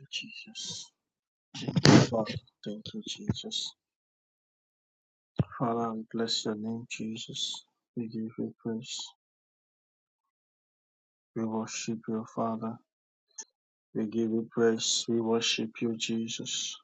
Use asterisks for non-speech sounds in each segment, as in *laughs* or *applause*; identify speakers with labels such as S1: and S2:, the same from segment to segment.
S1: you, Jesus. Father, thank you, Jesus. Father, we bless your name, Jesus. We give you praise. We worship you, Father. We give you praise. We worship you, Jesus.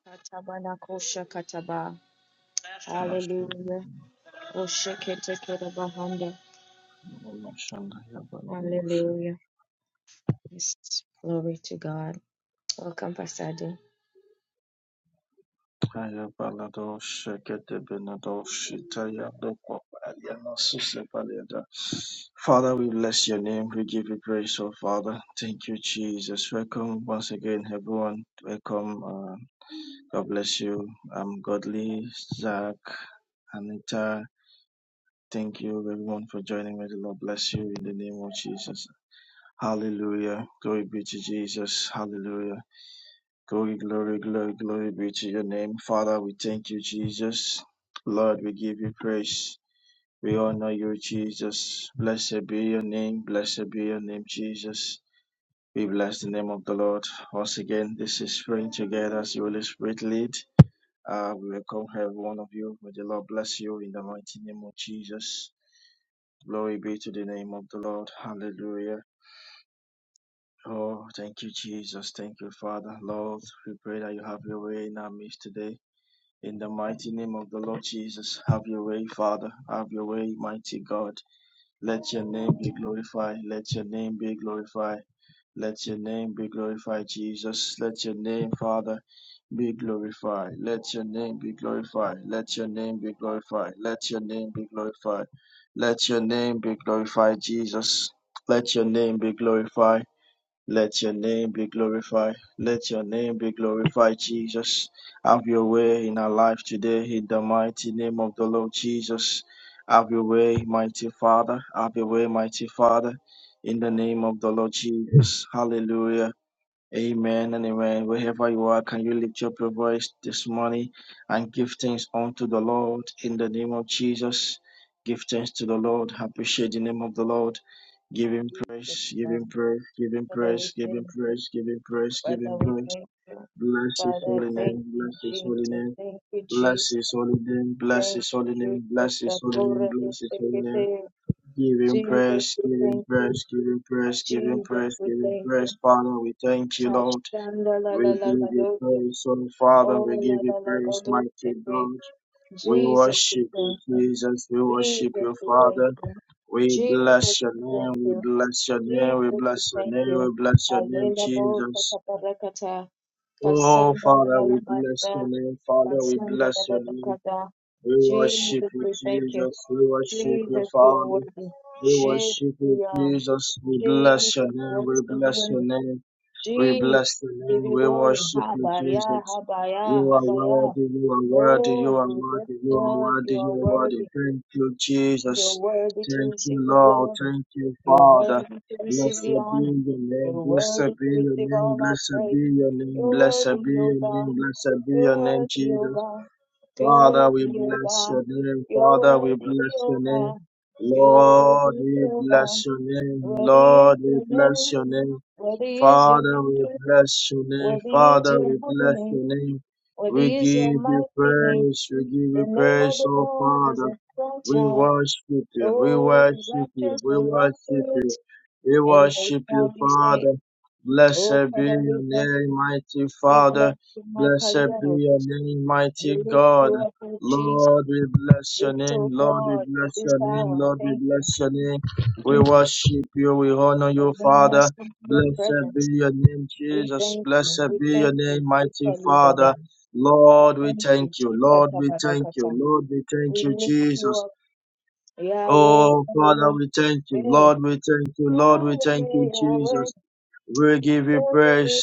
S1: Father, we bless your name. We give you praise, oh Father. Thank you, Jesus. Welcome once again, everyone. Welcome. Uh, God bless you. I'm Godly, Zach, Anita. Thank you, everyone, for joining me. The Lord bless you in the name of Jesus. Hallelujah. Glory be to Jesus. Hallelujah. Glory, glory, glory, glory be to your name. Father, we thank you, Jesus. Lord, we give you praise. We honor you, Jesus. Blessed be your name. Blessed be your name, Jesus. We bless the name of the Lord. Once again, this is praying together as the Holy Spirit lead. Uh, we welcome every one of you. May the Lord bless you in the mighty name of Jesus. Glory be to the name of the Lord. Hallelujah. Oh, thank you, Jesus. Thank you, Father. Lord, we pray that you have your way in our midst today. In the mighty name of the Lord Jesus, have your way, Father. Have your way, mighty God. Let your name be glorified. Let your name be glorified. Let your name be glorified, Jesus. Let your name, Father, be glorified. Let your name be glorified. Let your name be glorified. Let your name be glorified. Let your name be glorified, Jesus. Let your name be glorified. Let your name be glorified. Let your name be glorified, Jesus. Have your way in our life today in the mighty name of the Lord Jesus. Have your way, mighty Father. Have your way, mighty Father. In the name of the Lord Jesus. Hallelujah. Amen and amen. Wherever you are, can you lift up your voice this morning and give thanks unto the Lord in the name of Jesus? Give thanks to the Lord. Appreciate the name of the Lord. Give him praise, give him praise, give him praise, give him praise, give him praise, give him praise. Bless his holy name, bless his holy name, bless his holy name, bless his holy name, bless his holy name, bless his holy name. Give him praise, give him praise, give him praise, give him praise, give him praise. Father, we thank you, Lord. We give you praise, oh Father. We give you praise, mighty God. We worship you, Jesus. We worship you, Father. We bless your name. We bless your name. We bless your name. We bless your name, Jesus. Oh, Father, we bless your name. Father, we bless your name. We worship you, Jesus. We worship you, Father. We worship you, Jesus. We bless your name. We bless your name. We bless the name. We worship you, Jesus. You are worthy. You are worthy. You are worthy. You are worthy. You are worthy. Thank you, Jesus. Thank you, Lord. Thank you, Father. Blessed be your name. Blessed be your name. Blessed be your name. Blessed be your name. Blessed be your name, Jesus. Father, we bless your name. Father, we bless your name. Lord, we bless your name. Lord, we bless your name. Father, we bless your name. Father, we bless your name. We give you praise. We give you praise, oh Father. We worship you. We worship you. We worship you. We worship you, Father. Blessed be your name, mighty Father. Blessed be your name, mighty God. Lord, we bless your name. Lord, we bless your name. Lord, we bless your name. We worship you. We honor you, Father. Blessed be your name, Jesus. Blessed be your name, mighty Father. Lord, we thank you. Lord, we thank you. Lord, we thank you, Jesus. Oh, Father, we thank you. Lord, we thank you. Lord, we thank you, Jesus. We give you praise.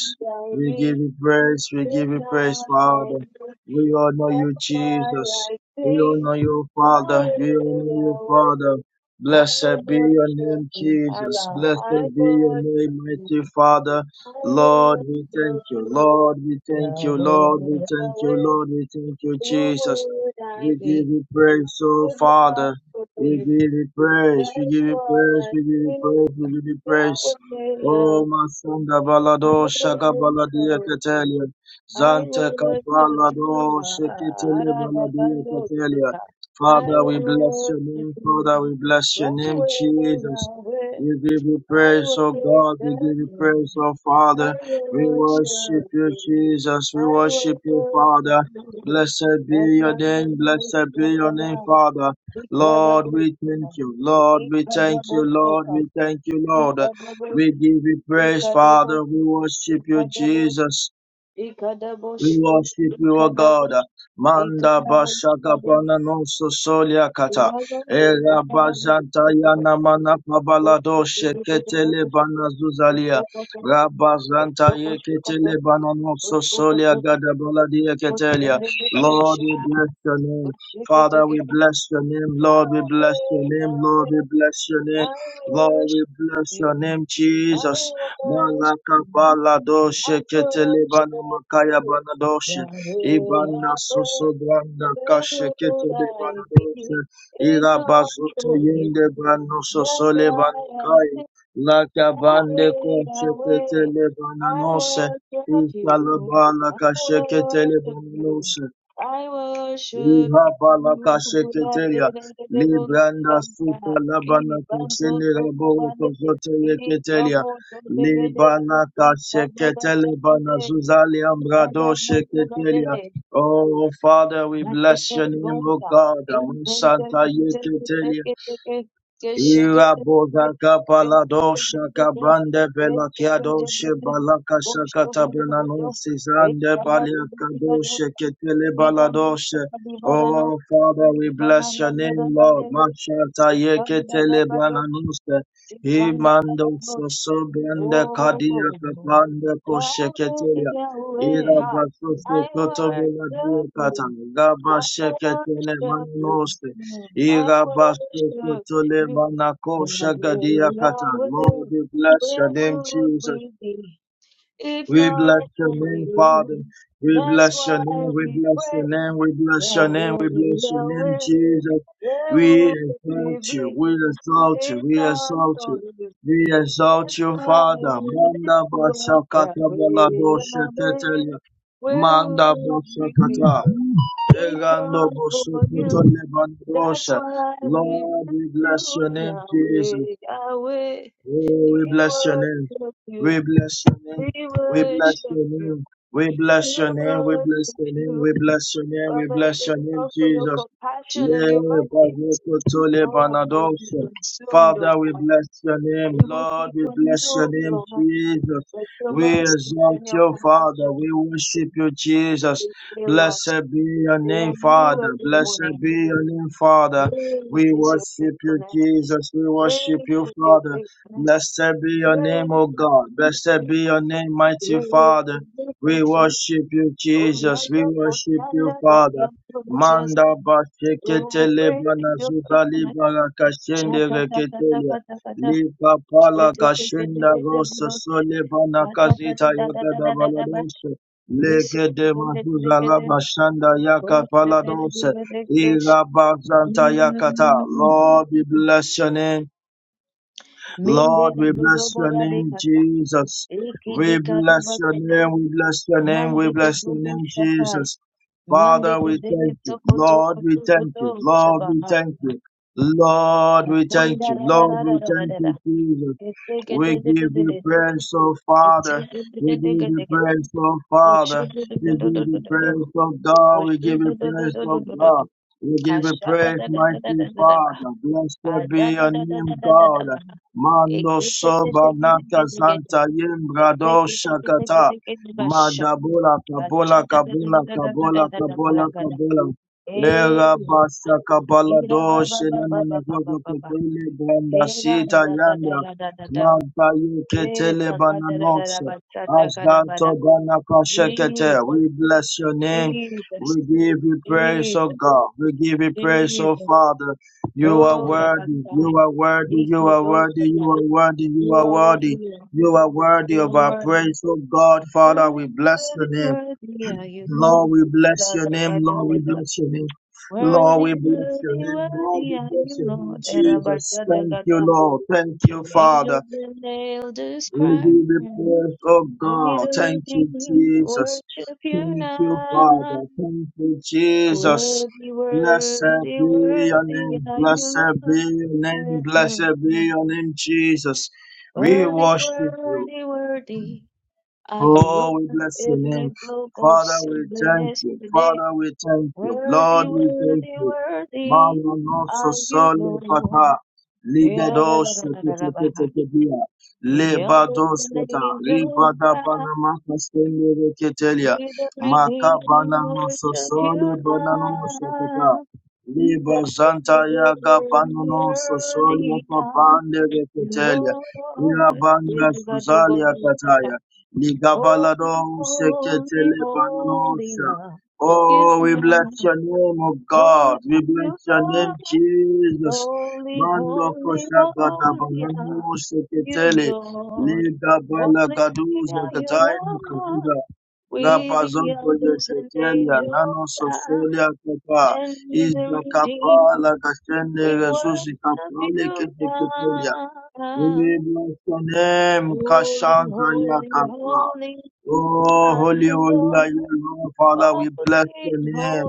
S1: We give you praise. We give you praise, Father. We honor you, Jesus. We honor you, Father. We honor you, Father. Blessed be your name, Jesus. Blessed be your name, mighty Father. Lord, we thank you. Lord, we thank you. Lord, we thank you. Lord, we thank you, Jesus. We give you praise, oh Father. We give you praise. We give you praise. We give you praise. We give you praise. O masunda balado shaka baladia ketelia. Zante kabalado shekitele baladia ketelia. Father, we bless your name. Father, we bless your name, Jesus. We give you praise, oh God. We give you praise, oh Father. We worship you, Jesus. We worship you, Father. Blessed be your name. Blessed be your name, Father. Lord, we thank you. Lord, we thank you. Lord, we thank you, Lord. We give you praise, Father. We worship you, Jesus. We worship you, O God. Manda bashaka pana noso solia kata. Era bajanta yana mana pabalado sheketele bana zuzalia. Rabazanta yeketele bana noso solia gada baladia ketelia. Lord, we bless your name. Father, we bless your name. Lord, we bless your name. Lord, we bless your name. Lord, we bless your name, Jesus. Malaka baladoshe ketele bana makaya banadoshe ibana soso branda kashe ketele banadoshe ira bazote yende brano soso le banakaya laka bande koche ketele bananose ishala bana kashe ketele bananose Ihabalakasheketeya, Libranda Suta Labana Kashini Raboro Kozote Libana Kasheketele Bana Zuzali Ambrado Sheketelia. Oh, Father, we bless your name, O God. Amusanta Yeketelia. Ira boza kapa la dosha kabande bela kia doshe balaka shaka tabena nosi zande balia kadoshe ketele baladoshe. Oh Father, we bless your name, Lord. Mashata ye ketele bananose. Imando soso bende kadia kapande koshe ketelia. Ira basoso koto bela diya kata. Gaba sheketele Lord, we bless your name, Jesus. We bless your name, Father. We bless your name, we bless your name, we bless your name, we bless your name, Jesus. We exalt you, we exalt you, we exalt you. We exalt you, Father. Manda basakata balado shetetelia. Manda basakata. Lord, we bless your name, Jesus. Oh, we bless your name. We bless your name. We bless your name. We bless your name. We bless your name. We bless your name. We bless your name, Jesus. Le- Bazokoto le banadoshe. Father, we bless your name. Lord, we bless your name, Jesus. We exalt you, Father. We worship you, Jesus. Blessed be your name, Father. Blessed be your name, Father. We worship you, Jesus. We worship you, Father. Blessed be your name, O God. Blessed be your name, mighty Father. We worship you, Jesus. We worship you, Father. Manda bashekete lebana zuza libara kashende reketelia. Lipa pala kashenda rosa sole bana kazita yagada baladose. Leke de mazuza laba shanda yaka paladose. Ira bazanta yakata. Lord, we bless your name. Lord, we bless your name, Jesus. We bless your name, we bless your name, we bless your name, Jesus. Father, we thank you. Lord, we thank you. Lord, we thank you. Lord, we thank you. Lord, we thank you, Jesus. We give you praise, oh Father. We give you praise, oh Father. We give you praise, oh God. We give you praise, oh God. We give you praise, mighty Father. Blessed be your name, God. Mando soba naka zanta yembrado shakata. Madabola kabola kabola kabola kabola kabola. Era basa kabala do shenana na gogo ketele banda sita yanda. Manta ye ketele bananotse. Asdanto gana kashekete. We bless your name. We give you praise, O God. We give you praise, O Father. You are worthy, you are worthy, you are worthy, you are worthy, you are worthy, you are worthy of our praise. Oh God, Father, we bless your name. Lord, we bless your name, Lord, we bless your name. Lord, we bless your name, Lord, we bless your name, Jesus. Thank you, Lord. Thank you, Father. We give the praise, oh God. Thank you, Jesus. Thank you, Father. Thank you, Jesus. Blessed be your name. Blessed be your name. Blessed be your name, Jesus. We worship you. Oh, we bless your name. Father, we thank you. Father, we thank you. Lord, we thank you. Mano no so sole pata. Ligados keteketekedia. Lebados keta. Ribada banama kastende reketelia. Makabana so sole banano shaketa. Liba zanta ya gabano so sole papande reketelia. Irabanda suzalia kataya. Ligabalado seketele bananosha. Oh, we bless your name, oh God. We bless your name, Jesus. Mando kosha gada banano seketele. Ligabala gaduza gadaini kazuza. Rapazonto yetetelia nano soselia kapa. Izda kapa la gashende resusi kapale keteketelia. We bless your name, Kashanta Yakapa. Oh, holy, holy are you, Lord Father. We bless your name.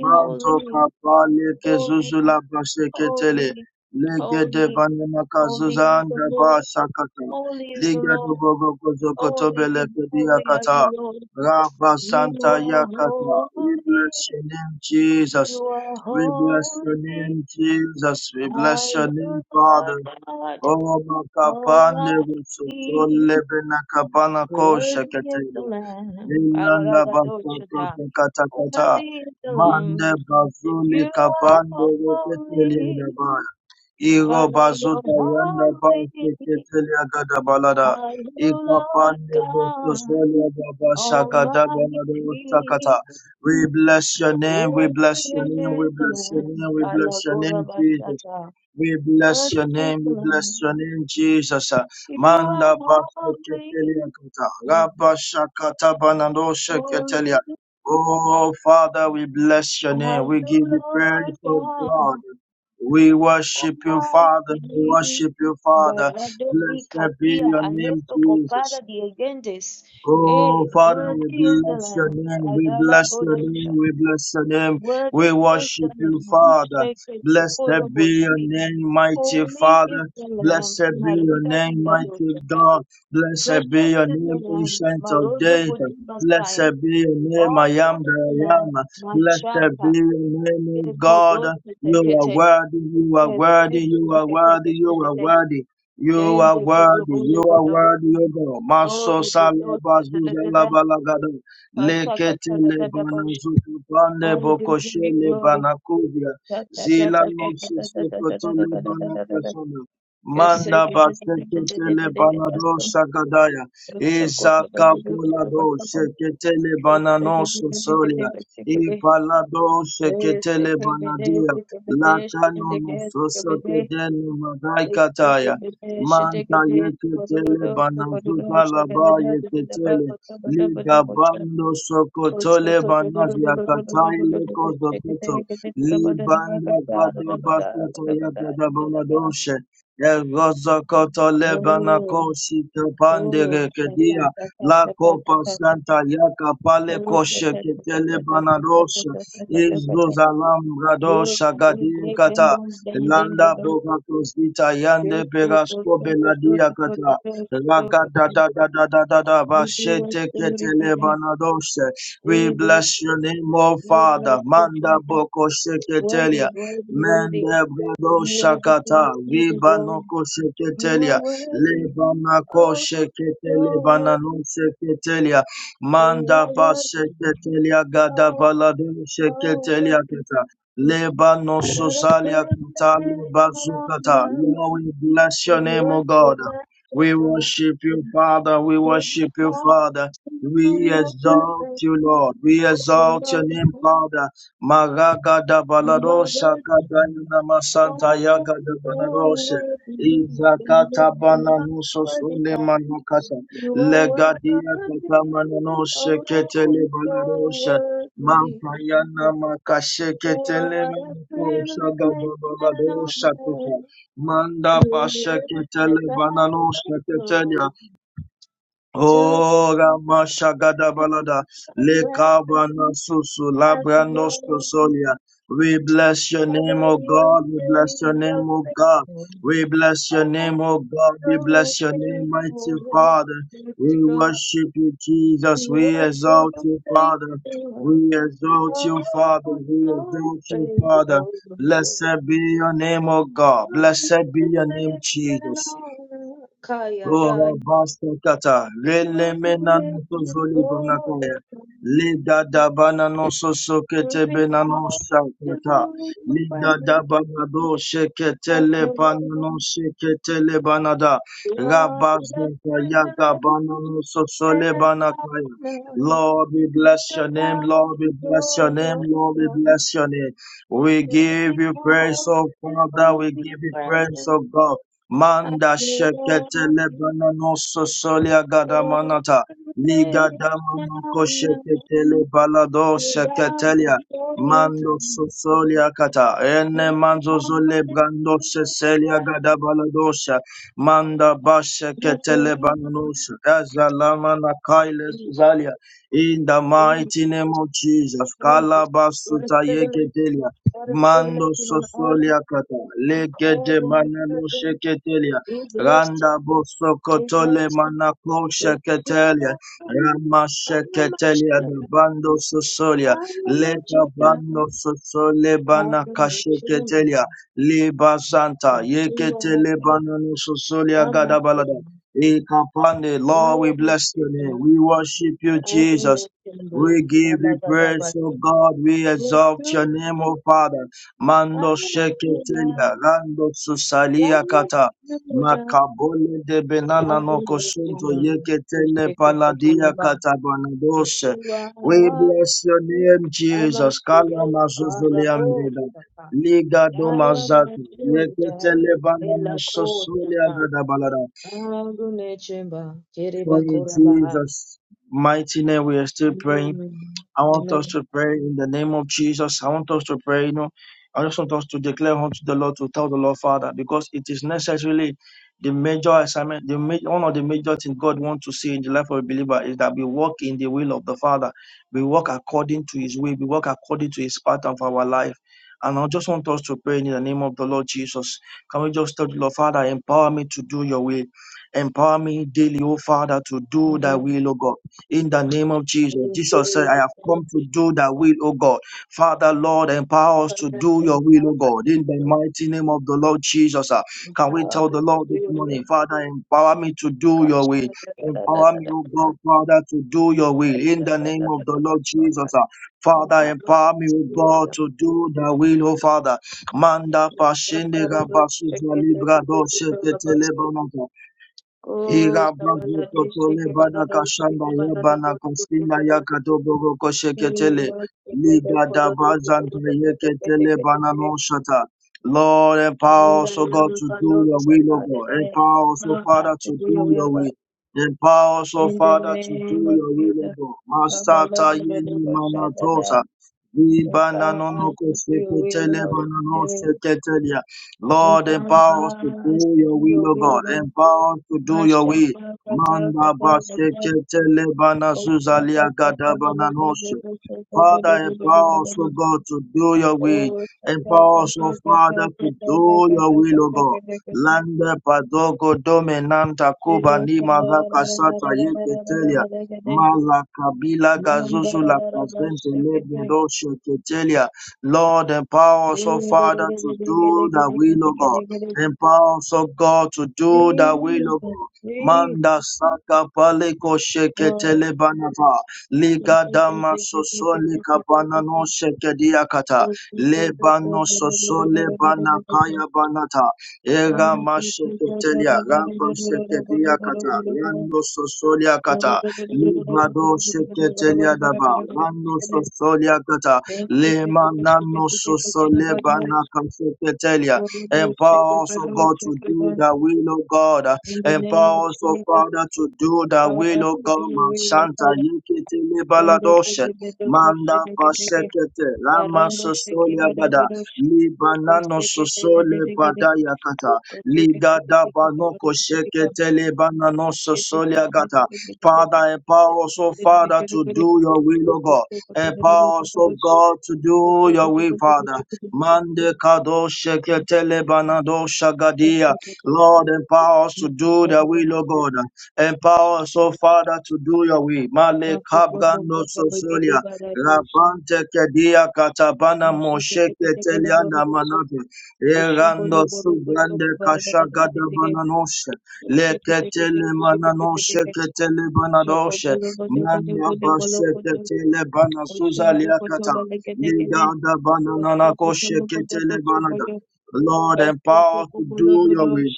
S1: Manto kapale ke zuzula baseketele. Lege de vanema kazuza anda ba sakata. Liga do bogo kozoko tobele kedia kata. Rabba Santa Yakata. We bless your name, Jesus. We bless your name, Jesus. We bless your name, Father. Oh, makapande busotole bena kabana kosha ketela. Vilanda basoto te kata kata. Mande bazuli kapande keteli baya. Iro bazuta yanda basi keteli agada balada. Ikapande busotole agabasha gada ganada ustakata. We bless your name, we bless your name, we bless your name, we bless your name, Jesus. We bless your name, we bless your name, Jesus. Manda basheketelia kata, raba shakata banando sheketelia. Oh, Father, we bless your name. We give you praise, oh God. We worship you, Father. We worship you, Father. Blessed be your name, Jesus. Oh, Father, we bless your name. We bless your name. We bless your name. We worship you, Father. Blessed be your name, mighty Father. Blessed be your name, mighty God. Blessed be your name, ancient of days. Blessed be your name, I am that I am. Blessed be your name, O God. You are worthy, you are worthy, you are worthy, you are worthy. You are worthy, you are worthy, O God. Maso salabazu zalabalagada. Lekete lebanazuka bande bokoshe lebanakubia. Zila nosu sokoto lebanakasona. Manda basekete lebanado shagadaya. Izaka polado shekete lebananoso solia. Ipalado shekete lebanadia. Lakano nososo kedenu madaikataya. Manta yeketele banazuka laba yeketele liga bando sokotole banazi yakatai leko zokoto libanda gada basato yagada banadoshe Egozokoto lebana koshi kapande rekedia la copa santa yaka pale koshe ketele banadosha izuzalam radosha gadiekata Landa boga kosita yande perasko beladia kata. Raga da da da da da da da ba shete ketele banadoshe. We bless your name, O Father. Manda boko sheketelia. Mende brado shakata. Vibanoko sheketelia. Lebanako sheketele banano sheketelia. Manda ba sheketelia gada baladu sheketelia kata. Leba no sosalia kutali bazukata. Lord, we bless your name, O God. We worship you, Father. We worship you, Father. We exalt you, Lord. We exalt your name, Father. Maraga da balado shaka dayana masanta yaga da banadoshe. Izakata bananuso sole manukasa. Legadia kata mananoshe ketele baladoshe. Mampayana makasheketele menekosha gababalado shakota. Manda basheketele banano sheketelia. Oh, Ramasha Gadabalada, Lekabana Susu, Labrano Sosolia. We bless your name, O God. We bless your name, O God. We bless your name, O God. We bless your name, mighty Father. We worship you, Jesus. We exalt you, Father. We exalt you, Father. We exalt you, Father. Blessed be your name, O God. Blessed be your name, Jesus. Oh, Rabastakata, Relemenanoto Zoli Bonakaya, Leda Dabanano Sosokete Benano Sakata, Leda Dabanado Sheketele Banano Sheketele Banada, Rabasdaka Yaga Banano Sosole Banakaya. Lord, we bless your name, Lord, we bless your name, Lord, we bless your name. We give you praise, oh Father, we give you praise, oh God. Manda shekete lebana noso solia gadamanata. Liga damanoko shekete lebalado sheketelia. Mando sosolia kata. Ene manzo zole brando seselia gadabaladosha. Manda bashekete lebananosha. Ezalamana kailes zalia. In the mighty name of Jesus. Kalabasuta yeketelia. Mando sosolia kata legede manano sheketelia randa boso kotole manako sheketelia rama sheketelia da bando sosolia leka bando sosole bana kasheketelia liba santa yeketele banano sosolia gada balada Ekapande, Lord, we bless your name. We worship you, Jesus. We give you praise, O God. We exalt your name, O Father. Mando sheketelia, rando susalia kata. Makabole de benana no kosunto yeketele paladia kata banadoshe. We bless your name, Jesus. Kala mazuzuliamreda. Liga do mazatu. Yeketele banano sosulia gada balada. For in Jesus' mighty name we are still praying. I want us to pray in the name of Jesus. I want us to pray, you know. I just want us to declare unto the Lord to tell the Lord Father, because it is necessarily the major assignment, the ma- one of the major things God wants to see in the life of a believer is that we walk in the will of the Father. We walk according to His will. We walk according to His pattern for our life. And I just want us to pray in the name of the Lord Jesus. Can we just tell the Lord Father, empower me to do Your will, empower me daily, O Father, to do Thy will, O God in the name of Jesus. Jesus said, I have come to do thy will, O God. Father, Lord, empower us to do your will, O God, in the mighty name of the Lord Jesus. ah. Can we tell the Lord this morning, Father, empower me to do your will. Empower me, O God, Father, to do your will in the name of the Lord Jesus. ah. Father, empower me, O God, to do thy will, O Father. Manda pashende rabasu libra do Ira bago totole bana kashanda ya bana kasina ya kadoboro kosheketele. Liga da bazanta yeketele bana no shata. Lord, empower us, O God, to do your will, O God. Empower us, O Father, to do your will. Empower us, O Father, to do your will, O God. Masata yeni manatosa. Libana no no kosheketele bana no sheketele. Lord, empower us to do your will, O God. Empower us to do your will. Manda basekete lebana zuzalia gadabana Father, empower us, O God, to do your will. Empower us, O Father, to do your will, O God. Lande padogo dominanta kuba ni magaka sata yeke telia. Mala kabila gazuzu la kazente lebe doshe ketelia. Lord, empower us, O Father, to do the will of God. Empower us, O God, to do the will of God. Manda saka paleko sheketele banata. Ligadama sosole kabanano shekediakata. Lebano sosole banakaya banata. Era masheketelia. Rabba shekediakata. Rando sosoliakata. Librado sheketelia daba. Rando sosoliakata. Lemanano sosole banaka sheketelia. Empower us, O God, to do the will of God. Empower us, O Father, to do the will of God. Mashanta yekete lebaladoshe. Manda pasekete. Rama sosolia bada. Libanano sosole bada yakata. Ligada banoko shekete lebanano sosolia gata. Father, empower us, O Father, to do your will, O God. Empower us, O God, to do your will, Father. Mande kado shekete lebanado shagadia. Lord, empower us to do the will, of God. Empower us, oh Father, to do your will. Male kabgando sosolia. Rabante kedia katabana moshe keteliana manate. Erando subrande kashagada bananoshe. Leketele mananoshe ketele banadoshe. Manda bashe ketele banasuza liakata. Ligada bananana koshe ketele banada. Lord, empower us to do your will.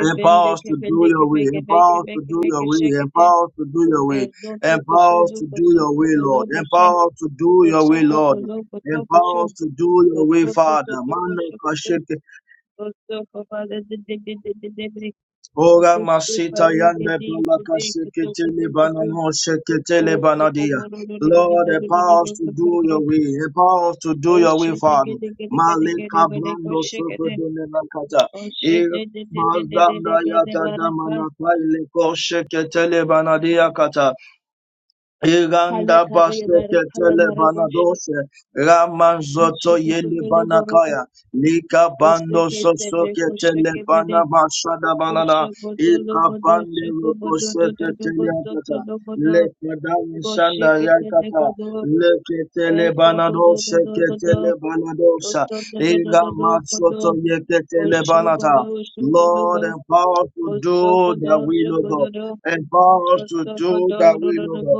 S1: Empower us to do your will, Empower us to do your will, Empower us to do your will, Empower us to do your will, Lord, Empower us to do your will, Lord, Empower us to do your will, Father. Ora masita yande balaka sheketele banano sheketele banadia. Lord, empower us to do your will. Empower us to do your will, Father. Malika brando sokodone nakata. Ir- Bazanda yata damana kaile ko sheketele banadia kata. Iranda Basekele Banadoshe Raman Zoto Yeli Banakaya Lika Bando Sosoketele Bana Mashada Banana Ika Bande Rokoseketele Akata Lekada Shanda Yakata Leketele Banadoshe Ketele Banadosa Iga masoto Matsoto Yeketele Banata Lord empower us to do that will of God. Empower us to do that will of God.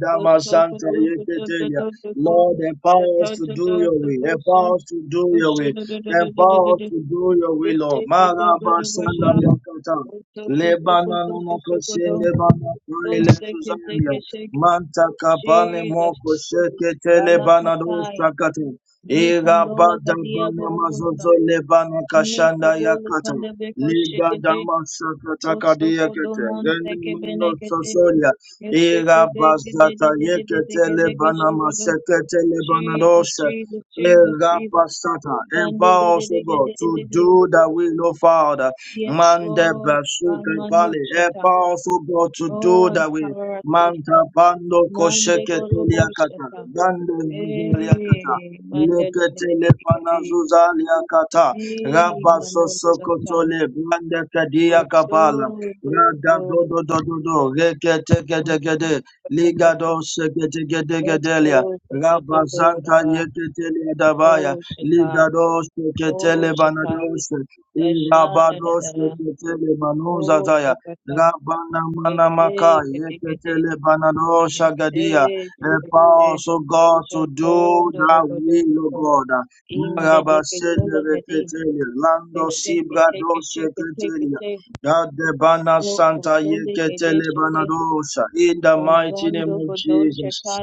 S1: Dama Santa Yeketelia. Lord, empower us to do your will. Empower us to do your will. Empower us to do your will, Lord. Maraba Santa Yakata. Lebana nunoko shende bana kaile Suzania. Manta kapane moko shekete lebana dosta kata. Ira bada bana mazozo lebana kashanda yakata. Liga dama sakata kadiyakete. Gene mano sosolia. Ira bazata yeketele banama seketele banadosha. Ira pasata. Empower us, O God, to do the will of Father. Mande basuke pali. Empower us, O God, to do the will. Manta pando kosheketele yakata. Dande zizele yakata. Leketele panazuza yakata. Rabba sosokotole. Mande kadia kapala. Rada do do do do do reke teke teke reketekedegede, ligado seketegedegedelia, rabazanta tele davaya, ligado seketele banadoshe, irabado seketele manuzataya, rabana manamaka, tele banadosha shagadia, empower us, O God, to do that will, O God. Marabasele tele lando sibra do seke tele. Yadebana Santa Yeketelebana Dosha. In the mighty name of Jesus.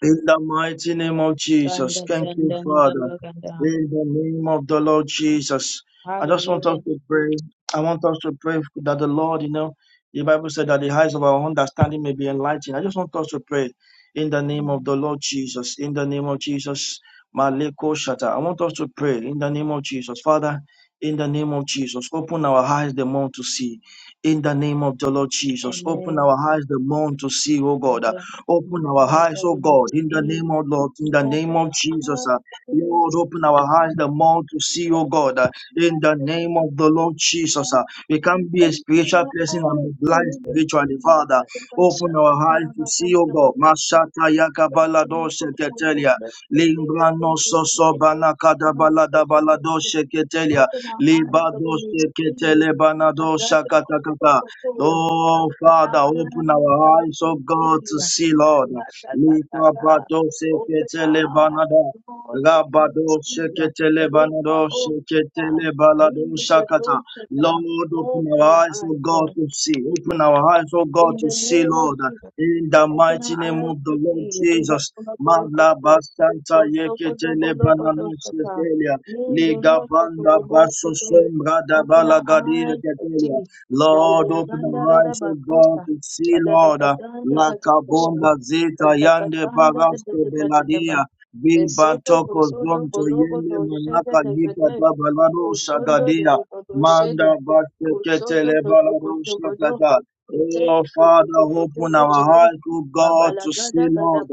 S1: In the mighty name of Jesus. Thank you, Father. In the name of the Lord Jesus. I just want us to pray. I want us to pray that the Lord, you know, the Bible said that the eyes of our understanding may be enlightened. I just want us to pray in the name of the Lord Jesus. In the name of Jesus. Maleko Shata. I want us to pray in the name of Jesus. Father, in the name of Jesus, open our eyes the more to see. In the name of the Lord Jesus, open our eyes the more to see, oh God. Open our eyes, oh God, in the name of Lord, in the name of Jesus. uh, Lord, open our eyes the more to see, oh God, uh, in the name of the Lord Jesus. uh, We can't be a spiritual person and be blind spiritually, Father. Open our eyes to see, oh God. Masata yakabalado sheketelia. Limbrano soso banakada balada balado sheketelia. Libado sheketele banado shakatakata. Oh, Father, open our eyes, oh God, to see, Lord. Likabado seketele banada. Rabado seketele banado seketele balado shakata. Lord, open our eyes, oh God, to see. Open our eyes, oh God, to see, Lord. In the mighty name of the Lord Jesus. Mabla bastanta yeketele banano sekelia. Ligabanda baso sombra da balagadia ketelia. Lord, open the eyes of God to see, Lord. uh, Lakabonda zita yande barasto beladia. Be bantoko zonto yende manaka yika dabalado shagadia. Manda batekete lebalado shagada. Oh, Father, open our eyes, O God, to see, Lord.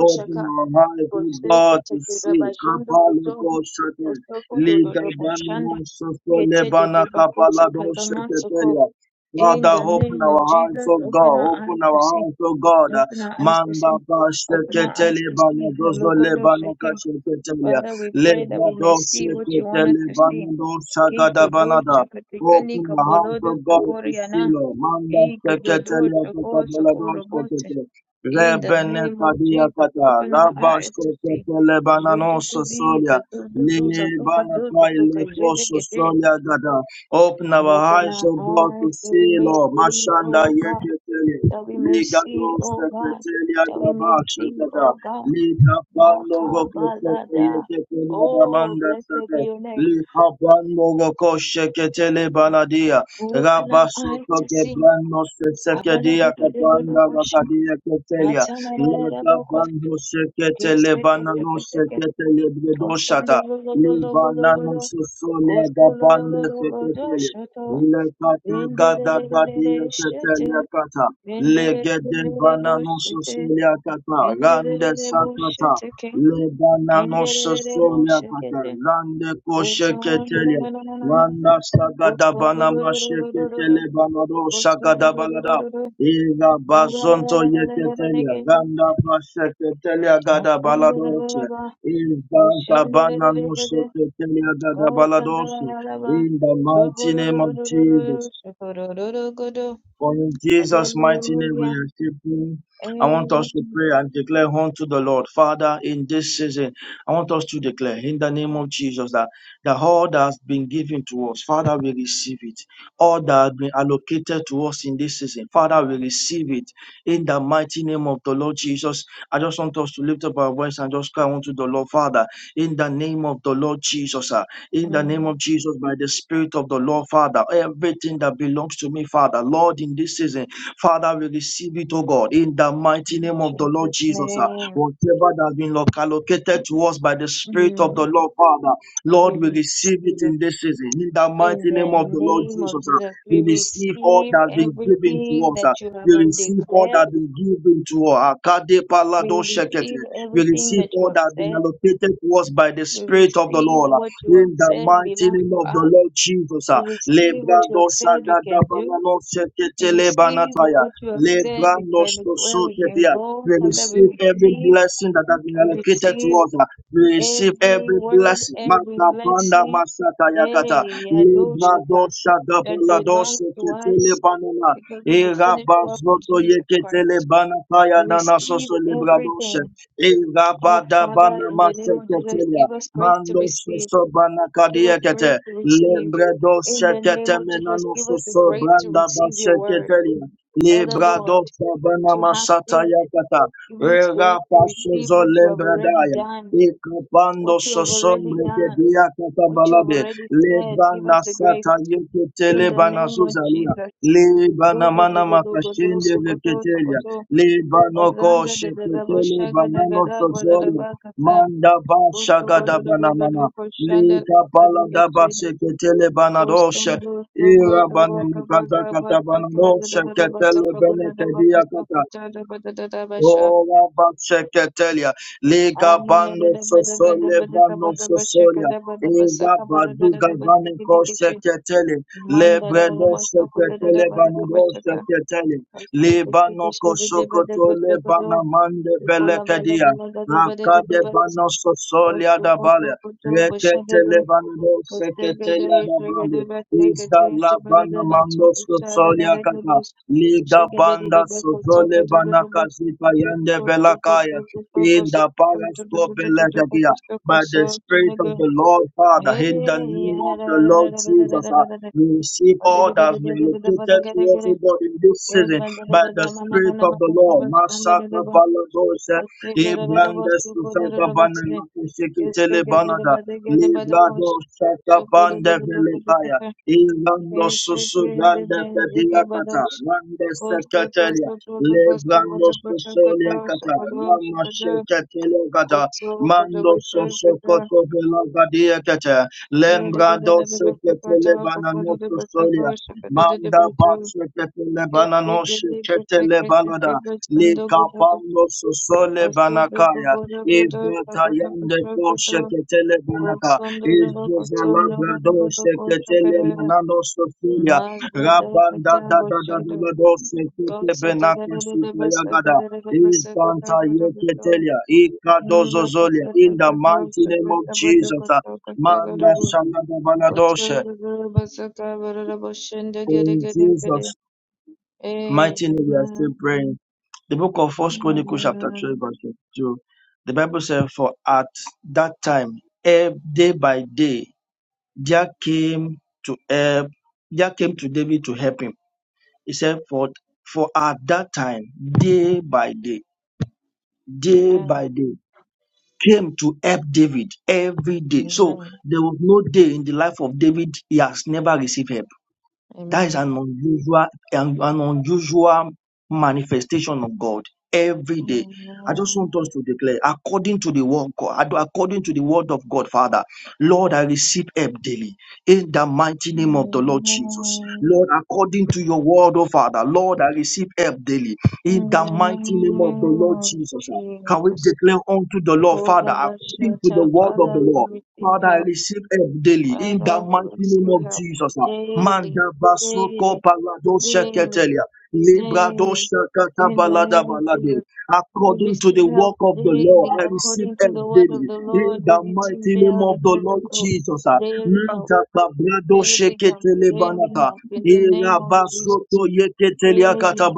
S1: Open our eyes, O God, to see. Kapaleko shate. Liga bana mosa sole kapala dosha ketelia. Father, open our hearts, oh God. Open our hearts, oh God. Manda bashe keteli bana dozo le bana kashe ketelia. Le brado gada bana da. Open our hearts, oh God, to see, Lord. Manda seketeli akata bala dosha keteli. Rebene kadia kata. Rabash teketele bana nosa Nenebanakai lekoso soya gada. Open our eyes, O God, to see, Lord. Mashanda yeketele. Liga dos keketele agabasha gada. Liga pano goko sote yeketele adamanda sate. Liga pano goko sheketele banadia. Rabaso toke brano sesekedia kabanda gakadia ketelia. Laga bando seketele banano seketele bredoshata. Libanano Sosole Gabanda Tetelia, Lekata Gada Gadia Tetelia Kata, Legeden Banano Sosolia Kata, Rande Sakata, Lebanano Sosolia Kata, Rande Koshe Ketelia, Randa Sagada Banama Sheketele Banado Sagada Balada, Ila Bazonto Yeketelia, Randa Pasheketelia Gada Balado in the mighty name of Jesus. For in Jesus' mighty name we are keeping. I want us to pray and declare unto the Lord, Father, in this season, I want us to declare in the name of Jesus that, that all that has been given to us, Father, we receive it. All that has been allocated to us in this season, Father, we receive it in the mighty name of the Lord Jesus. I just want us to lift up our voice and just cry unto the Lord, Father, in the name of the Lord Jesus. ah, in the name of Jesus by the Spirit of the Lord, Father. Everything that belongs to me, Father, Lord, in this season, Father, we receive it, oh God, in the mighty name of the Lord Jesus. ah. Whatever that has been loc- allocated to us by the Spirit of the Lord, Father, Lord, we receive it in this season, in the mighty name of the Lord Jesus. ah. We receive all that has been given to us. ah. We receive all that has been given to us. Akade palado shekete. We receive all that has been allocated to us by the Spirit of the Lord in the mighty name of the Lord Jesus. ah. Lebrando sagada banano sekete lebanataya. Lebrando sosotetia. We receive every blessing that has been allocated to us. ah. We receive every blessing. Mata panda masata yakata. Lebrando sadabalado sekete lebanana. Irabazoto yekete lebanataya nana soso lebrado se. Irabada banama seketelia. Mando soso bana kadiekete. Lembre doshe kete menano soso branda bashe ketelia. Libra doshe bana masata yakata. Rega paso zo lembre daya. Ikapando sosombre de diakata balabe. Libra nasata yekete lebana suzalia. Libana mana makashinde leketelia. Libano koshe ketele banano sozolia. Manda basha gada bana mana. Lika bala da bashe ketele bana doshe. Ira bana mkaza kata bana ketele bene kedia kata. Ora baceketelia, liga bando sosole brano sosolia, eva baduga baneko seketele, lebreno seketele banero seketele, libano kosokotole banamande belekedia, akade bano sosolia dabale, reketele banero seketelia dabale, isda la bana banamando sosolia kata, Liga banda sozole banakazika yende belakaya in the parasko belegagia. By the Spirit of the Lord Father, in the name of the Lord Jesus, uh, we receive all that has been allocated to us, O God, in this season. By the Spirit of the Lord, Masaka Balagose, Ibrandes Susaka Banana, Banada, Librado Saka Bande Ilando susu grande pedia kata, grande secretaria, lebrando susolia kata, lama shekatelo kata, mando susu koto vela gadia kata, lembrado sekatele banano susolia, manda basu ketele banano shekatele balada, likapando susole banakaya, Ibata yande koshe ketele banaka. Izuza labra doshe ketele manano sofia. Rabanda da da da da da doshe kete benaka suta yagada. yeketelia. Ika In the mighty name of Jesus. uh, Manda shalada banadoshe. In Jesus' Mighty name, we are still praying. The book of First Chronicles, chapter 12, verse two. The Bible says, For at that time, ev- day by day, there came to help, there came to David to help him. He said, For for at that time, day by day, day by day, came to help David every day. So there was no day in the life of David he has never received help. That is an unusual, an, an unusual manifestation of God every day. I just want us to declare according to the word God, according to the word of God, Father, Lord, I receive help daily in the mighty name of the Lord Jesus. Lord, according to your word, oh Father, Lord, I receive help daily in the mighty name of the Lord Jesus. uh, Can we declare unto the Lord, Father, according to the word of the Lord, Father, I receive help daily in the mighty name of Jesus. uh, Manda basoko palado sheketelia. Librado shakata balada balade. According to the work of the Lord, I receive help daily in the mighty name of the Lord Jesus. uh, Manta kabrado sheketele banata. Ira basoto yeketele akata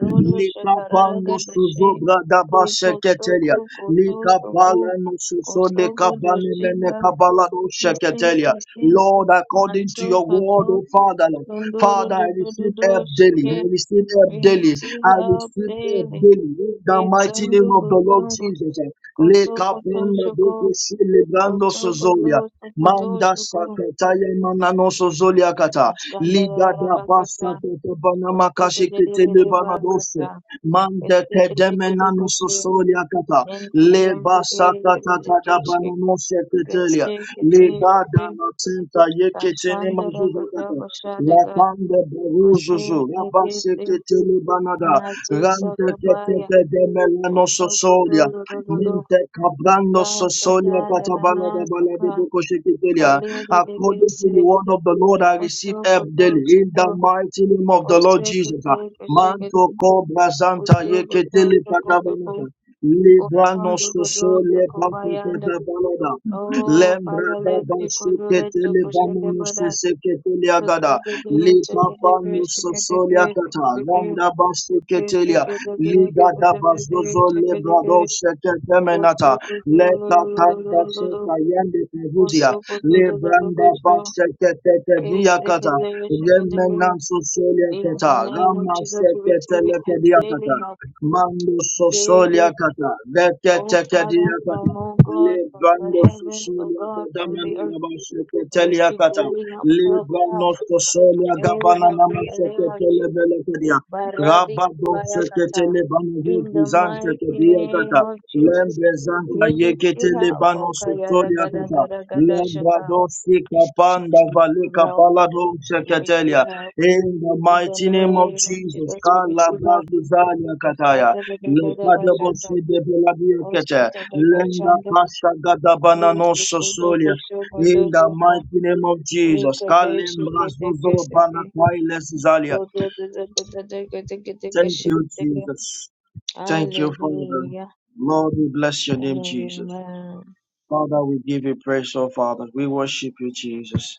S1: Lika pano suzo brada basheketelia. Lika palano suso lika bane mene kabalado sheketelia. Lord, according to your word, O Father, Lord. Father, I receive help daily. I receive help daily. I receive help daily. In the mighty name of the Lord Jesus. Lika panda beke celebrando suzolia. Manda sakataya mananoso zoliakata. Ligada basakata banamakashi kitele banadose. Manda tedemenanoso soliakata. Le basakata kada bananoshe kitelia. Ligada natenta yeketene mazuzakata. Lapande baruzuzu. Rabase kitele banada. Rante ketete demelanoso zolia. Minte kabrando sosolia katabala da bala de boko shekitelia. According to the word of the Lord, I receive help daily in the mighty name of the Lord Jesus. Manto cobra santa yeketele katabala. Librano sosolia katabala. da. Lembrada basiketele bamanuse seketele agada. Lika panus solia kata. Lambda basiketelia. Liga da bazozo lebrado seketemenata. Leka tanda seka yende pevuzia. Lebranda basiketete diakata. Remenansu solia kata. Rama seketele kediakata. Mando sosolia kata, leke tekedia kata, libando sosolia kata, mani nabashe ketelia kata, libando sosolia gabana namashe ketele bele kedia, rabado seketele bano zante kedia kata, lembe zanta yeketele bano sosolia kata, lembrado sika panda valika palado seketelia, in the mighty name of Jesus, Kala Bazuzania Kataya, Lekadabo Shedebelabia Kete, Lenda Kasha Gadabana no Sosolia. In the mighty name of Jesus, Kalim Razuzo Banakai Lesizalia. Thank you, Jesus. Thank you, Father. Lord, we bless your name, Jesus. Father, we give you praise, oh Father. We worship you, Jesus.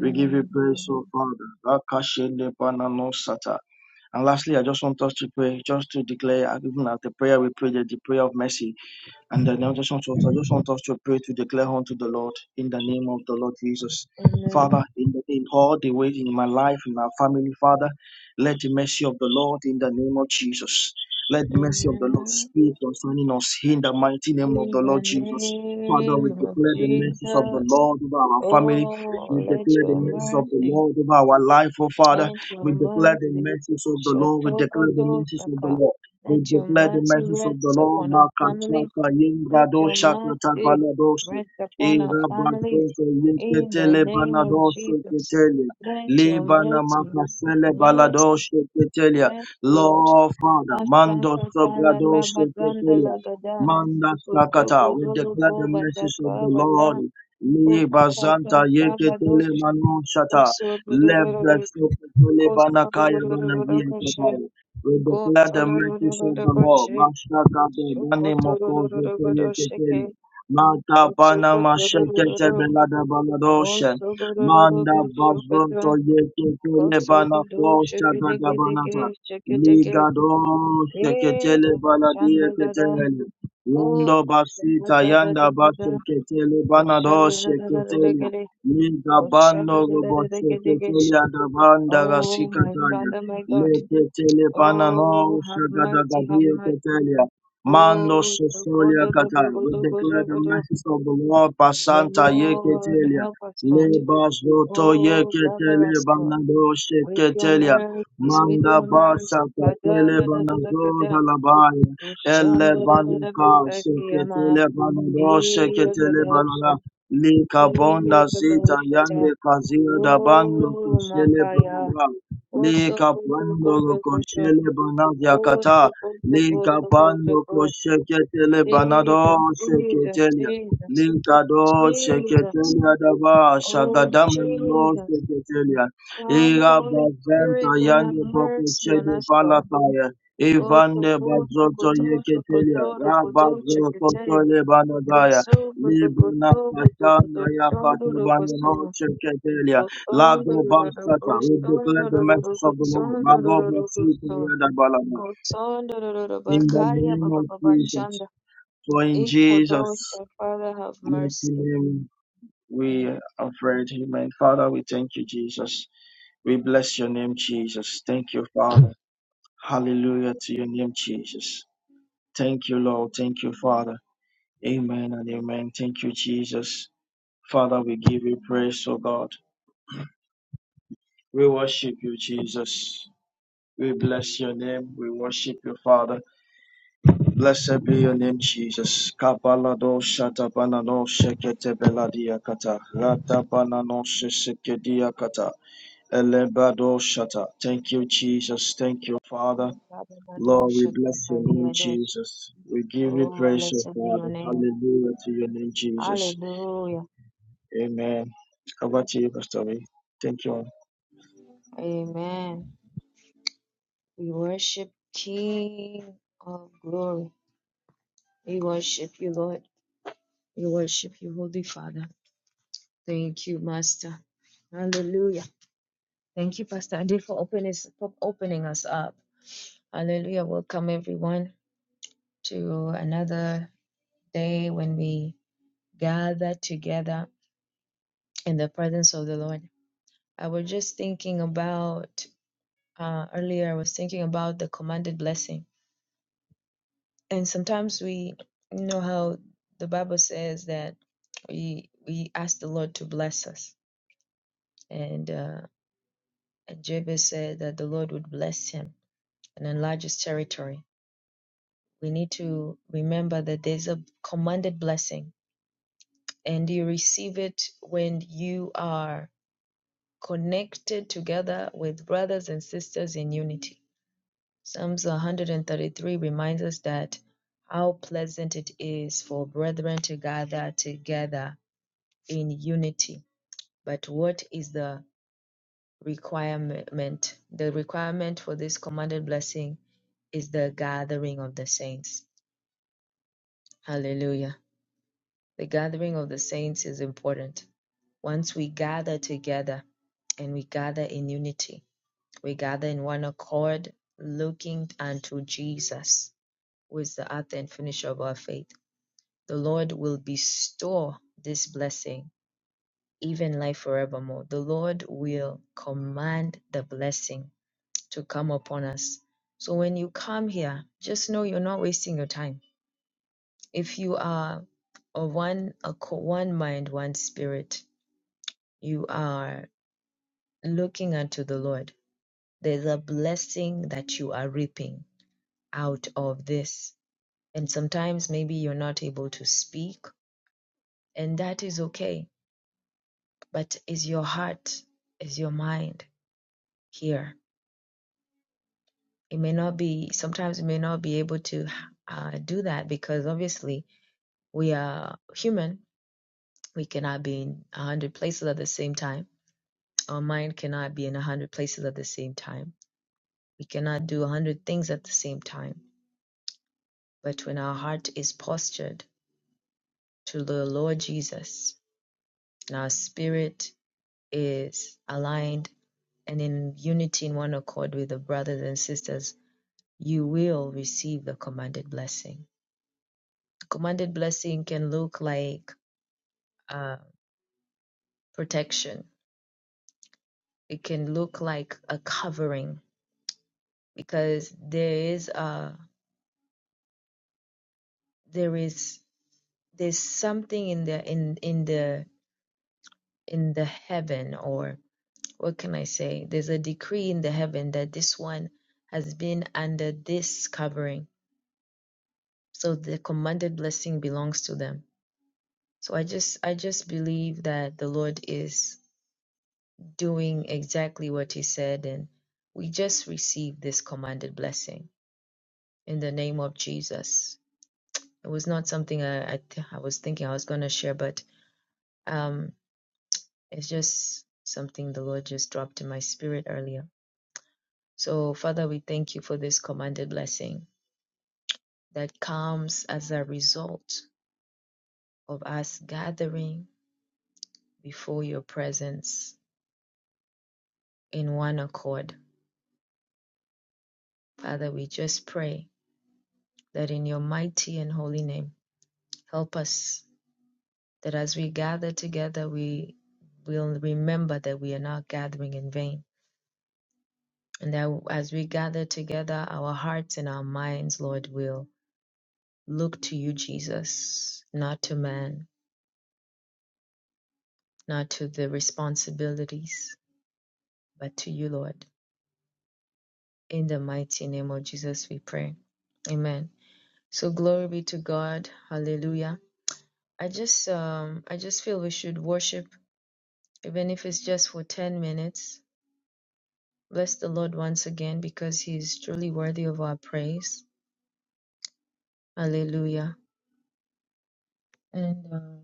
S1: We give you praise, oh Father. Akashende banano sata. And lastly, I just want us to pray, just to declare, even as the prayer we prayed, the prayer of mercy. And the exaltation of I just want us to pray to declare unto the Lord in the name of the Lord Jesus. Father, in, the, in all the ways in my life, in my family, Father, let the mercy of the Lord in the name of Jesus. Let the mercy of the Lord speak concerning us in the mighty name of the Lord Jesus. Father, we declare the mercies of the Lord over our family. We declare the mercies of the Lord over our life, oh Father. We declare the mercies of the Lord. We declare the mercies of the Lord. We declare the mercies of the Lord. Makachapa yingrado shakata baladoshi. Irabakete yeketele banadoshi ketelia. Libana makasele baladoshi ketelia. Lord Father, mando sobradoshi ketelia. Manda sakata. We declare the mercies of the Lord. Libazanta yeketele manoshata. Lebra sokotele banakaya banazia we declare the mercies of the Lord. Mashakata bani mokoze teye tekeli. Mata bana mashakete belada baladoshe. Manda bazon toye tekele bana kosha gada banata. Ligado sheketele baladie ketele. Undo basita yanda basu ketele banado sheketele. Liga bando robo sheketele adabanda rasikataya. Leketele panano shagadagadia ketelia. Mando sosolia katai. We declare the mercies of the Lord pasanta yeketelia. Lebas roto yeketele banado sheketelia. Manda basa katele banado galabaya. Ele banuka sheketele banado sheketele banana. Lika bonda zita yande kazia da bando kushele banada. Lika pando koshele banadia kata. Lika pando kosheketele banado sheketelia. Lika do sheketelia dava shagadama no sheketelia. Ira bazenta yande boko shede balataya. Ivande bazoto yeketelia. Rabazo kotole banadaya. Libuna kashana yakata banano sheketelia. Lago Bashata, we declare the message of the Lord. Mago Basita Yadabalaba. In the name of Jesus. So in Jesus' mighty name we are prayed. Amen. Father, we thank you, Jesus. We bless your name, Jesus. Thank you, Father. Hallelujah to your name, Jesus. Thank you, Lord. Thank you, Father. Amen and amen. Thank you, Jesus. Father, we give you praise, O God. We worship you, Jesus. We bless your name. We worship you, Father. Blessed be your name, Jesus. Kabalado shatabanano shekete beladia kata. Ratabanano shesekedia kata. Elebado shata. Thank you, Jesus. Thank you, Father. Lord, we bless your name, Jesus. We give you praise, O Father. Hallelujah to your name, Jesus. Amen. Over to you, Pastor. Wee. Thank you.
S2: be May not be when our heart is postured to the Lord Jesus and our spirit is aligned and in unity in one accord with the brothers and sisters, you will receive the commanded blessing. The Commanded blessing can look like uh, protection. It can look like a covering because there is a there is there's something in the in in the in the heaven or what can I say? There's a decree in the heaven that this one has been under this covering. So the commanded blessing belongs to them. So I just I just believe that the Lord is doing exactly what he said and we just received this commanded blessing in the name of Jesus. It was not something I I, th- I was thinking I was going to share but um it's just something the Lord just dropped in my spirit earlier. So Father, we thank you for this commanded blessing. that comes as a result of us gathering before your presence in one accord. Father, we just pray that in your mighty and holy name, help us that as we gather together, we will remember that we are not gathering in vain. And that as we gather together, our hearts and our minds, Lord, will look to you, Jesus, not to man, not to the responsibilities, but to you, Lord. In the mighty name of Jesus, we pray. Amen. So glory be to God. Hallelujah. I just um I just feel we should worship, even if it's just for ten minutes. Bless the Lord once again because He is truly worthy of our praise. Hallelujah. And um,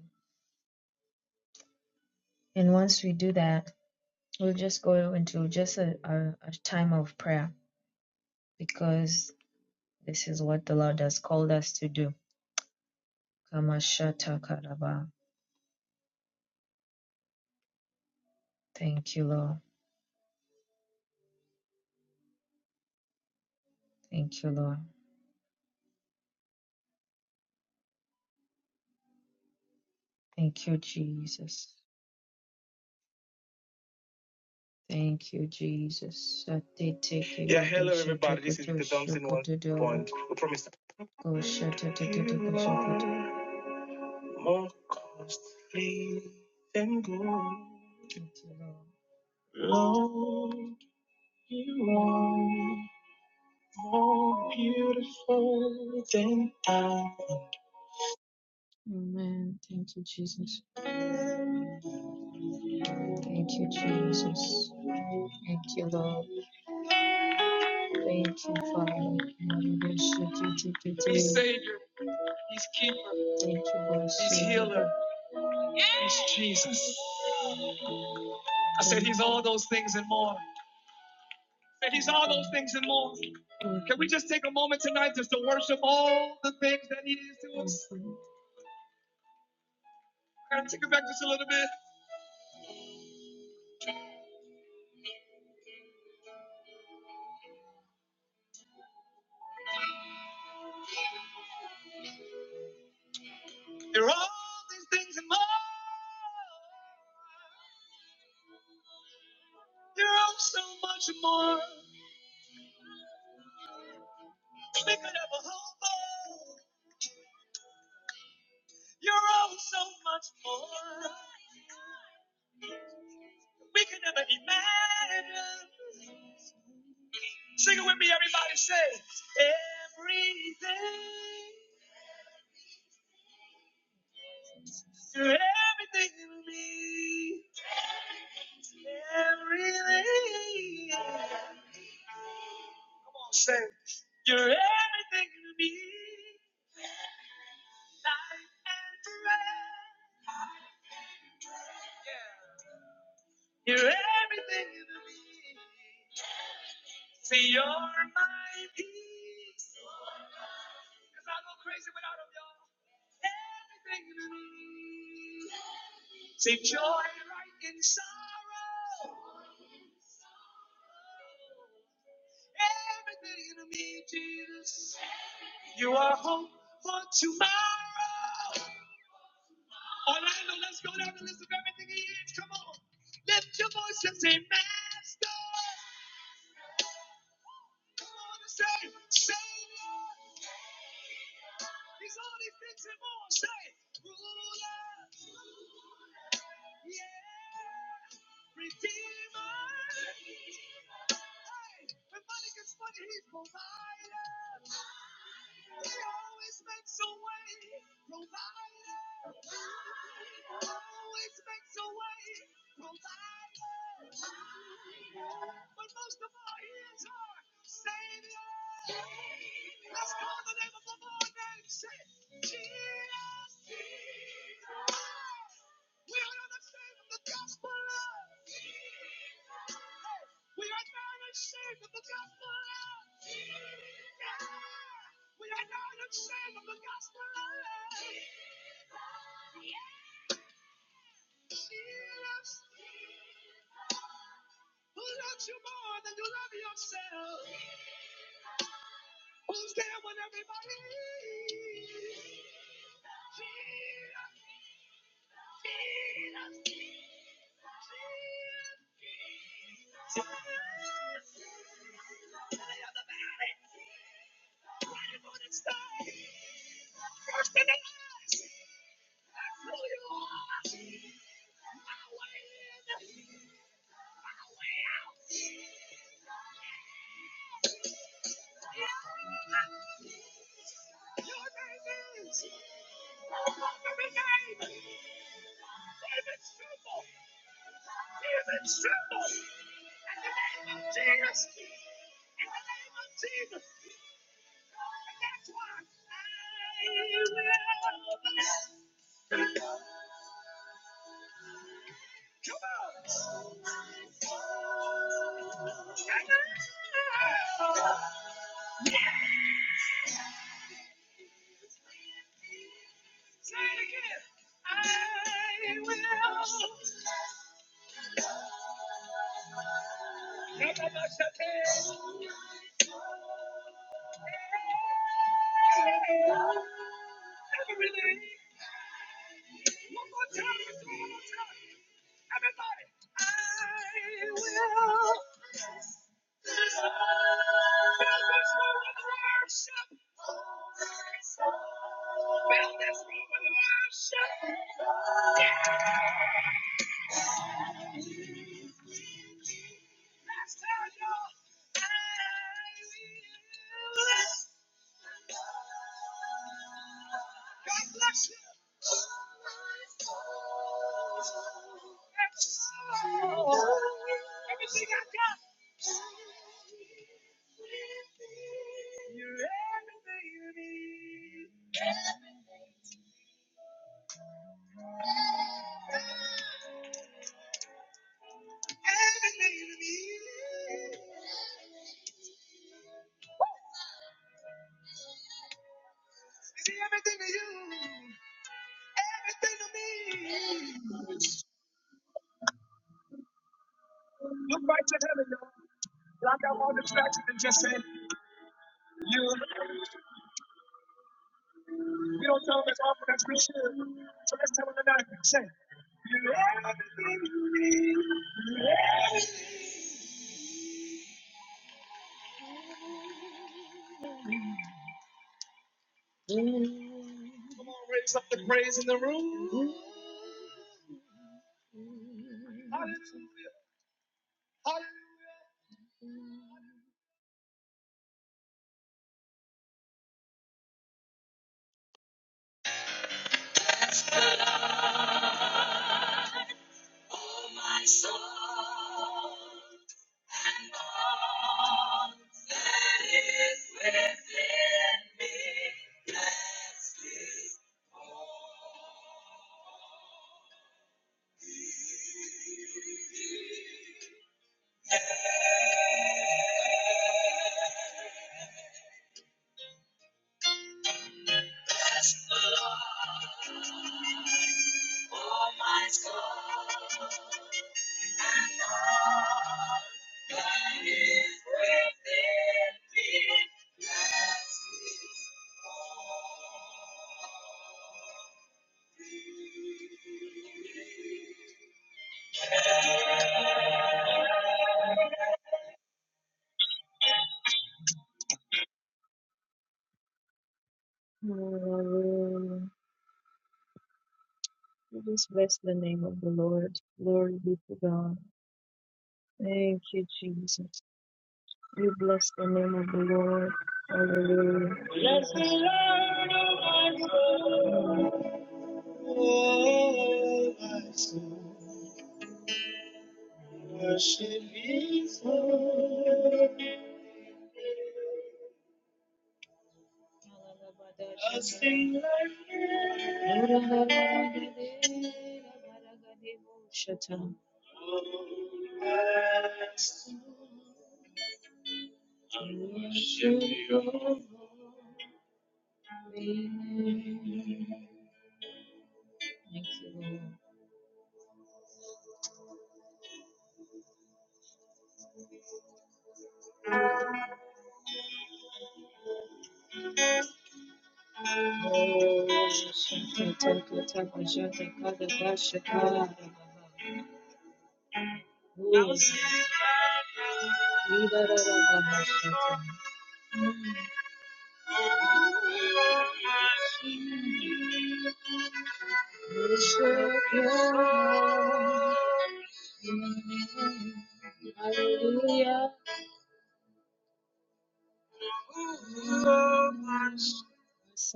S2: and once we do that, we'll just go into just a, a, a time of prayer because this is what the Lord has called us to do. Kamashata Karaba. Thank you, Lord. Thank you, Lord. Thank you, Jesus. Thank you, Jesus. Sate teke dodoko shata. Thank you, Lord.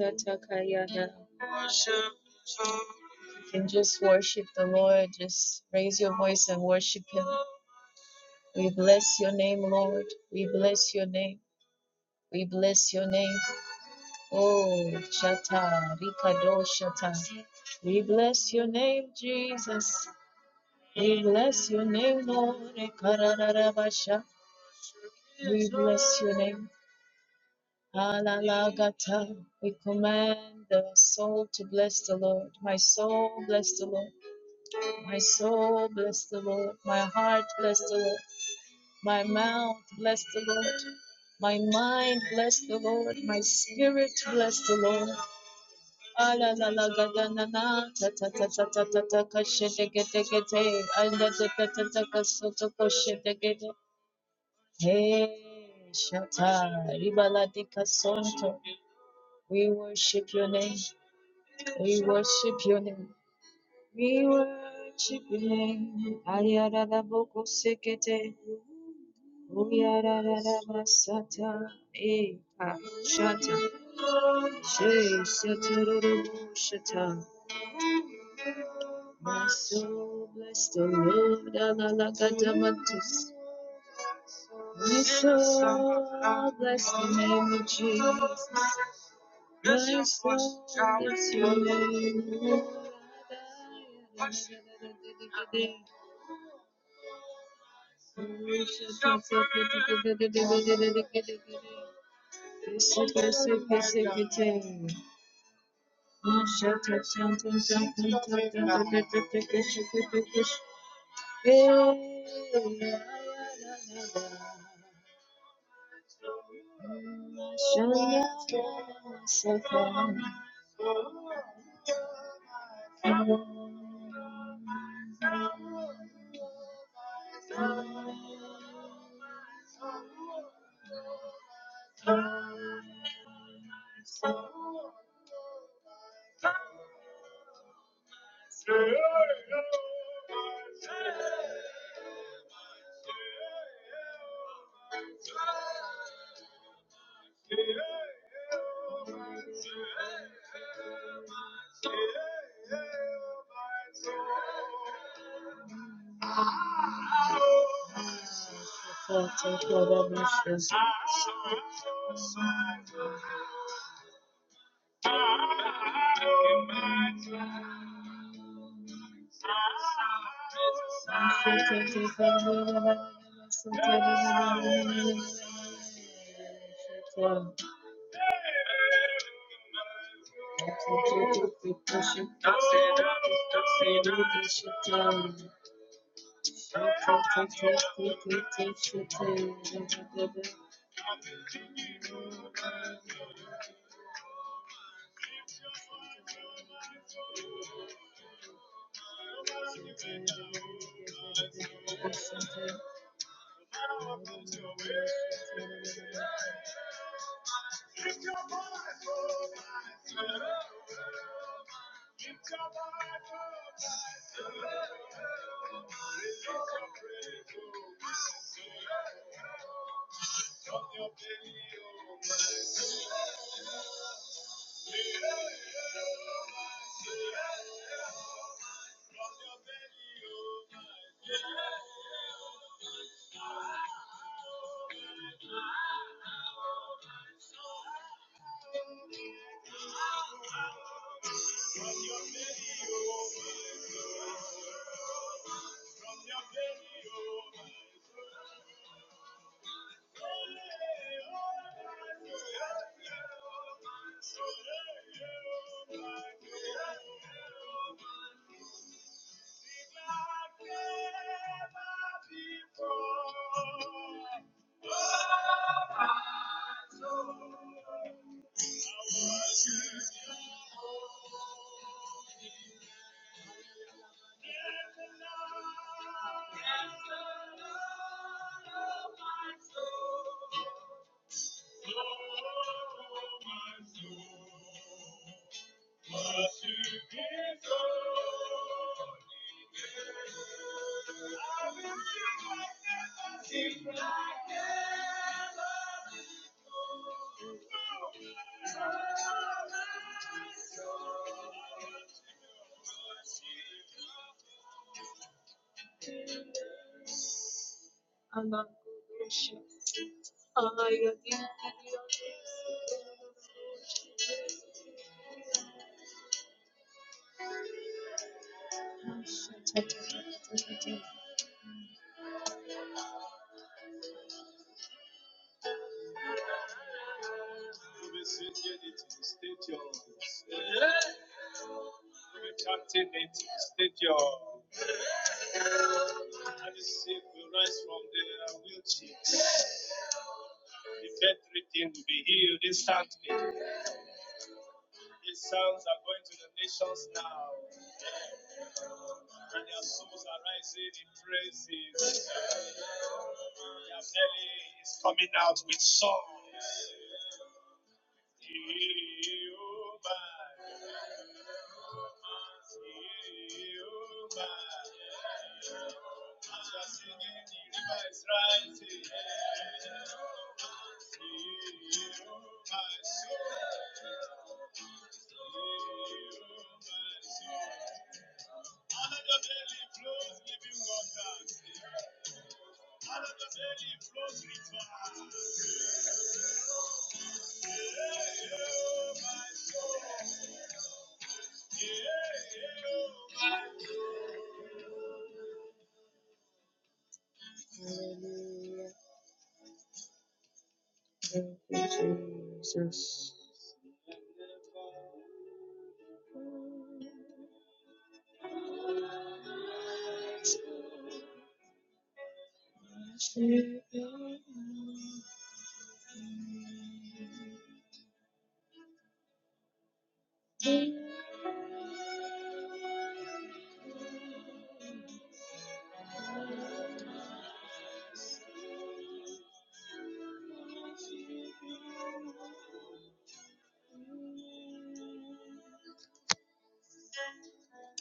S2: Atakayana. You Can just worship the Lord. Just raise your voice and worship Him. We bless your name, Lord. We bless your name. We bless your name. Oh. Uyarararabasata. Eka. Shata. She. Satororo. Shata. My soul bless the Lord. Alalakadamatus. Bless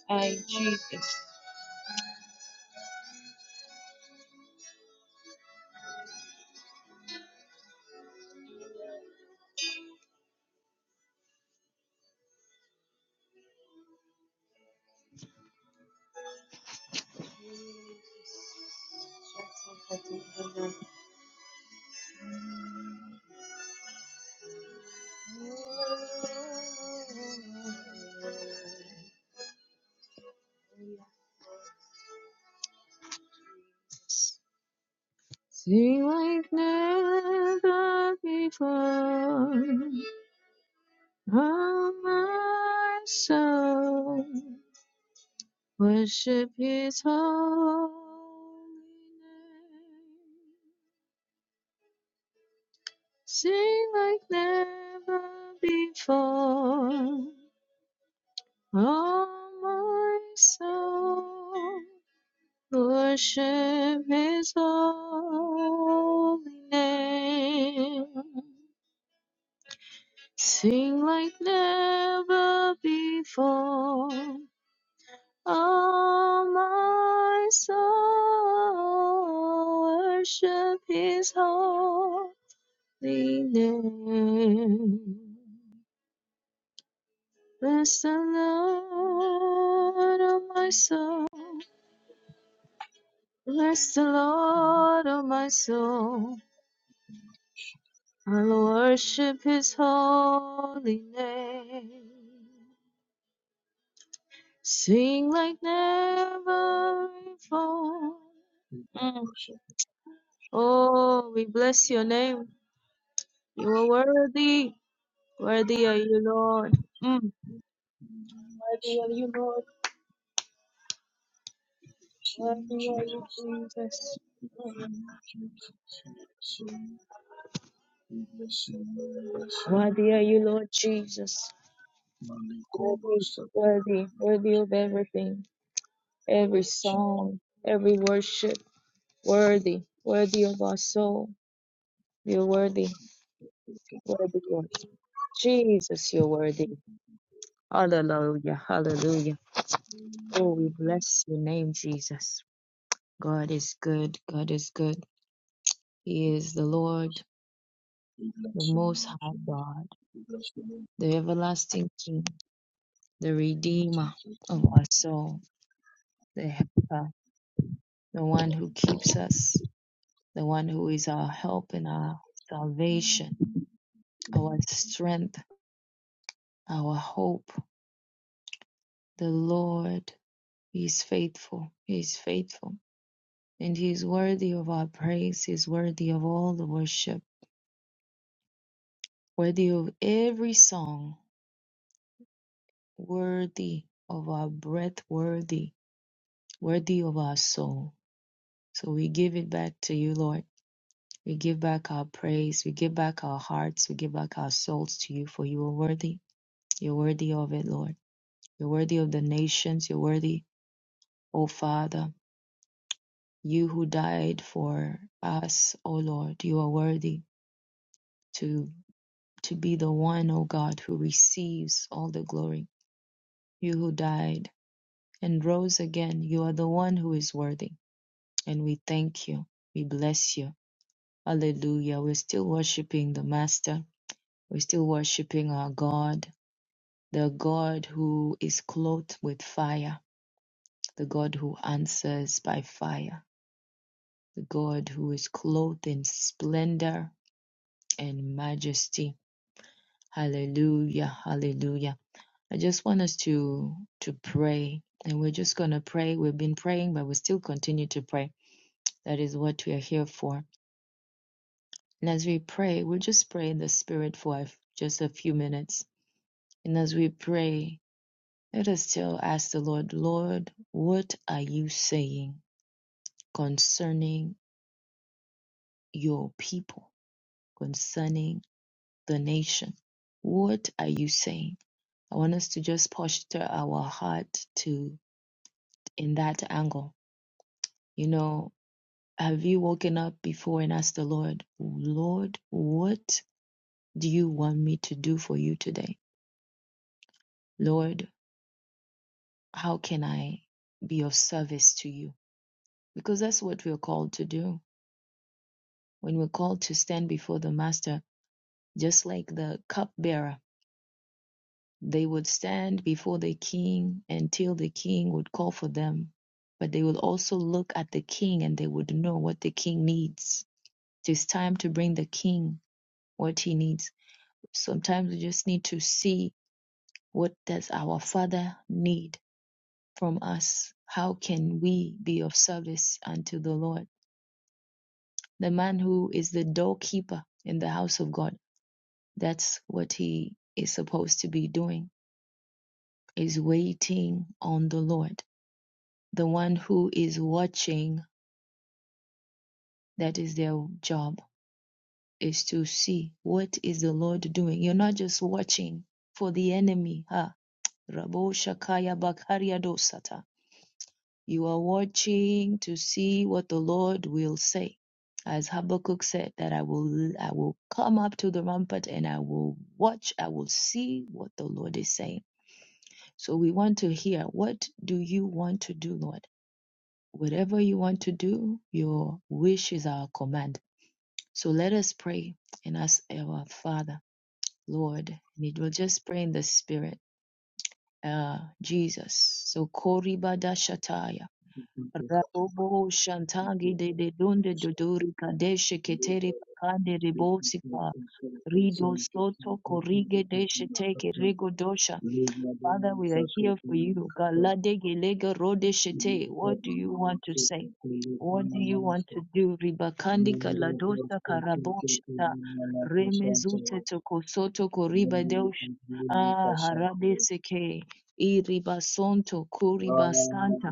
S2: I, Jesus.
S1: Thank Jesus. Thank you, Jesus. So, We bless you, Lord. We bless you, Lord. We bless you. Maliko Vasakura Vachi.
S2: Hallelujah. Hallelujah. Oh, we bless your name, Jesus. God is good. God is good. He is the Lord, the Most High God, the everlasting King, the Redeemer of our soul, the Helper, the one who keeps us, the one who is our help and our salvation, our strength, our hope. The Lord is faithful. He is faithful. And he is worthy of our praise. He is worthy of all the worship, worthy of every song, worthy of our breath, worthy, worthy of our soul. So we give it back to you, Lord. We give back our praise. We give back our hearts. We give back our souls to you, for you are worthy. You're worthy of it, Lord. You're worthy of the nations. You're worthy, O Father. You who died for us, O Lord, you are worthy to to be the one, O God, who receives all the glory. You who died and rose again, you are the one who is worthy. And we thank you. We bless you. Hallelujah. We're still worshiping the Master. We're still worshiping our God, the God who is clothed with fire, the God who answers by fire, the God who is clothed in splendor and majesty. Hallelujah. Hallelujah. I just want us to to pray, and we're just going to pray. We've been praying, but we still continue to pray. That is what we are here for. And as we pray, we'll just pray in the Spirit for just a few minutes. And as we pray, let us still ask the Lord, Lord, what are you saying concerning your people, concerning the nation? What are you saying? I want us to just posture our heart to in that angle. You know, Have you woken up before and asked the Lord, Lord, what do you want me to do for you today? Lord, how can I be of service to you? Because that's what we're called to do. When we're called to stand before the Master, just like the cupbearer, they would stand before the king until the king would call for them. But they will also look at the king and they would know what the king needs. It is time to bring the king what he needs Sometimes we just need to see what does our Father need from us? How can we be of service unto the Lord? The man who is the doorkeeper in the house of God, that's what he is supposed to be doing, is waiting on the Lord. The one who is watching, that is their job, is to see what is the Lord doing. You're not just watching for the enemy, huh? Rabo Shakaya Bakaria Dosata. You are watching to see what the Lord will say. As Habakkuk said, that I will I will come up to the rampart and I will watch, I will see what the Lord is saying. So we want to hear what do you want to do, Lord? Whatever you want to do, your wish is our command. So let us pray and ask our Father, Lord, and it will just pray in the spirit. Uh, Jesus. So Kori Rabobo Shantangi de de Dunde Dodori Kadeshe Ketere Kande Rebosika Rido Soto Korige Deshe Teke Rego Dosha. Father, we are here for you. Galade Gelega Rode Shete. What do you want to say? What do you want to do? Ribakandi Kaladosa Karaboshata Remezute Tokosoto Koriba Dosha. Ah, Harabe Seke. Iribasonto Kuribasanta.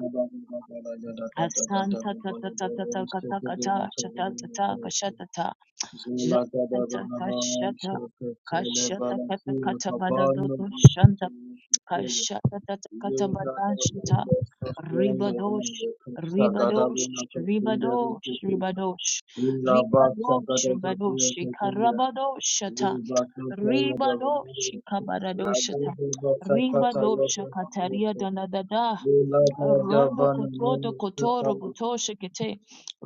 S2: Asanta ta ta ta ta ta ta ka ta shata
S1: Thank
S2: ta ta ka
S1: you.
S2: ta
S1: Is the
S2: shata ta ka shata ka shata ka ta ka ta ba da do do shanta ka shata ta ta ka ta ba da shata ribadosh ribadosh ribadosh ribadosh ribadosh ribadosh karabadosh shata ribadosh kabaradosh shata ribadosh kataria da na da da Rondo kotodo kotoro goto shekete.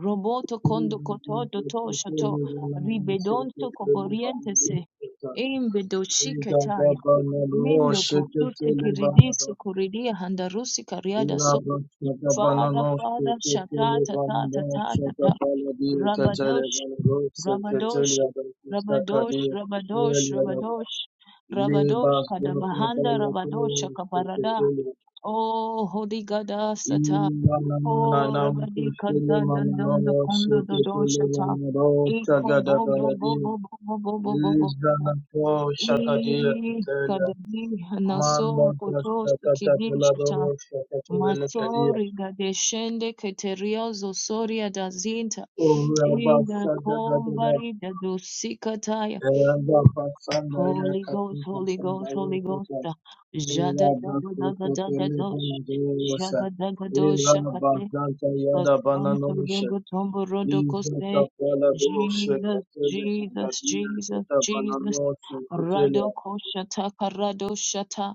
S2: Roboto kondo kotodo to shoto. Ribedonto koporientese. Imbedo shiketai. Mindo kukute kiridisu kuridia handarusi kariada so. Father, Father, shata ta ta ta ta ta ta. Rabadosh, Rabadosh, Rabadosh, Rabadosh, Rabadosh.
S1: Nako Shakadia Kitelia Manda Basta Catabelado Shakatabela Cadia, Ura Basta Gadada,
S2: Lusikataya.
S1: Eranda Basanda
S2: Holy Ghost,
S1: Yakapin
S2: Holy
S1: Sanda
S2: Ghost, Holy Ghost.
S1: Yakata, Ela Basta Cotele
S2: Jadadadadadadadosh.
S1: Banadosa, Ela
S2: Jagadagadosakate.
S1: Basta Yada Bananosha, Liza
S2: Kasantorogotomborodokose.
S1: Capella Dosha,
S2: Jesus,
S1: Catele
S2: Jesus,
S1: Gadia,
S2: Jesus,
S1: Cata
S2: Jesus.
S1: Bananosha, Catelia,
S2: Radokoshataka Radoshata.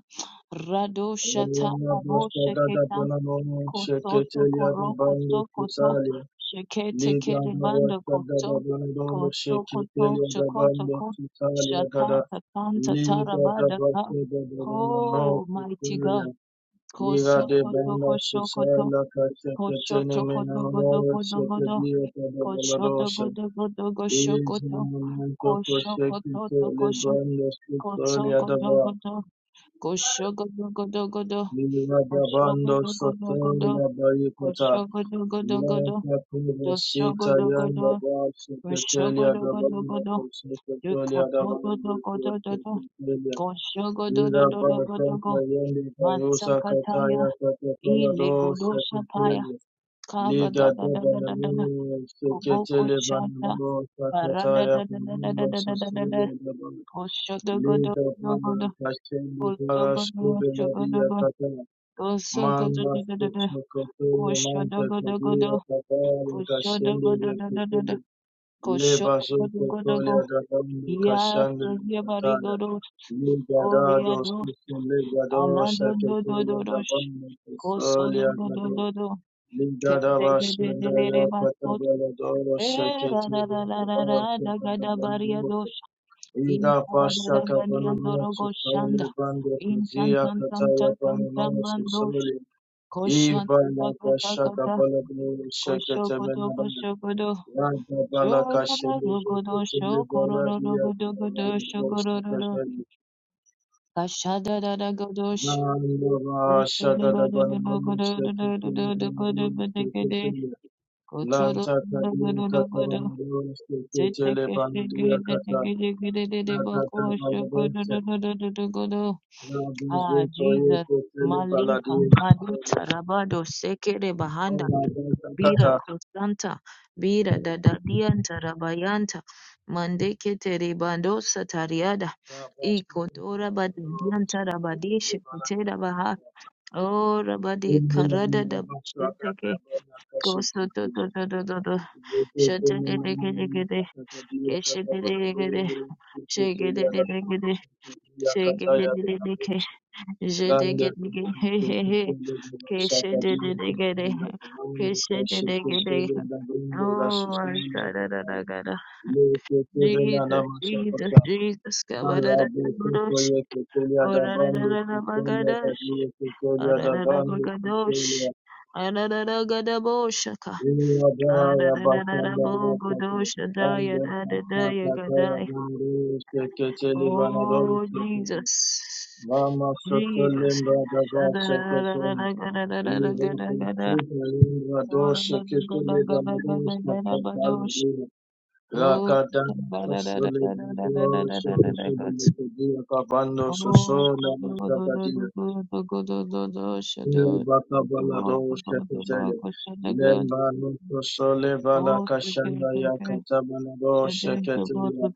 S2: Radoshata
S1: Ela Basta Gada
S2: Abosheketa.
S1: Bananosha,
S2: Kosoto
S1: Catelia
S2: Koroko
S1: Bandi
S2: Sokoto.
S1: Cusalia.
S2: Shekete.
S1: Liga da Basta da da Bandolo Sheketelia da Bando Titalia da da Liga da Basta da da Bandolo Titalia Liga de Banda Susala Cacetene Menanora Shekedia da da Baladosa Is in the momento Coshekite Le Bando Titalia da Ba Liga da Bando Sotola Baikata Sita yanda ba su kataliya da banda ko su kataliya da banda ko su kataliya. Ira ba kanta yanda ba rusa kata ya kata fala do su kataliya. Liga da banda no su kataliya banda no su kata ya banda su kataliya da banda. Liga banda kashin da fara su kata. Manda kutsukotele mante kadia kabaya kashende vekutele leba zote tole adabande kashande kataya ligada dosusu ligado shaketele adabande kusole agade ligada bashende yakatabele doro shaketele adabande kakadabande lote Iga pasha kapana nosu sole bande kuzia kataya panamosu Ivalaka shakapalabru shaketemenaba. Ragabalaka shendeketelebaradia gabalabru shakatani. Vanilava shakadabanamu shaketemenabru shakatani. Lantakadiya katamanabru shakatelebanadia kata. Rakatabalabete.
S2: Digidididibakoshikodododododododo. Ah, Jesus, Malika,
S1: Rabazutoyeketelebaladia
S2: Madita,
S1: katelia.
S2: Rabado, Sekere, Bahanda, Bira, Kosanta, Bira, Dadadianta, Rabayanta, Mandeke, Terebandosa, Tariada,
S1: La Basta
S2: Iko, Dora, Badianta, Rabadisha, Ketera, Baha, O Rabadi, Karada, da Sheteke, Koso, Do, Do, Do, Do, Do, Do, Sheteke,
S1: Thank you. Malabo Sotolia Sotolia da Bando Sotolia da Dio Sotolia da Bando Sotolia Ila Bara Basanda Rakata Bando Sakata Bandu Seketeli Banador Sekete Mama Sotolimba da Basha Ketene Ila Basita Ila Dosha Keteli Banador Sakata Rakadanta Solidado Shakadia Kabando Sosola Mustapadina Baka Balado Shakatele Lemba Nuto Sole Bala Kashanda Yakata Balado Shakatele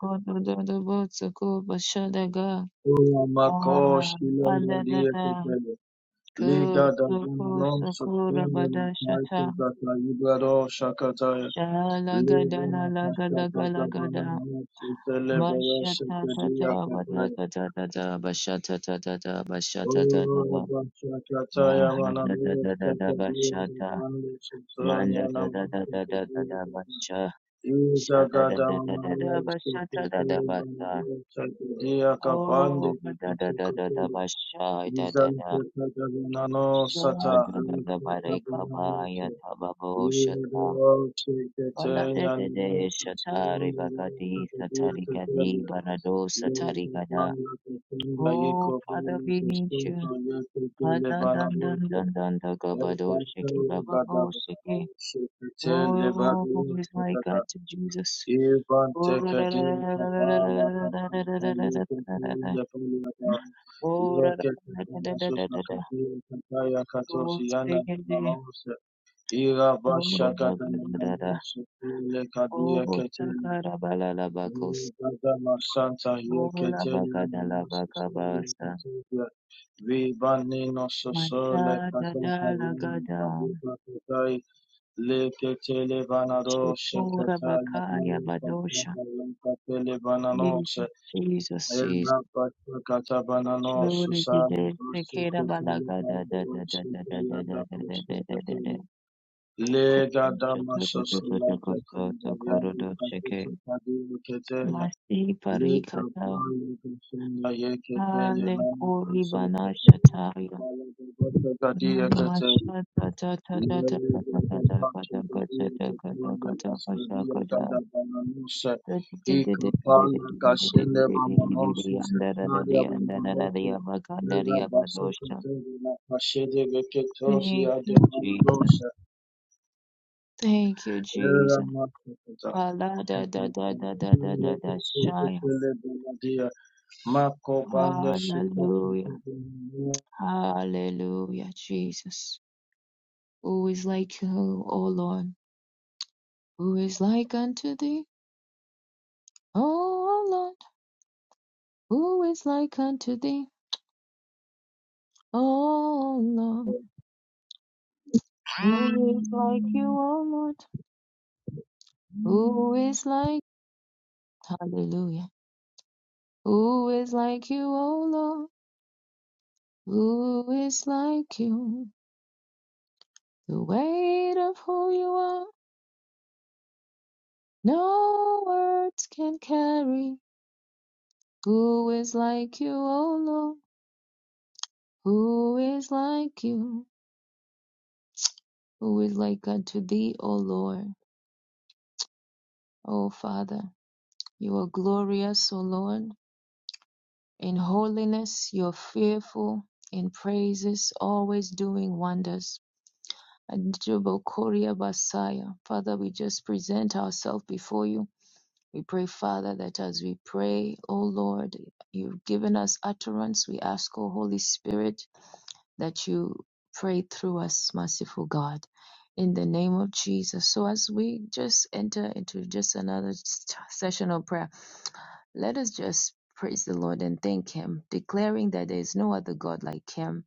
S1: Ula Mako Shilambra Diakatele Liga Davana Non Sosola Maiko Zaka Yugado Shakataya Livana Kashaka Davana Non Sotele Bala Shakadia Thank you.
S2: Jesus. Thank you, Jesus. Palada, da, da, da, da, da, da, da, Shaya. Hallelujah. Hallelujah, Jesus. Who is like you, O Lord? Who is like unto thee, O Lord? Who is like unto thee, O Lord? Who is like you, O Lord? Who is like, hallelujah. Who is like you, O Lord? Who is like you? The weight of who you are, no words can carry. Who is like you, O Lord? Who is like you? Who is like unto thee, O Lord, O Father? You are glorious, O Lord, in holiness, you are fearful in praises, always doing wonders. Adorable Basaya, Father, we just present ourselves before you. We pray, Father, that as we pray, O Lord, you've given us utterance. We ask, O Holy Spirit, that you prayed through us, merciful God. In the name of Jesus. So as we just enter into just another session of prayer, let us just praise the Lord and thank Him, declaring that there is no other God like Him.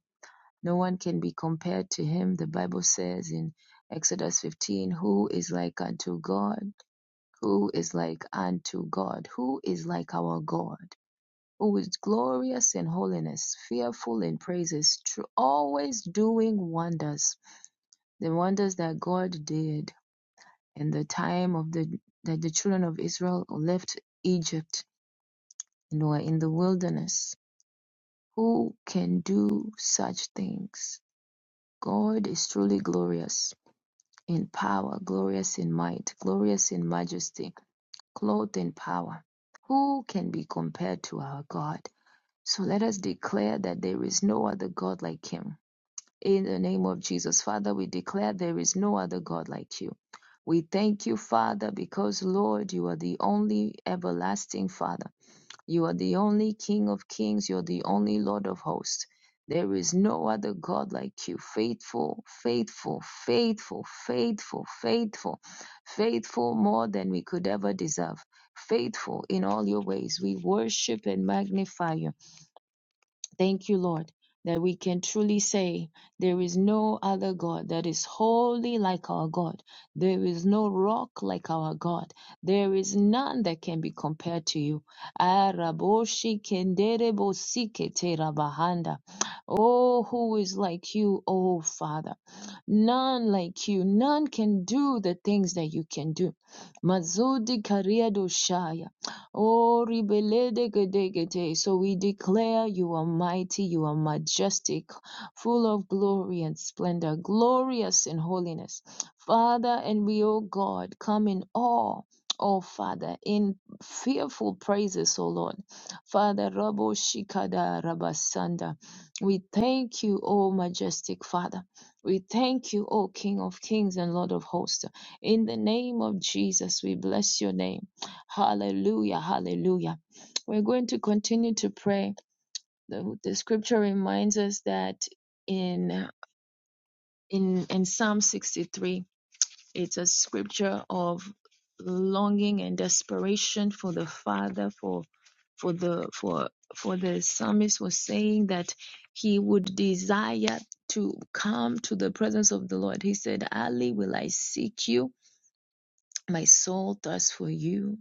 S2: No one can be compared to Him. The Bible says in Exodus 15, Who is like unto God? Who is like unto God? Who is like our God? who is glorious in holiness, fearful in praises, tr- always doing wonders, the wonders that God did in the time of the that the children of Israel left Egypt and were in the wilderness. Who can do such things? God is truly glorious in power, glorious in might, glorious in majesty, clothed in power. Who can be compared to our God? So let us declare that there is no other God like him In the name of Jesus, Father, we declare there is no other God like you. We thank you, Father, because, Lord, you are the only everlasting Father. You are the only King of kings. You are the only Lord of hosts. There is no other God like you. Faithful, faithful, faithful, faithful, faithful, faithful more than we could ever deserve. Faithful in all your ways. We worship and magnify you. Thank you, Lord, that we can truly say there is no other God that is holy like our God. There is no rock like our God. There is none that can be compared to you. Araboshi kenderebo sikete rabahanda. Oh, who is like you, oh Father? None like you. None can do the things that you can do. Mazudi Kariado Shaya. Oh, ribelede gedegede. So we declare you are mighty, you are majestic, full of glory and splendor, glorious in holiness. Father, and we, O God, come in awe. Oh, Father, in fearful praises, O Lord. Father, Rabo Shikada Rabasanda. We thank you, O majestic Father. We thank you, O King of Kings and Lord of Hosts. In the name of Jesus, we bless your name. Hallelujah, hallelujah. We're going to continue to pray. The, the scripture reminds us that in in in Psalm 63 it's a scripture of longing and desperation for the Father, for for the for for the psalmist was saying that he would desire to come to the presence of the Lord. He said, Ali, will I seek you? My soul thirsts for you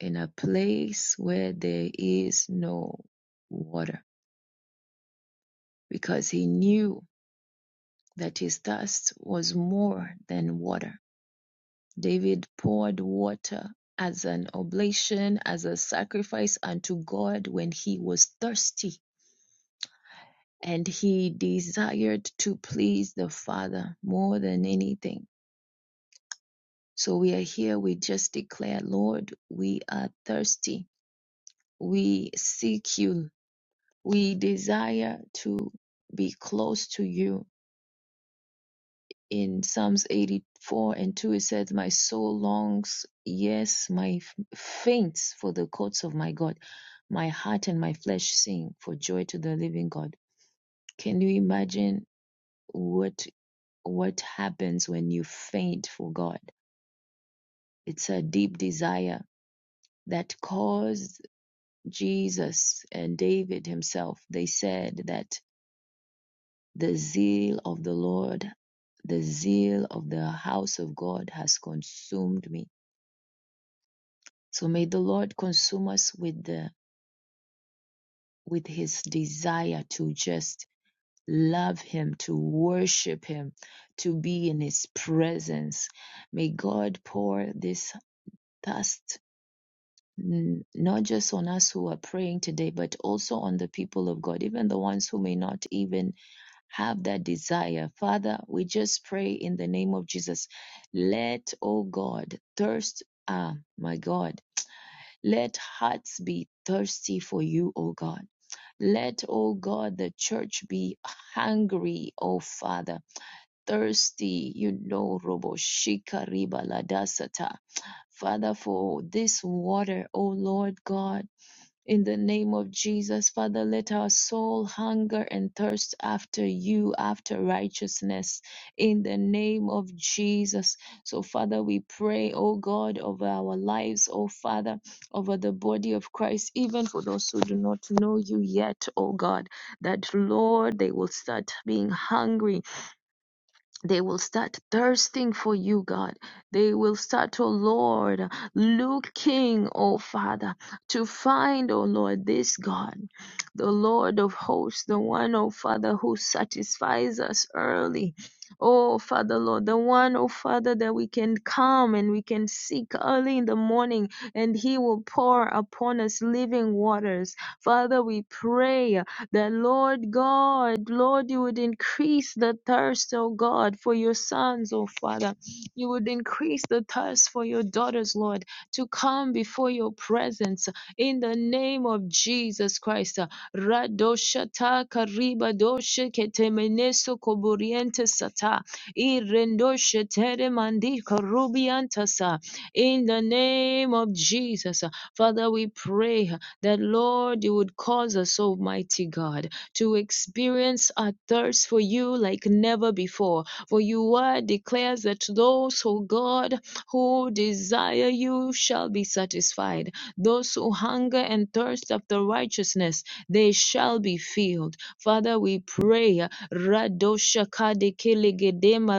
S2: in a place where there is no water, because he knew that his thirst was more than water David poured water as an oblation, as a sacrifice unto God when he was thirsty. And he desired to please the Father more than anything. So we are here, we just declare, Lord, we are thirsty. We seek you. We desire to be close to you in Psalms 84 and 2, it says, My soul longs, yes, my f- faints for the courts of my God. My heart and my flesh sing for joy to the living God. Can you imagine what what happens when you faint for God? It's a deep desire that caused Jesus and David himself. They said that the zeal of the Lord, the zeal of the house of God has consumed me So may the Lord consume us with the with his desire to just love him, to worship him, to be in his presence. May God pour this thirst not just on us who are praying today, but also on the people of God, even the ones who may not even have that desire. Father, we just pray in the name of Jesus. Let, oh God, thirst, ah, my God Let hearts be thirsty for you, O God. Let, O God, the church be hungry, O Father, thirsty, you know, Roboshika Riba Ladasata. Father, for this water, O Lord God. In the name of Jesus, Father, let our soul hunger and thirst after you, after righteousness. In the name of Jesus. So, Father, we pray, oh God, over our lives, oh Father, over the body of Christ, even for those who do not know you yet, oh God, that Lord, they will start being hungry they will start thirsting for you, God. They will start, oh Lord, looking, oh Father, to find, oh Lord, this God, the Lord of hosts, the one, oh Father, who satisfies us early. Oh Father, Lord, the one, oh Father, that we can come and we can seek early in the morning and He will pour upon us living waters. Father, we pray that Lord God, Lord, you would increase the thirst, oh God, for your sons, oh Father. You would increase the thirst for your daughters, Lord, to come before your presence in the name of Jesus Christ. Radoshata kariba doshe ketemeneso koboriente sata. Irendoshe tere mandi sa. In the name of Jesus, Father, we pray that, Lord, you would cause us, Almighty God, to experience a thirst for you like never before. For your word declares that those, O God, who desire you shall be satisfied. Those who hunger and thirst after righteousness, they shall be filled. Father, we pray. Radosha kade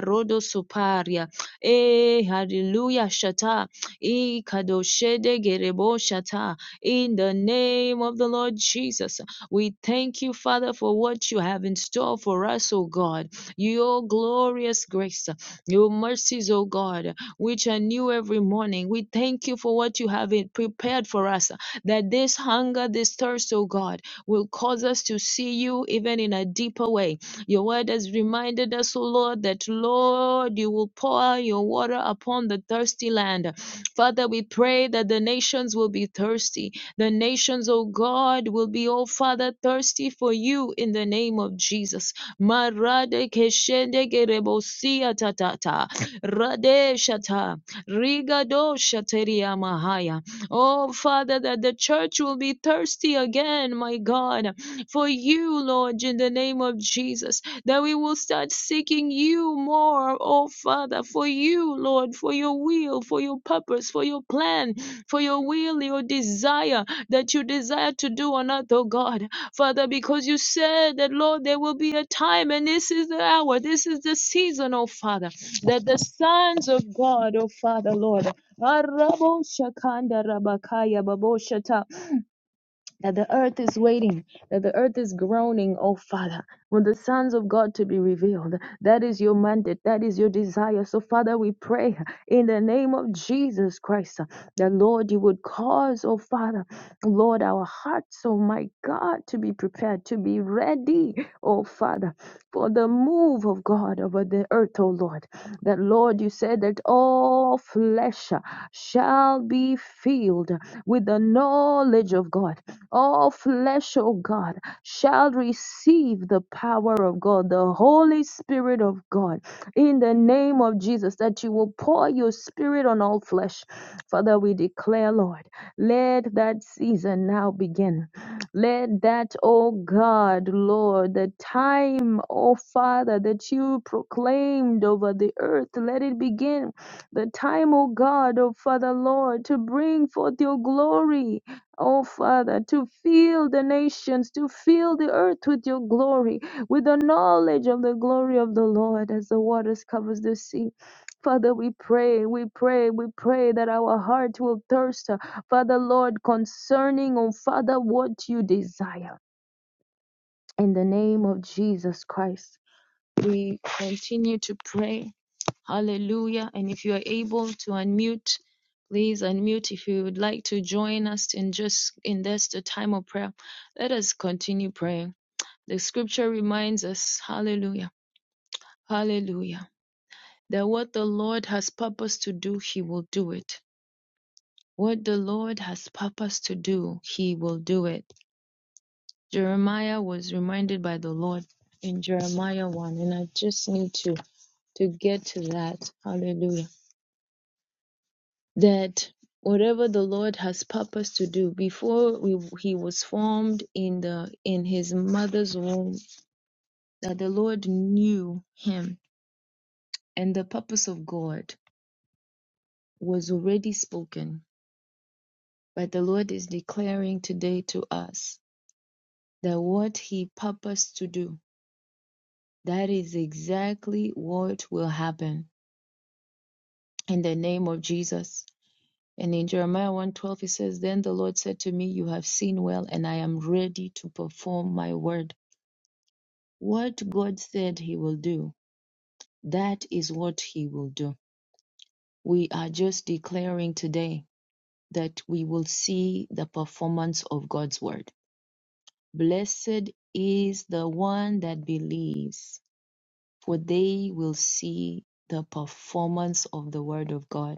S2: rodo suparia. Eh, hallelujah, shata. I kadoshede gerebo shata in the name of the Lord Jesus. We thank you, Father, for what you have in store for us, O God. Your glorious grace, your mercies, O God, which are new every morning. We thank you for what you have prepared for us, that this hunger, this thirst, O God, will cause us to see you even in a deeper way. Your word has reminded us, O Lord, that, Lord, you will pour your water upon the thirsty land. Father, we pray that the nations will be thirsty the nations, O God, will be, O Father, thirsty for you in the name of Jesus. Marade keshende gerebosia tatata. Rade shata. Rigado shateria mahaya. Oh, Father, that the church will be thirsty again, my God, for you, Lord, in the name of Jesus, that we will start seeking you more, oh, Father, for you, Lord, for your will, for your purpose, for your plan, for your will, your desire that you desire to do on earth, oh God. Father, because you said that, Lord, there will be a time, and this is the hour, this is the season, oh Father, that the sons of God, oh Father, Lord, Arabo Shakanda Rabakaya Baboshata that the earth is waiting, that the earth is groaning, oh Father, for the sons of God to be revealed. That is your mandate, that is your desire. So, Father, we pray in the name of Jesus Christ uh, that, Lord, you would cause, oh Father, Lord, our hearts, oh my God, to be prepared, to be ready, oh Father, for the move of God over the earth, oh Lord. That, Lord, you said that all flesh uh, shall be filled with the knowledge of God. All flesh, O God, shall receive the power of God, the Holy Spirit, your glory, with the knowledge of the glory of the Lord as the waters covers the sea. Father, we pray, we pray, we pray that our heart will thirst, uh, Father Lord, concerning, oh Father, what you desire. In the name of Jesus Christ, we continue to pray Hallelujah. And if you are able to unmute, please unmute if you would like to join us in just in this the time of prayer. Let us continue praying. The scripture reminds us, hallelujah, hallelujah, that what the Lord has purposed to do, he will do it. What the Lord has purposed to do, he will do it. Jeremiah was reminded by the Lord in Jeremiah 1, and I just need to to get to that. Hallelujah that whatever the Lord has purposed to do before we, he was formed in the in his mother's womb, that the Lord knew him, and the purpose of God was already spoken. But the Lord is declaring today to us that what he purposed to do, that is exactly what will happen in the name of Jesus. And in Jeremiah one twelve, he says, Then the Lord said to me, You have seen well, and I am ready to perform my word. What God said He will do, that is what He will do. We are just declaring today that we will see the performance of God's word. Blessed is the one that believes, for they will see the performance of the word of God.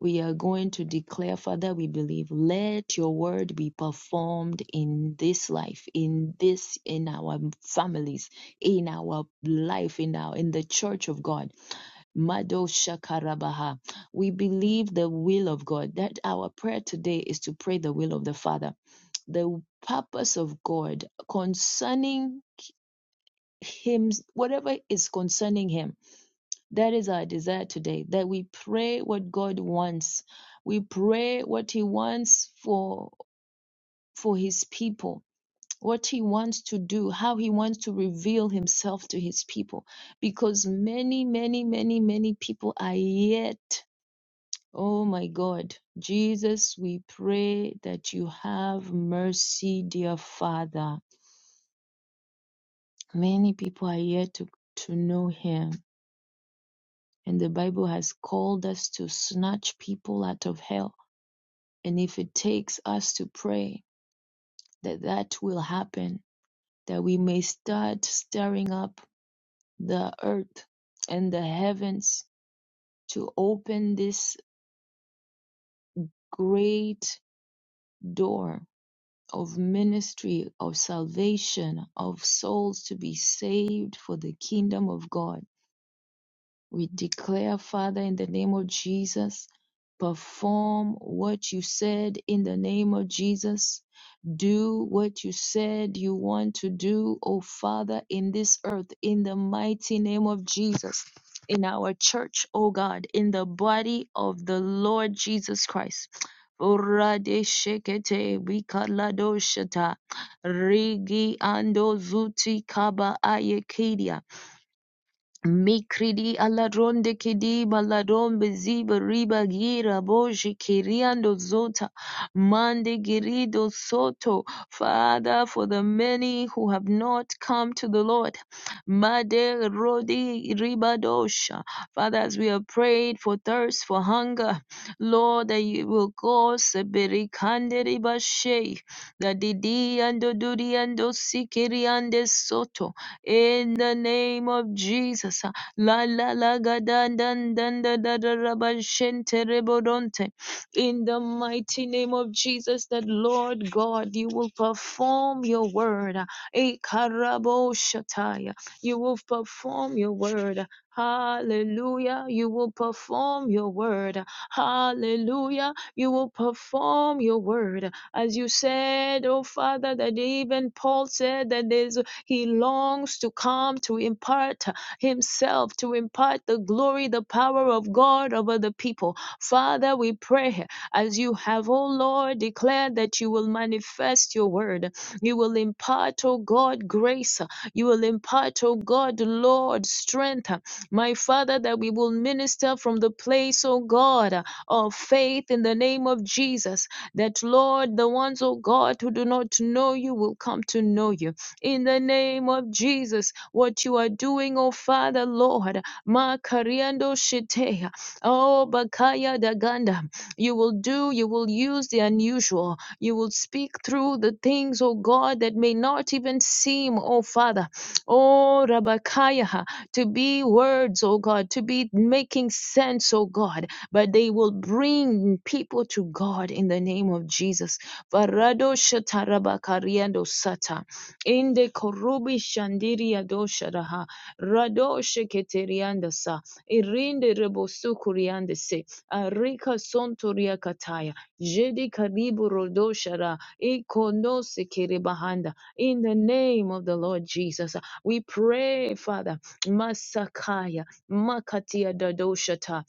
S2: We are going to declare, Father, we believe, let your word be performed in this life, in this, in our families, in our life, in our, in the church of God Madosha Karabaha. We believe the will of God, that our prayer today is to pray the will of the Father, the purpose of God concerning Him, whatever is concerning Him. That is our desire today, that we pray what God wants. We pray what He wants for, for His people. What he wants to do, how he wants to reveal himself to his people, because many, many, many, many people are yet Oh my God, Jesus, we pray that you have mercy, dear Father. Many people are yet to, to know him, and the Bible has called us to snatch people out of hell. And if it takes us to pray that that will happen, that we may start stirring up the earth and the heavens to open this great door of ministry, of salvation, of souls to be saved for the kingdom of God. We declare, Father, in the name of Jesus, perform what you said in the name of Jesus. Do what you said you want to do, O Father, in this earth, in the mighty name of Jesus, in our church, O God, in the body of the Lord Jesus Christ. Oradeshekete wikaladoshata, Rigi ando zuti kaba ayekidia. Mikridi aladron de kidi baladron beziba riba gira boji kiriando zota mande girido soto. Father, for the many who have not come to the Lord. Made rodi ribadosha. Father, as we have prayed for thirst, for hunger, Lord, that you will cause a berikande ribashe, that didi ando duri ando sikiri ande soto in the name of Jesus. uh, La la la ga dan dan dan da da da ra ba shen re bo don In the mighty name of Jesus, that Lord God, you will perform your word. Eh, karabo shataya. You will perform your word. Hallelujah. You will perform your word. Hallelujah. You will perform your word. As you said, oh Father, that even Paul said that there's he longs to come to impart himself, to impart the glory, the power of God over the people. Father, we pray as you have, oh Lord, declared that you will manifest your word. You will impart, oh God, grace. You will impart, oh God, Lord, strength. My Father, that we will minister from the place, oh God, of faith in the name of Jesus. That, Lord, the ones, oh God, who do not know you will come to know you in the name of Jesus. What you are doing, oh Father, Lord, Makariando Shiteya, oh Bakaya Daganda, you will do, you will use the unusual, you will speak through the things, oh God, that may not even seem, oh Father, oh Rabakaya, to be words, oh God, to be making sense, oh God, but they will bring people to God in the name of Jesus. Varado shatarabakariando sata. Inde korubi shandiri adosharaha. Radoshe keteriandasa. Irinde rebosu kuriandese. Arika sontoria kataya. Jedi karibu rodoshara. Ikonose kerebahanda. In the name of the Lord Jesus, we pray, Father. Masakaya. Makatia dadoshata.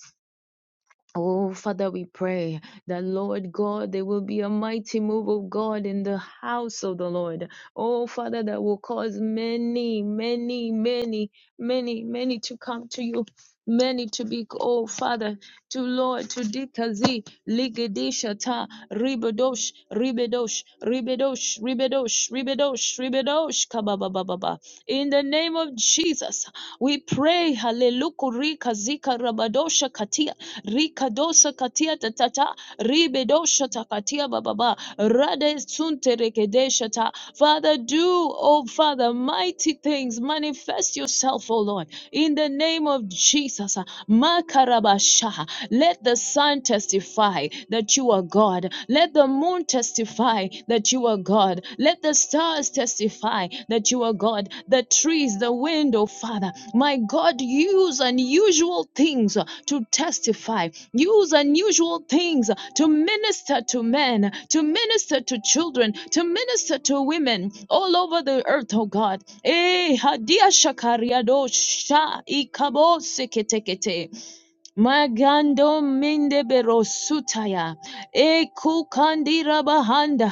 S2: Oh, Father, we pray that, Lord God, there will be a mighty move of God in the house of the Lord. Oh, Father, that will cause many, many, many, many, many to come to you. Many to be, oh Father, to Lord, to Dikazi, Ligedishata, Ribedosh, Ribedosh, Ribedosh, Ribedosh, Ribedosh, Ribedosh, Kababababa. In the name of Jesus, we pray, Hallelujah, Zika Rabadosha Katia. Rikadosa katia tatata. Ribedosha takatia bababa. Rade sunte rekedesha ta. Father, do, oh Father, mighty things. Manifest yourself, oh Lord, in the name of Jesus. Makarabasha. Let the sun testify that you are God. Let the moon testify that you are God. Let the stars testify that you are God. The trees, the wind, oh Father. My God, use unusual things to testify. Use unusual things to minister to men, to minister to children, to minister to women all over the earth, oh God. Eh, hadia shakariado sha ikabo seketekete. Magando mende berosutaya. Eku kandira bahanda.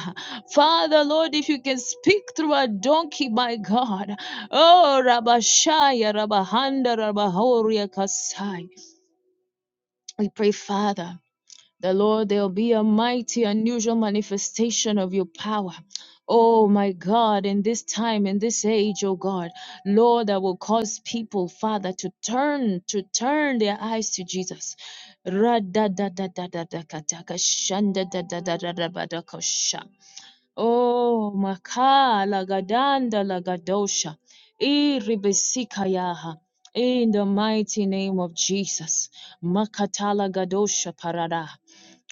S2: Father, Lord, if you can speak through a donkey, my God. Oh, Rabashaya, Rabahanda, Rabahoria Kasai. We pray, Father. The Lord, there'll be a mighty, unusual manifestation of your power. Oh my God, in this time, in this age, oh God, Lord, that will cause people, Father, to turn, to turn their eyes to Jesus. Ra-da-da-da-da-da-da-ka-ta-ka-shan-da-da-da-da-da-da-ba-da-ka-sha. Oh, makala gadanda lagadosha, iribesikayaha. In the mighty name of Jesus, makatala gadosha parada.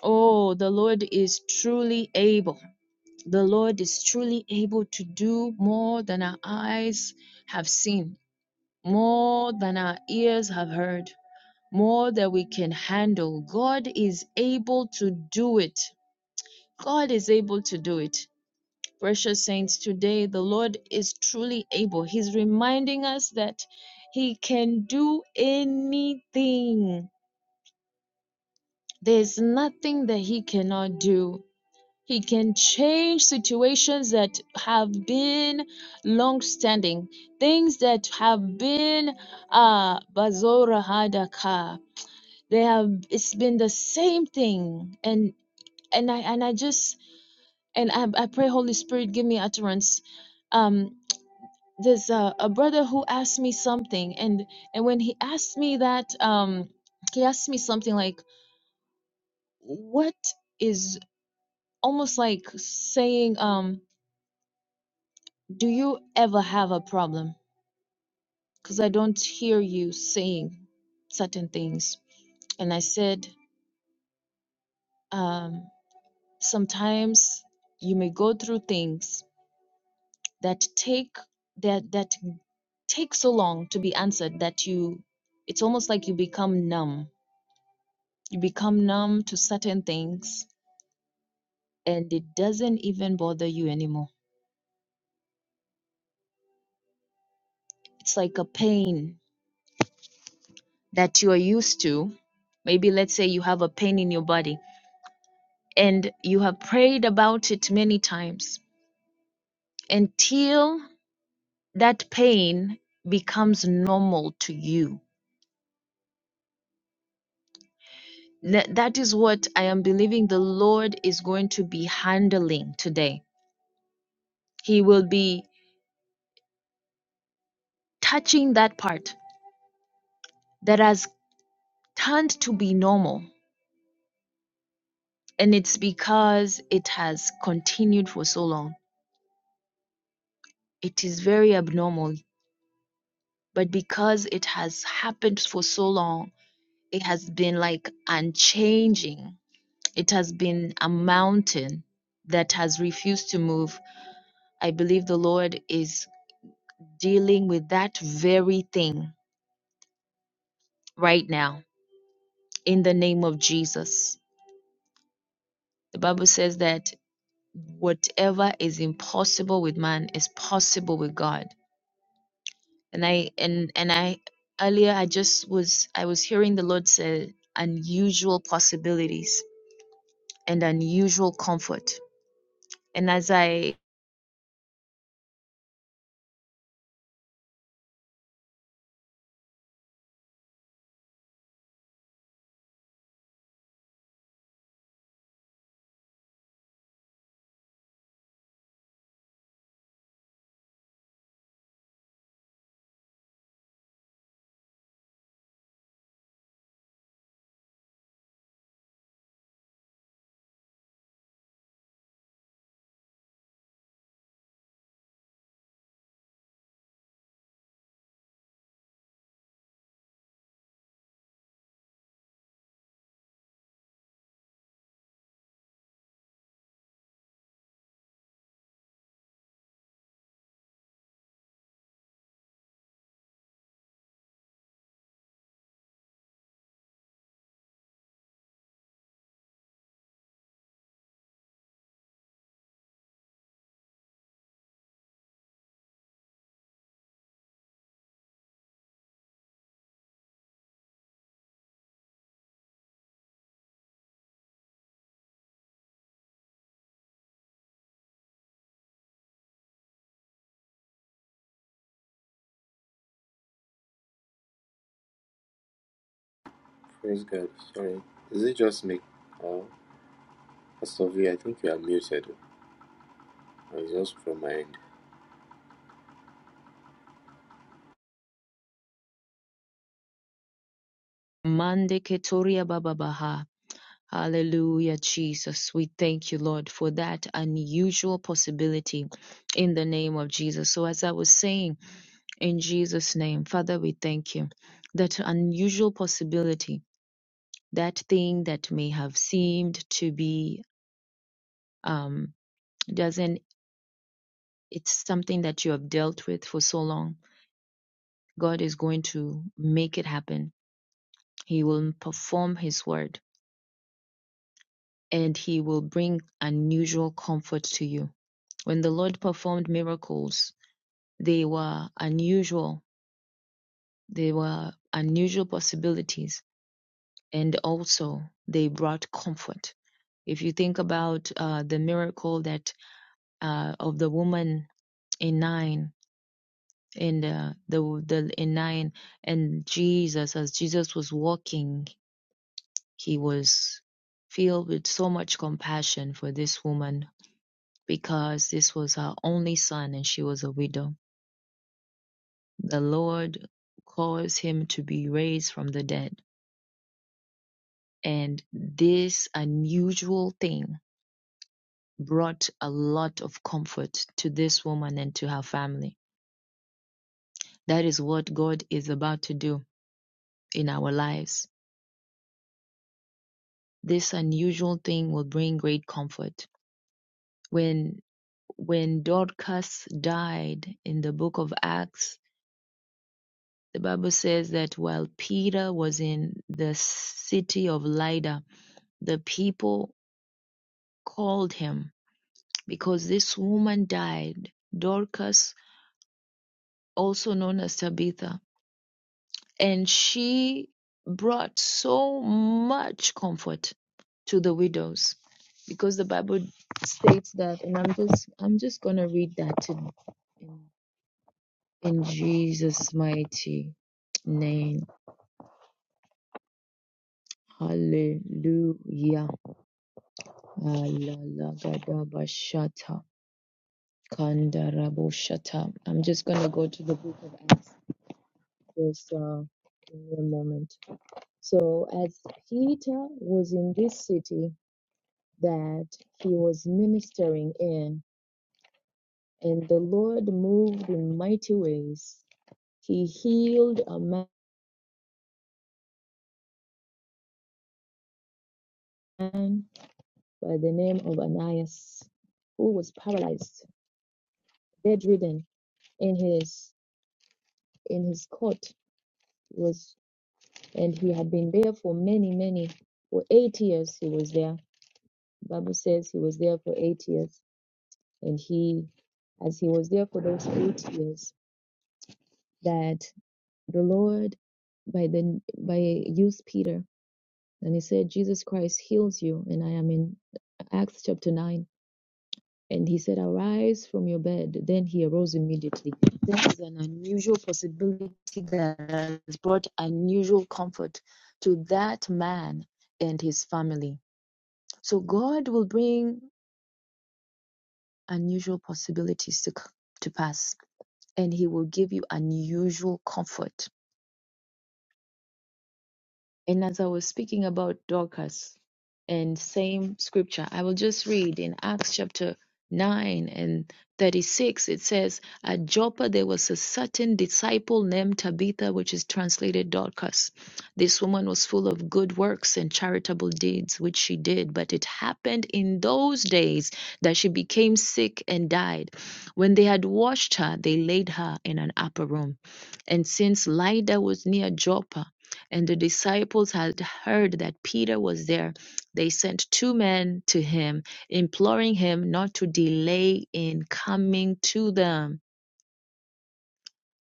S2: Oh, the Lord is truly able. The Lord is truly able to do more than our eyes have seen, more than our ears have heard, more than we can handle. God is able to do it. God is able to do it. Precious saints, today the Lord is truly able. He's reminding us that He can do anything. There's nothing that He cannot do. He can change situations that have been long standing, things that have been uh bazora hadaka. They have it's been the same thing. And and I and I just and I, I pray Holy Spirit give me utterance. Um there's a, a brother who asked me something and and when he asked me that um he asked me something like what is almost like saying um Do you ever have a problem? Because I don't hear you saying certain things. And I said, um, sometimes you may go through things that take that that take so long to be answered that you it's almost like you become numb. You become numb to certain things and it doesn't even bother you anymore. It's like a pain that you are used to. Maybe let's say you have a pain in your body and you have prayed about it many times until that pain becomes normal to you. Th- That is what I am believing the Lord is going to be handling today. He will be touching that part that has turned to be normal, and it's because it has continued for so long. It is very abnormal, but because it has happened for so long, it has been like unchanging It has been a mountain that has refused to move. I believe the Lord is dealing with that very thing right now in the name of Jesus. The Bible says that whatever is impossible with man is possible with God. And I and and I earlier I just was I was hearing the Lord say unusual possibilities and unusual comfort. And as I
S3: Praise God. Sorry. Is it just me? Oh, Pastor V, I think you are muted. It's just from my end.
S2: Mande Keturia Bababaha. Hallelujah, Jesus. We thank you, Lord, for that unusual possibility in the name of Jesus. So, as I was saying, in Jesus' name, Father, we thank you that unusual possibility, that thing that may have seemed to be, um, doesn't, it's something that you have dealt with for so long. God is going to make it happen. He will perform His word and He will bring unusual comfort to you When the Lord performed miracles, they were unusual. They were unusual possibilities. And also, they brought comfort. If you think about uh, the miracle that uh, of the woman in nine, in the, the, the in nine, and Jesus, as Jesus was walking, he was filled with so much compassion for this woman because this was her only son and she was a widow The Lord caused him to be raised from the dead. And this unusual thing brought a lot of comfort to this woman and to her family. That is what God is about to do in our lives. This unusual thing will bring great comfort. When when Dorcas died in the book of Acts, the Bible says that while Peter was in the city of Lydda, the people called him because this woman died, Dorcas, also known as Tabitha, and she brought so much comfort to the widows because the Bible states that, and I'm just I'm just gonna read that in in, in Jesus' mighty name. Hallelujah. I'm just gonna go to the book of Acts. Just uh, give me a moment. So, as Peter was in this city that he was ministering in, and the Lord moved in mighty ways, he healed a man by the name of Ananias, who was paralyzed, bedridden in his in his cot was and he had been there for many many for eight years he was there bible says he was there for eight years and he as he was there for those eight years that the Lord by the by used Peter and he said, Jesus Christ heals you. And I am in Acts chapter nine. And he said, Arise from your bed. Then he arose immediately. That is an unusual possibility that has brought unusual comfort to that man and his family. So God will bring unusual possibilities to, to pass and he will give you unusual comfort And as I was speaking about Dorcas and same scripture, I will just read in Acts chapter 9 and 36, it says, At Joppa there was a certain disciple named Tabitha, which is translated Dorcas. This woman was full of good works and charitable deeds, which she did. But it happened in those days that she became sick and died. When they had washed her, they laid her in an upper room. And since Lydda was near Joppa, and the disciples had heard that Peter was there, they sent two men to him, imploring him not to delay in coming to them.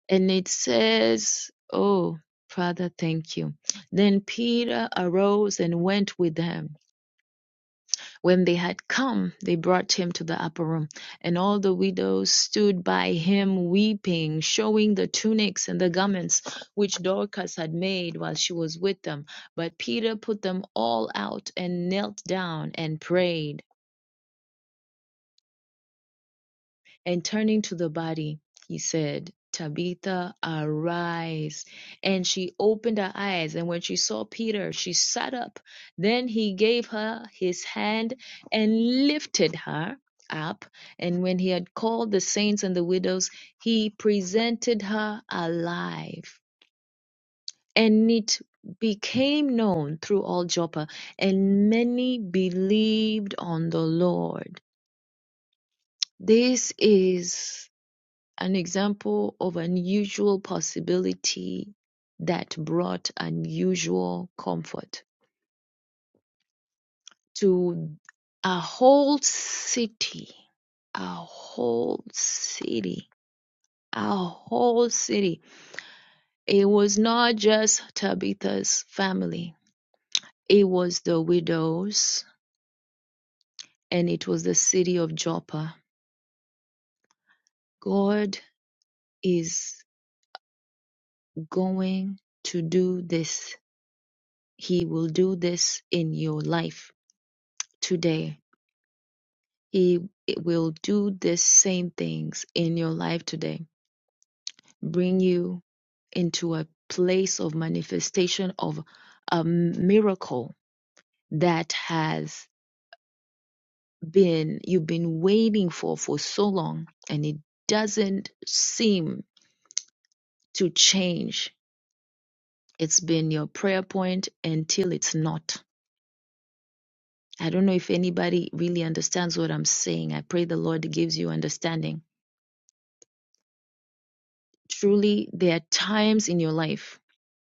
S2: And it says, Oh, Father, thank you. Then Peter arose and went with them. When they had come, they brought him to the upper room, and all the widows stood by him weeping, showing the tunics and the garments which Dorcas had made while she was with them. But Peter put them all out and knelt down and prayed. And turning to the body, he said, Tabitha, arise. And she opened her eyes, and when she saw Peter, she sat up. Then he gave her his hand and lifted her up. And when he had called the saints and the widows, he presented her alive. And it became known through all Joppa, and many believed on the Lord. This is an example of unusual possibility that brought unusual comfort to a whole city, a whole city, a whole city. It was not just Tabitha's family, it was the widows and it was the city of Joppa. God is going to do this, He will do this in your life today He will do the same things in your life today, bring you into a place of manifestation of a miracle that has been you've been waiting for for so long and it doesn't seem to change. It's been your prayer point until it's not. I don't know if anybody really understands what I'm saying. I pray the Lord gives you understanding. Truly, there are times in your life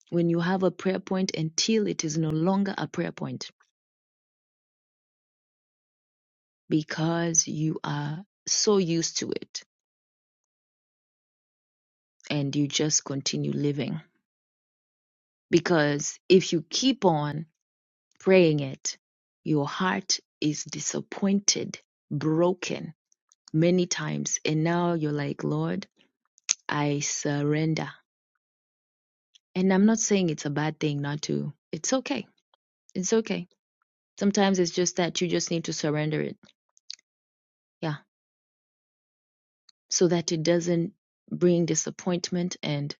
S2: when you have a prayer point until it is no longer a prayer point because you are so used to it and you just continue living. Because if you keep on praying it, your heart is disappointed, broken many times. And now you're like, Lord, I surrender. And I'm not saying it's a bad thing not to, it's okay. It's okay. Sometimes it's just that you just need to surrender it. Yeah so that it doesn't bring disappointment and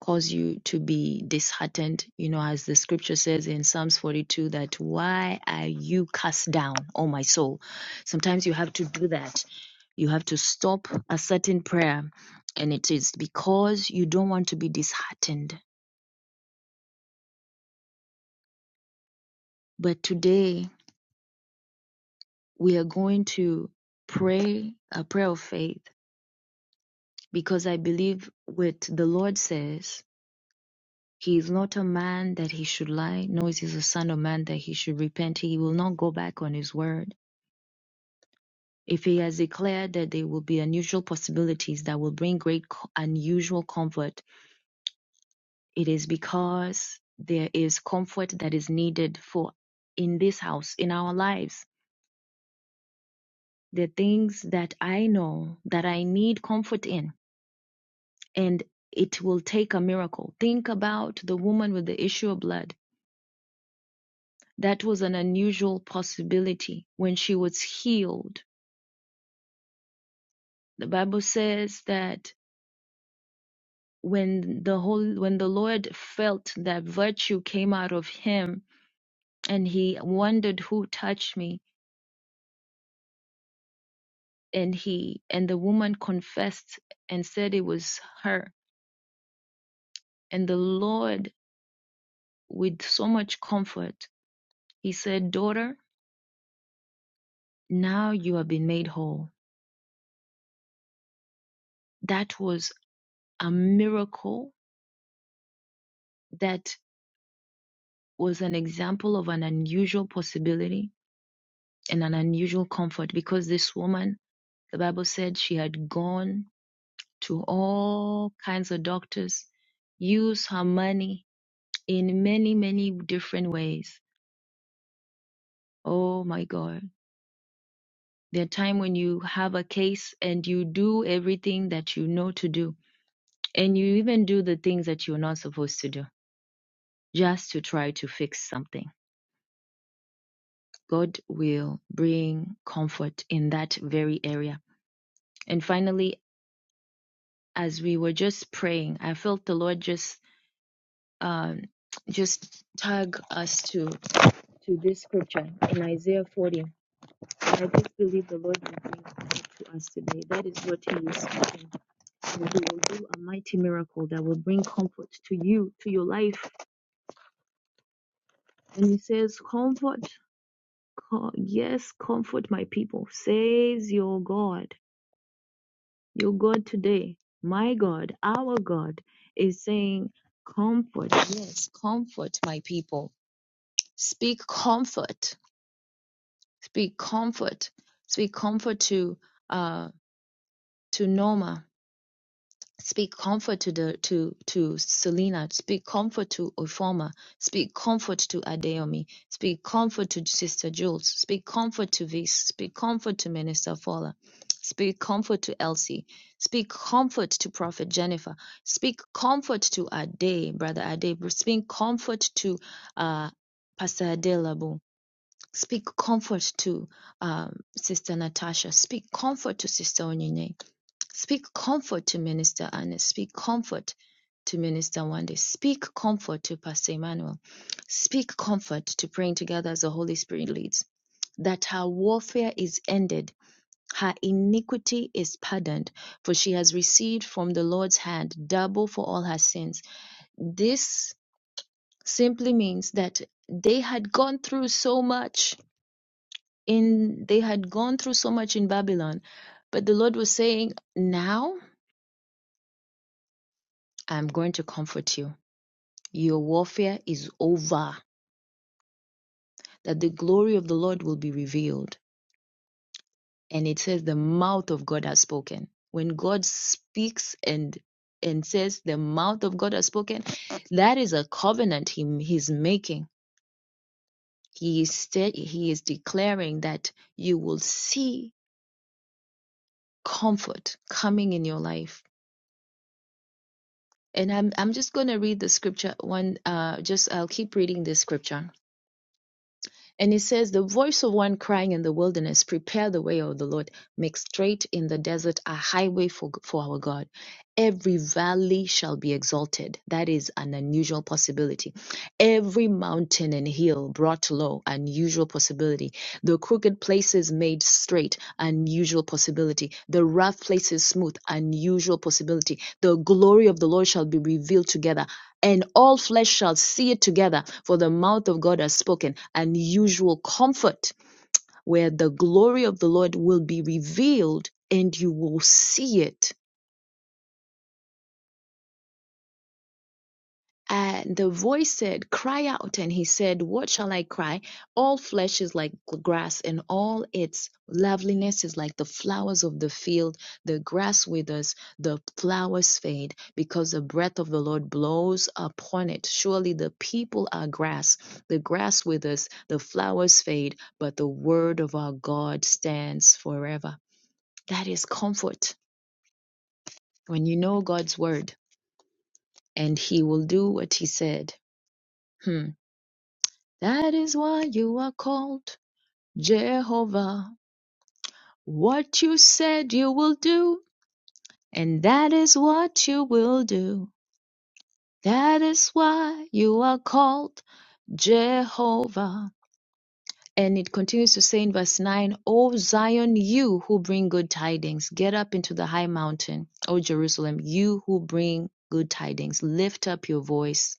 S2: cause you to be disheartened. You know, as the scripture says in Psalms 42, that why are you cast down, O my soul? Sometimes you have to do that. You have to stop a certain prayer, and it is because you don't want to be disheartened. But today we are going to pray a prayer of faith because I believe what the Lord says He is not a man that he should lie, nor is he the son of man that he should repent. He will not go back on his word. If he has declared that there will be unusual possibilities that will bring great co- unusual comfort, it is because there is comfort that is needed for in this house, in our lives. The things that I know that I need comfort in, and it will take a miracle. Think about the woman with the issue of blood That was an unusual possibility when she was healed. The Bible says that when the whole when the Lord felt that virtue came out of him and he wondered who touched me and he and the woman confessed and said it was her and the Lord with so much comfort he said daughter now you have been made whole that was a miracle that was an example of an unusual possibility and an unusual comfort because this woman, the Bible said she had gone to all kinds of doctors, used her money in many, many different ways. Oh my God. There are time when you have a case and you do everything that you know to do, and you even do the things that you're not supposed to do just to try to fix something. God will bring comfort in that very area. And finally, as we were just praying, I felt the Lord just um, just tag us to to this scripture in Isaiah 40. I just believe the Lord will bring that to us today. That is what He is speaking, and He will do a mighty miracle that will bring comfort to you, to your life. And He says, "Comfort, co- yes, comfort my people," says your God, your God today, my God, our God is saying, "Comfort, yes, comfort my people." Speak comfort Speak comfort. Speak comfort to uh to Norma. Speak comfort to the to to Selena. Speak comfort to Oforma. Speak comfort to Adeomi. Speak comfort to Sister Jules. Speak comfort to Vis. Speak comfort to Minister Fowler. Speak comfort to Elsie. Speak comfort to Prophet Jennifer. Speak comfort to Ade, Brother Ade. Speak comfort to uh, Pastor Adelabu Speak comfort to um, Sister Natasha. Speak comfort to Sister Onyine. Speak comfort to Minister Anna. Speak comfort to Minister Wande. Speak comfort to Pastor Emmanuel. Speak comfort to praying together as the Holy Spirit leads. That her warfare is ended, her iniquity is pardoned, for she has received from the Lord's hand double for all her sins. This simply means that they had gone through so much in they had gone through so much in Babylon, but the Lord was saying, "Now I'm going to comfort you. Your warfare is over, that the glory of the Lord will be revealed." And it says the mouth of God has spoken. When God speaks and and says the mouth of God has spoken, that is a covenant he, he's making. He is he is declaring that you will see comfort coming in your life and I'm I'm just going to read the scripture one uh just I'll keep reading the scripture. And it says the voice of one crying in the wilderness prepare the way of the Lord make straight in the desert a highway for for our God. Every valley shall be exalted. That is an unusual possibility. Every mountain and hill brought low, unusual possibility. The crooked places made straight, unusual possibility. The rough places smooth, unusual possibility. The glory of the Lord shall be revealed together and all flesh shall see it together, for the mouth of God has spoken. Unusual comfort, where the glory of the Lord will be revealed and you will see it And the voice said, Cry out. And he said, What shall I cry? All flesh is like grass, and all its loveliness is like the flowers of the field. The grass withers, the flowers fade, because the breath of the Lord blows upon it. Surely the people are grass. The grass withers, the flowers fade, but the word of our God stands forever. That is comfort when you know God's word, and he will do what he said. Hmm. That is why you are called Jehovah. What you said you will do, and that is what you will do. That is why you are called Jehovah. And it continues to say in verse 9, O Zion, you who bring good tidings, get up into the high mountain. O Jerusalem, you who bring good tidings, lift up your voice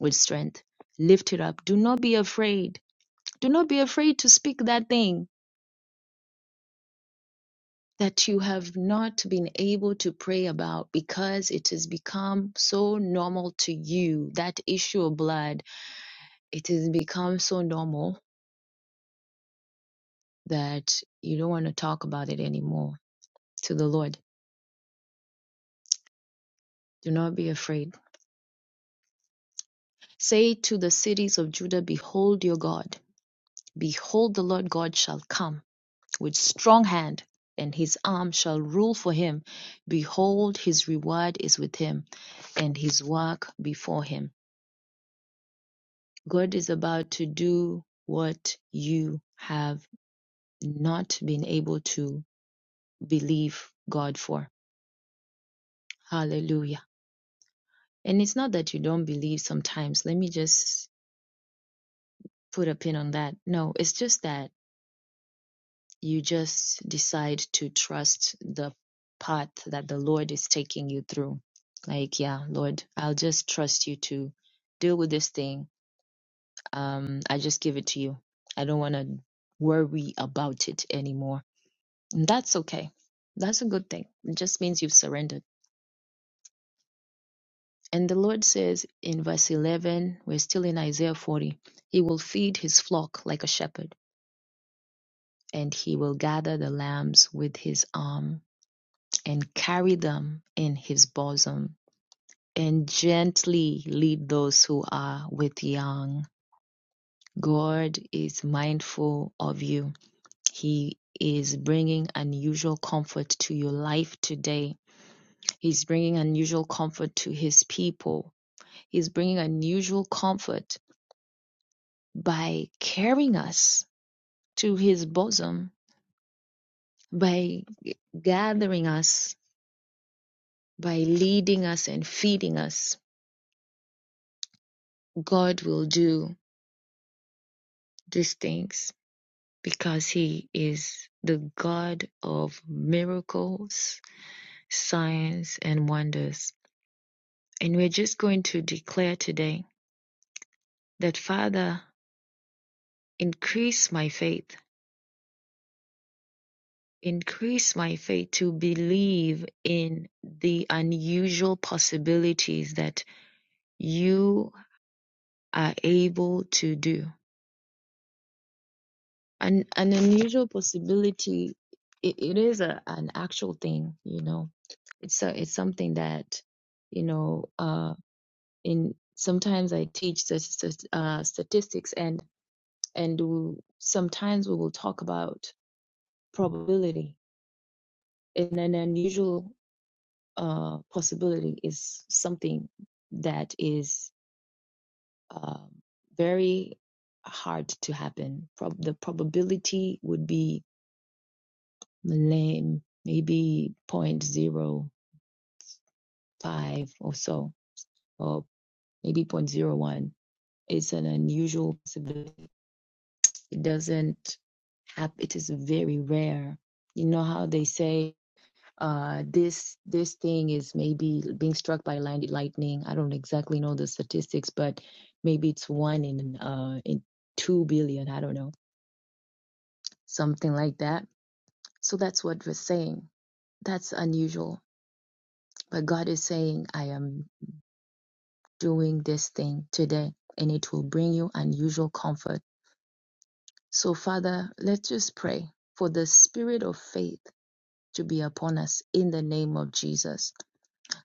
S2: with strength. Lift it up. Do not be afraid. Do not be afraid to speak that thing that you have not been able to pray about because it has become so normal to you. That issue of blood, it has become so normal that you don't want to talk about it anymore to the Lord. Do not be afraid. Say to the cities of Judah, Behold your God. Behold, the Lord God shall come with strong hand, and his arm shall rule for him. Behold, his reward is with him, and his work before him. God is about to do what you have not been able to believe God for. Hallelujah. And it's not that you don't believe sometimes. Let me just put a pin on that. No, it's just that you just decide to trust the path that the Lord is taking you through. Like, yeah, Lord, I'll just trust you to deal with this thing. Um, I just give it to you. I don't want to worry about it anymore And that's okay. That's a good thing. It just means you've surrendered. And the Lord says in verse 11, we're still in Isaiah 40, He will feed His flock like a shepherd, and He will gather the lambs with His arm and carry them in His bosom and gently lead those who are with young. God is mindful of you. He is bringing unusual comfort to your life today. He's bringing unusual comfort to his people He's bringing unusual comfort by carrying us to his bosom, by gathering us, by leading us and feeding us. God will do these things because he is the God of miracles, signs, and wonders. And we're just going to declare today that, Father, increase my faith Increase my faith to believe in the unusual possibilities that you are able to do. An, an unusual possibility, it, it is a, an actual thing, you know. It's a, it's something that, you know, uh, in sometimes I teach st- st- uh, statistics and and we, sometimes we will talk about probability in an unusual uh, possibility is something that is uh, very hard to happen. Prob- the probability would be lame, maybe zero point zero 0.05 or so, or maybe zero point zero 0.01. It's an unusual possibility. It doesn't happen. It is very rare. You know how they say uh this this thing is maybe being struck by land lightning i don't exactly know the statistics but maybe it's one in uh in 2 billion i don't know something like that so that's what we're saying that's unusual but god is saying i am doing this thing today and it will bring you unusual comfort so father let's just pray for the spirit of faith to be upon us in the name of jesus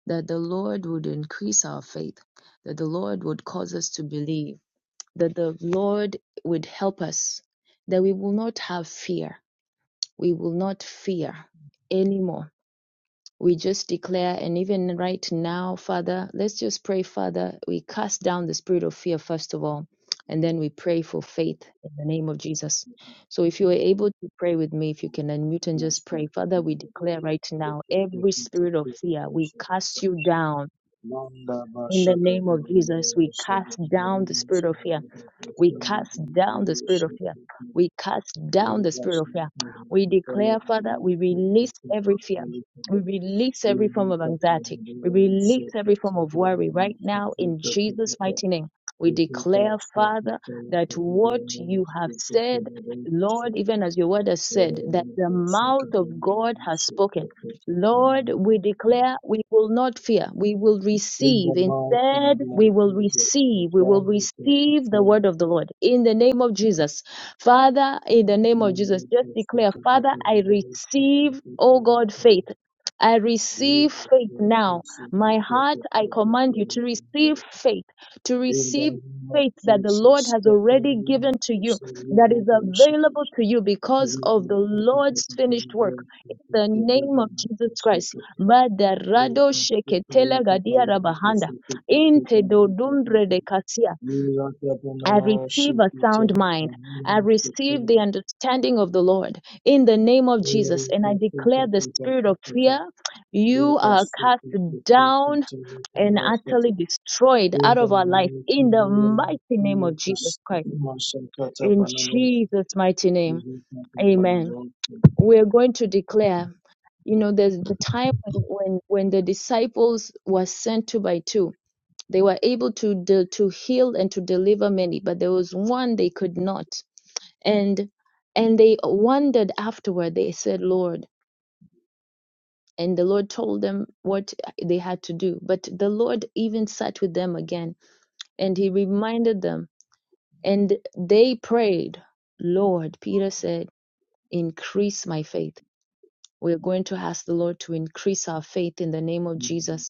S2: that the Lord would increase our faith, that the Lord would cause us to believe, that the Lord would help us, that we will not have fear. We will not fear anymore. We just declare, and even right now, Father, let's just pray, Father, we cast down the spirit of fear first of all, and then we pray for faith in the name of Jesus. So if you are able to pray with me, if you can unmute and just pray, Father, we declare right now every spirit of fear, we cast you down
S1: Manda
S2: in the
S1: Bashaka
S2: name
S1: to
S2: of Jesus, we
S1: the
S2: cast down the
S1: Submarines
S2: spirit of
S1: and
S2: fear.
S1: the
S2: We
S1: Sunday
S2: cast down the spirit
S1: Jewish
S2: of fear. We cast
S1: University to
S2: down the spirit of fear. We declare, Father,
S1: Television
S2: we
S1: with the
S2: release every
S1: Peter
S2: fear. We
S1: Elizabeth.
S2: release every
S1: You
S2: form of
S1: look at the
S2: anxiety. We
S1: Royal
S2: release every
S1: Secret
S2: form
S1: to
S2: of
S1: the
S2: worry right now in
S1: Peter
S2: Jesus'
S1: Peter.
S2: mighty name. We
S1: You look
S2: declare,
S1: at the
S2: Father,
S1: Peter
S2: that
S1: to the
S2: what
S1: Royal
S2: you have
S1: Secret to the Royal Secret to
S2: said,
S1: the Royal
S2: Lord, even as your word has said, that the mouth
S1: Secret
S2: of God has
S1: to
S2: spoken.
S1: the
S2: Lord,
S1: Royal.
S2: we declare we will not fear. We will receive. Instead, we will receive. We will receive the word of the Lord in the name of Jesus. Father, in the
S1: Increase our faith, Lord. Increase our faith, Lord. Increase our faith. Increase our faith. Increase our faith. Increase our
S2: name of Jesus, just declare, Father, I receive, oh God, faith. I receive faith now. My heart, I command you to receive faith, to receive faith that the Lord has already given to you, that is available to you because of the Lord's finished work the name of Jesus Christ. Madarado sheketela gadia rabahanda. Inte dodumbre de kasia. I receive a sound mind. I receive the understanding of the Lord in the name of Jesus. And I declare the spirit of fear, you are cast down and utterly destroyed out of our life in the mighty name of Jesus Christ. In Jesus' mighty name, amen. We're going to declare you know there's the time when when, when the disciples were sent two by two they were able to de- to heal and to deliver many but there was one they could not and and they wondered afterward they said lord and the lord told them what they had to do but the lord even sat with them again and he reminded them and they prayed lord peter said increase my faith we're going to ask the lord to increase our faith in the name of jesus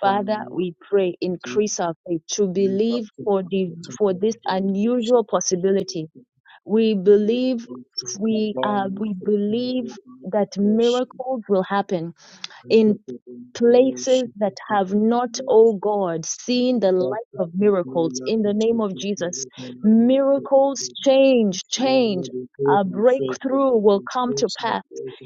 S2: Father, we pray, increase our faith to believe for the for this unusual possibility. We believe we uh, we believe that miracles will happen in places that have not, oh God, seen the light of miracles. In the name of Jesus, miracles change, change. A breakthrough will come to pass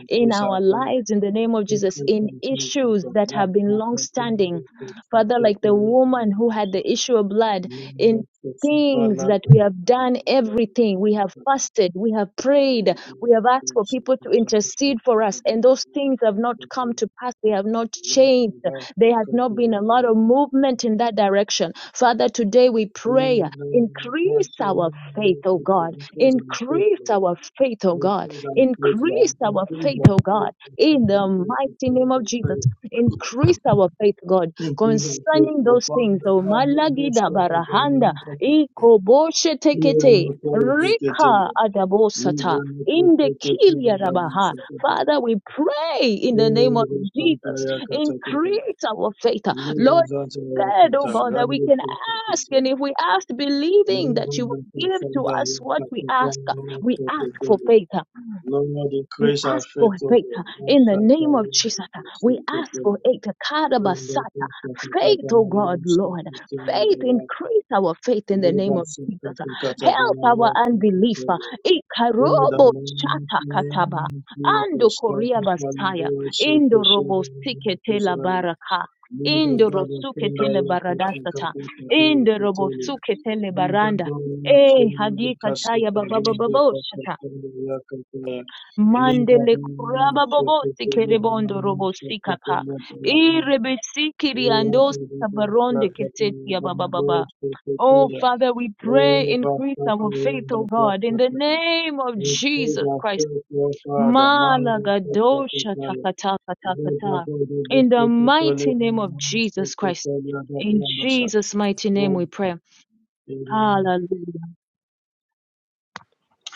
S2: in our lives in the name of Jesus, in issues that have been long standing. Father, like the woman who had the issue of blood, in things that we have done everything we have fasted we have prayed we have asked for people to intercede for us and those things have not come to pass they have not changed there has not been a lot of movement in that direction father today we pray increase our faith oh god increase our faith oh god Increase our faith, oh God, in the mighty name of Jesus. Increase our faith, God,
S1: faith,
S2: concerning
S1: Lord.
S2: those
S1: Father,
S2: things.
S1: the
S2: Oh,
S1: Lord,
S2: malagida
S1: Spirit of the
S2: barahanda,
S1: Lord,
S2: ikoboshe
S1: Hear
S2: tekete,
S1: the prayer, Lord.
S2: rika
S1: We
S2: adabosata,
S1: hear
S2: indekilia
S1: you
S2: rabaha. Father, we pray in the name of Jesus. Increase our faith. Lord, said, oh God, that we can ask. And if we ask, believing that you will give to us what we ask, we ask for faith. We ask for faith uh, in the name of Jesus. uh, We ask for it. uh, Karabasa, Faith, oh God, Lord. Faith, increase our faith in the name of Jesus. uh, Help our unbelief. uh, Ikarobo chata kataba. Ando koria basaya. Indo robo sikete la baraka. Indo rosuke tele baradasata. Indo robo suke tele baranda. Eh, hadika taya baba baba Mandele kuraba bobo sikere robo sikapa. Irebe sikiri ando sikabaronde kesetia baba baba. Oh, Father, we pray, increase our faith, oh God, in the name of Jesus Christ. Malagadosha takataka takata. In the mighty name of Jesus Christ. In Jesus' mighty name we pray. Hallelujah.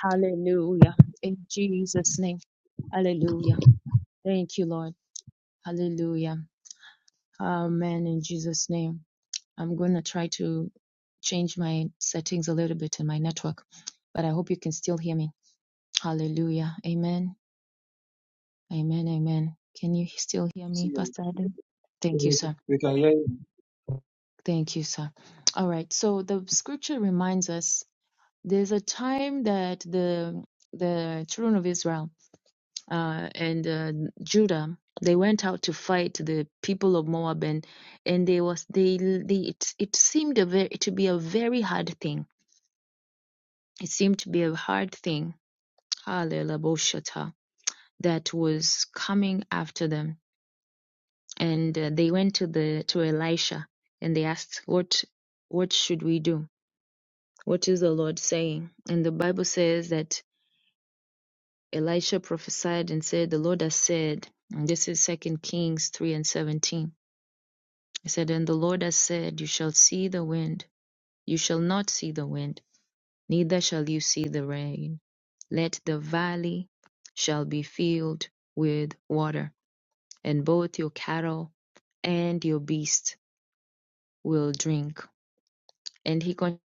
S2: Hallelujah. In Jesus' name. Hallelujah. Thank you, Lord. Hallelujah. Amen. In Jesus' name. I'm going to try to change my settings a little bit in my network, but I hope you can still hear me. Hallelujah. Amen. Amen. Amen. Can you still hear me, Pastor Adam? Thank you, sir. Thank you, sir. All right. So the scripture reminds us there's a time that the the children of Israel uh, and uh, Judah, they went out to fight the people of Moab, and and they was they they it, it seemed a very, to be a very hard thing. It seemed to be a hard thing. Hallelujah, that was coming after them, and uh, they went to the to Elisha, and they asked, "What what should we do? What is the Lord saying?" And the Bible says that Elisha prophesied and said, "The Lord has said." And this is Second Kings three and seventeen He said, And the Lord has said, You shall see the wind, you shall not see the wind, neither shall you see the rain. Let the valley shall be filled with water, and both your cattle and your beast will drink. And he continued.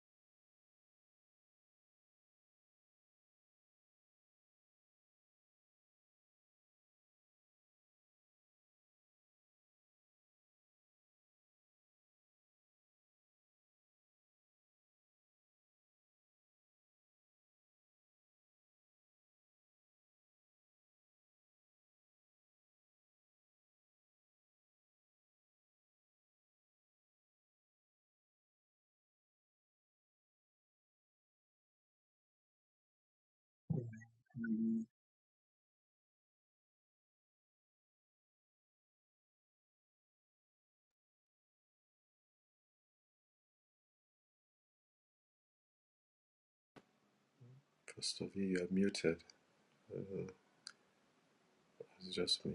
S3: You're muted. It's just me.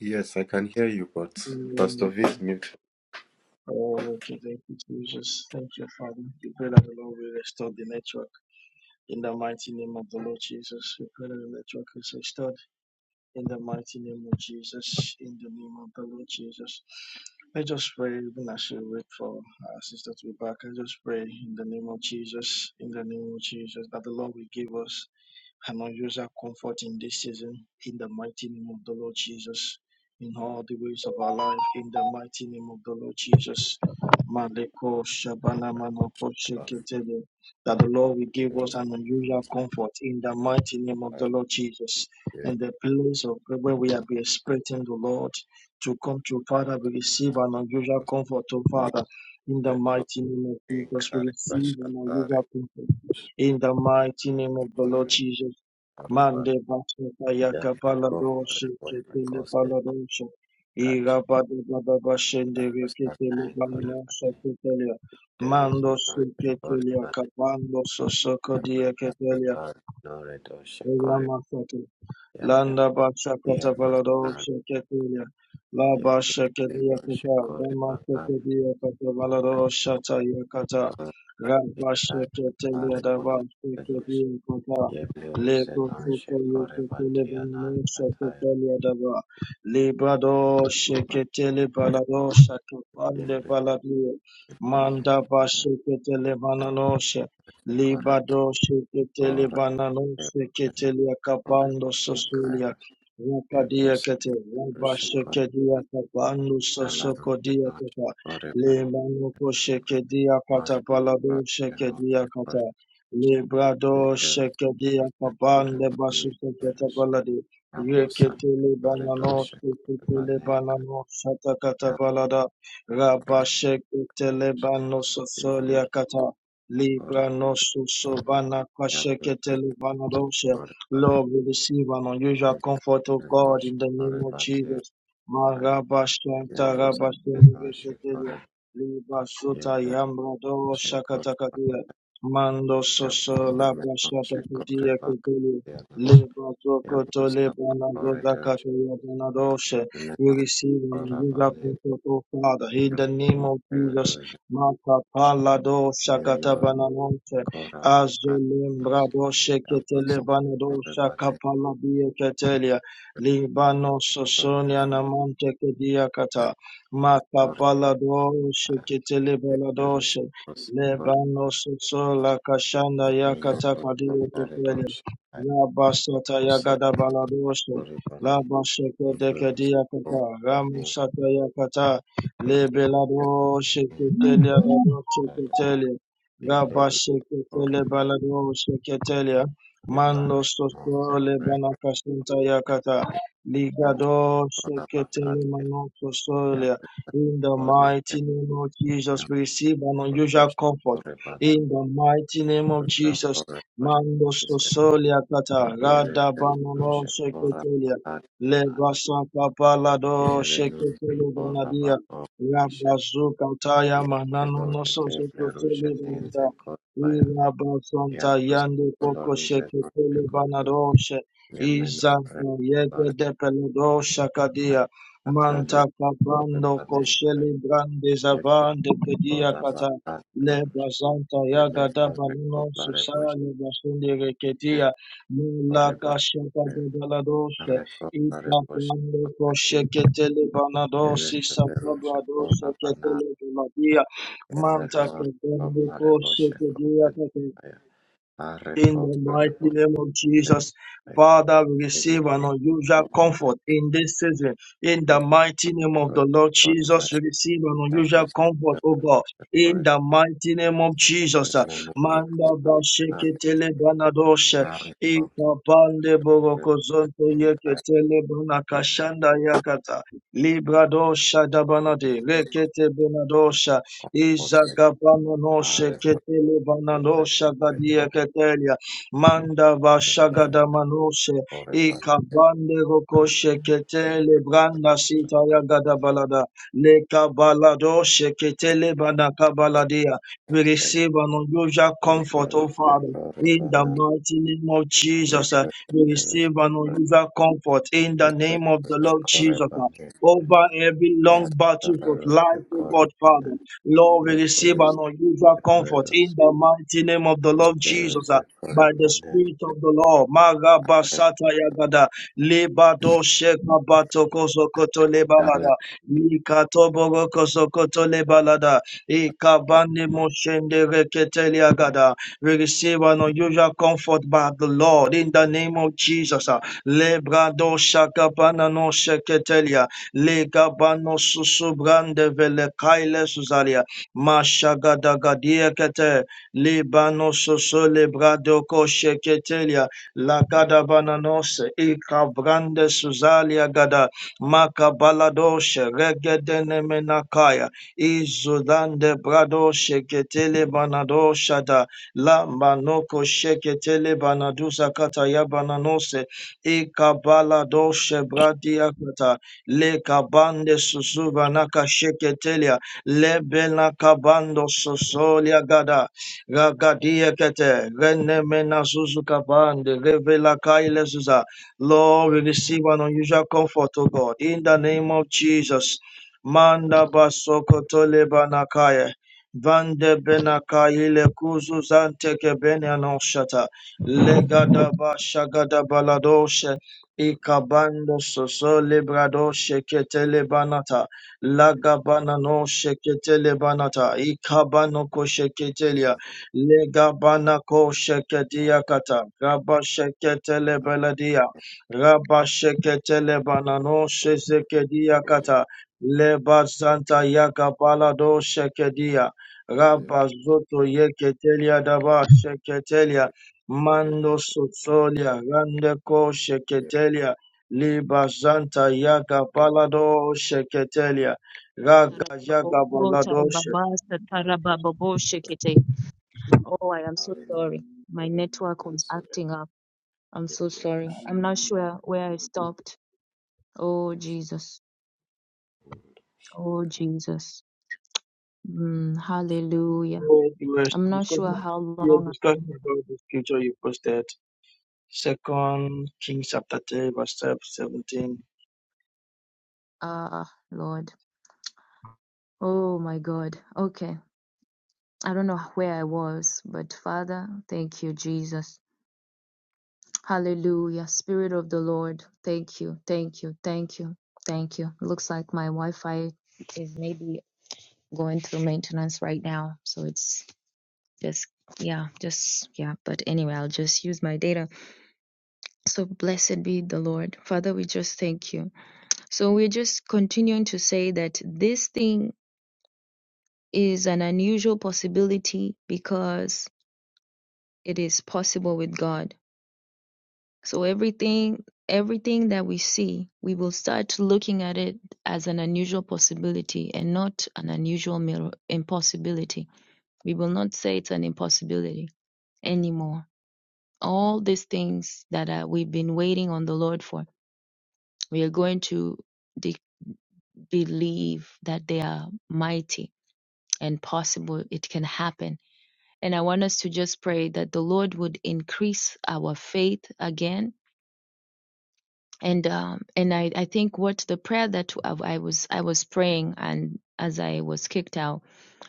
S3: Yes, I can hear you, but Pastor V is muted. Yes, Yeah, There is no record, and press that no red or shakori. Yeah, yeah,
S1: Landa Basha
S3: yeah,
S1: Katabalado Shaketia La
S3: Mara,
S1: Basha Kedia Kata Dama Kedia Katabalado Shata Yakata Rabasha Ketelia Dava Kedia Kata Lebo Soto Yakatele Bano Shaketelia Dava Libado Shaketele Balado Shakapande Baladio Manda Basha Ketele Libado sheketele banano sheketele akabando sosulia. Rakadia kete raba shekedia kabando sosokodia kata. Lemanoko shekedia kata balado shekedia kata. Librado shekedia kabande basu seketa baladi.
S3: Abrosa
S1: Reketele banano
S3: Paradosha
S1: sheketele
S3: Banenka
S1: banano shatakata balada.
S3: Elkore
S1: Rabba sheketele banos
S3: Ibler
S1: kata.
S3: Kore Abrosa Kore
S1: Lord,
S3: Banenka
S1: we God,
S3: Ibler Kore Batia
S1: Marantara
S3: Abrosa
S1: Basu
S3: Menosha
S1: Ketelia,
S3: Kore
S1: Liba Suta
S3: Ibler
S1: Yambrado
S3: Kore
S1: Shakatakadia, Manso
S3: Abrosa
S1: Labra
S3: Menosha Kore
S1: Shatakudia Ketelia,
S3: Bakatianosh
S1: Libo Lena
S3: Abrosa Kore Dosh
S1: Zozakache,
S3: Menosha Kore Banenka
S1: comfort, O Father, in the name of
S3: Ibler
S1: Jesus,
S3: Dosh
S1: Maka Palado Shakata
S3: Menosha
S1: Bananonte,
S3: Kore
S1: Azulim
S3: Bakatianosh
S1: Brado Shekete
S3: Abrosa
S1: Levanado
S3: Kore Banenka
S1: Shakapala Bieketelia, Libano Sosonia
S3: Protivan
S1: Namante Kediakata,
S3: encountered
S1: Maka
S3: Florida
S1: Palado Shekete Levalado
S3: Yeager's
S1: She,
S3: Prosecuri
S1: Lebano Sosola Kashanda Yakata
S3: Yeager
S1: Kadiaketelia,
S3: Proparidosha I
S1: Yabasata Yagada
S3: Rusapin
S1: Balado
S3: Florivan
S1: Laba sheke deke
S3: Yeager's
S1: dia kata, ram
S3: Propanin
S1: shaka ya kata,
S3: Yeager's
S1: lebe lado
S3: Propanin
S1: sheke telia
S3: Arivan
S1: lado sheke
S3: Sado
S1: telia, raba
S3: Yeager's
S1: sheke tele
S3: Florivan
S1: balado sheke telia, mando
S3: Yeager's
S1: sosto leba
S3: Monsecured
S1: na kasunta ya kata,
S3: Yeager's
S1: ligado sheke tele
S3: Florabacate
S1: mano sostolia.
S3: Yeager's
S1: In the
S3: Flornese
S1: mighty name of Jesus, we receive an unusual
S3: Yeager's
S1: comfort.
S3: Florivan
S1: In the mighty name of Jesus,
S3: Yeager's
S1: mando
S3: Florivan
S1: sostolia kata,
S3: Yere
S1: rada banolia.
S3: kentu shakora patiana. Yere nunte kora
S1: Telegonadia,
S3: bako rishet. Yere doge keple ruje ninte
S1: Telegonada,
S3: korbaya. Yabrus koloruze nunte kordu.
S1: Ushe, Ia,
S3: Yemeno re lore atale kore panembre.
S1: Magrande
S3: Yete
S1: Zavan de Kedia
S3: kora
S1: Kata,
S3: bakate
S1: Le
S3: larus.
S1: Bazanta Yagada
S3: Yemeno re
S1: Balino,
S3: koplare boshne
S1: Susani Basundi Reketia,
S3: kore
S1: Mula
S3: bakre.
S1: Kashaka de Galados,
S3: Are koplare
S1: Ita
S3: boshne
S1: Pando
S3: kote
S1: Koshe
S3: nika.
S1: Ketele
S3: Yere
S1: Banados,
S3: seferu
S1: Isapabla Dos,
S3: shakora
S1: Ketele Galadia, Manta
S3: Erador
S1: Kedende
S3: coplare
S1: Koshe
S3: boshe copet
S1: Kedia
S3: fire. Are
S1: In the
S3: coplare
S1: mighty
S3: boshe
S1: name of Jesus,
S3: fire.
S1: Father, we
S3: Eme
S1: receive an unusual
S3: coplare
S1: comfort in this season. In the mighty name of the Lord
S3: boshe
S1: Jesus,
S3: fire.
S1: we receive an unusual
S3: Abros
S1: comfort, oh
S3: coplare
S1: God.
S3: boshe
S1: In
S3: fire.
S1: the mighty name of Jesus, uh,
S3: Eme mure
S1: Manda
S3: coplare cat.
S1: Bashekitele Banadoshe,
S3: Yare coplare
S1: Ikapande Borokozonto
S3: boshe fire.
S1: Yeketele Banakashanda Yakata, Libradosha
S3: Every
S1: Dabanade,
S3: joke
S1: Rekete
S3: comforted.
S1: Izagabanono
S3: Are coplare
S1: sheketele
S3: boshe
S1: banano
S3: fire.
S1: shagadia ketelia. Manda
S3: Eme
S1: vashagadamanose.
S3: coplare boshe
S1: Ikabande roko
S3: fire.
S1: sheketele
S3: Every joke comforted. Every
S1: branda sita yagada balada. Leka balado sheketele banaka baladia.
S3: joke
S1: We
S3: comforted.
S1: receive an unusual comfort,
S3: Every
S1: O
S3: joke
S1: Father. In
S3: comforted.
S1: the mighty name of Jesus, uh, we receive an unusual comfort in the name of the Lord Jesus. uh, over every long battles of life, O God Father. Lord, we receive an unusual comfort in the mighty name of the Lord Jesus. uh, By the Spirit of the Lord, Magabasata Yagada, Libado Sheka Batoko Sokoto Lebalada, Nikatobogo Kosokoto Lebalada, Ikabani Moshende Reketeli Agada. We receive an unusual comfort by the Lord in the name of Jesus. uh, Lebrado Shakapana no Sheketelia, Lega bano subrande brande vele kaile suzalia. Mashagada gadia kete. Libano susu lebrado koshe ketelia. Lagada bananose. Ika brande. Zalia Gada Makabaladoshe Regedene Menakaya Izudande Brado Sheketele Banado Shada Lambanoko Sheketele Banadusa Kataya Bananose Ikabaladoshe Bradia Kata Lekabande Susubanaka Sheketelia Lebenakabando Sosolia Gada Ragadia kete, rene mena suzu kabande, revela kaile Zuza Lord, we receive an unusual comfort, O God, in the name of Jesus. Manda basokotole banakaya. Vande benakaya le kuzu zante kebene anoshata. Legada bashagada baladoshe. Ikabando soso libradoshe ketele banata. Lagabana no sheketele banata. Ikabano kosheketelia. Legabana kosheketia kata. Gabasheketele beladia. Rabasheketele banano shezekedia kata lebasanta yakabalado shekedia rabazoto yeketelia daba sheketelia mando sotolia randeko sheketelia libazanta yakabalado sheketelia raga yakabalado sheketelia.
S2: Oh, I am so sorry. My network was acting up. I'm so sorry. I'm not sure where I stopped. Oh, Jesus. Oh, Jesus. Mm, hallelujah.
S1: we
S2: I'm not sure how
S1: we are
S2: long.
S1: discussing about the scripture you posted. Second Kings chapter 3, verse 17.
S2: Ah, Lord. Oh, my God. Okay. I don't know where I was, but Father, thank you, Jesus. Hallelujah. Spirit of the Lord, thank you, thank you, thank you, thank you. Looks like my Wi Fi is maybe going through maintenance right now. So it's just, yeah, just, yeah. But anyway, I'll just use my data. So blessed be the Lord. Father, we just thank you. So we're just continuing to say that this thing is an unusual possibility because it is possible with God. So everything everything that we see, we will start looking at it as an unusual possibility and not an unusual mir- impossibility. We will not say it's an impossibility anymore. All these things that are, we've been waiting on the Lord for, we are going to de- believe that they are mighty and possible it can happen. And I want us to just pray that the Lord would increase our faith again. And um, and I, I think what the prayer that I was I was praying and as I was kicked out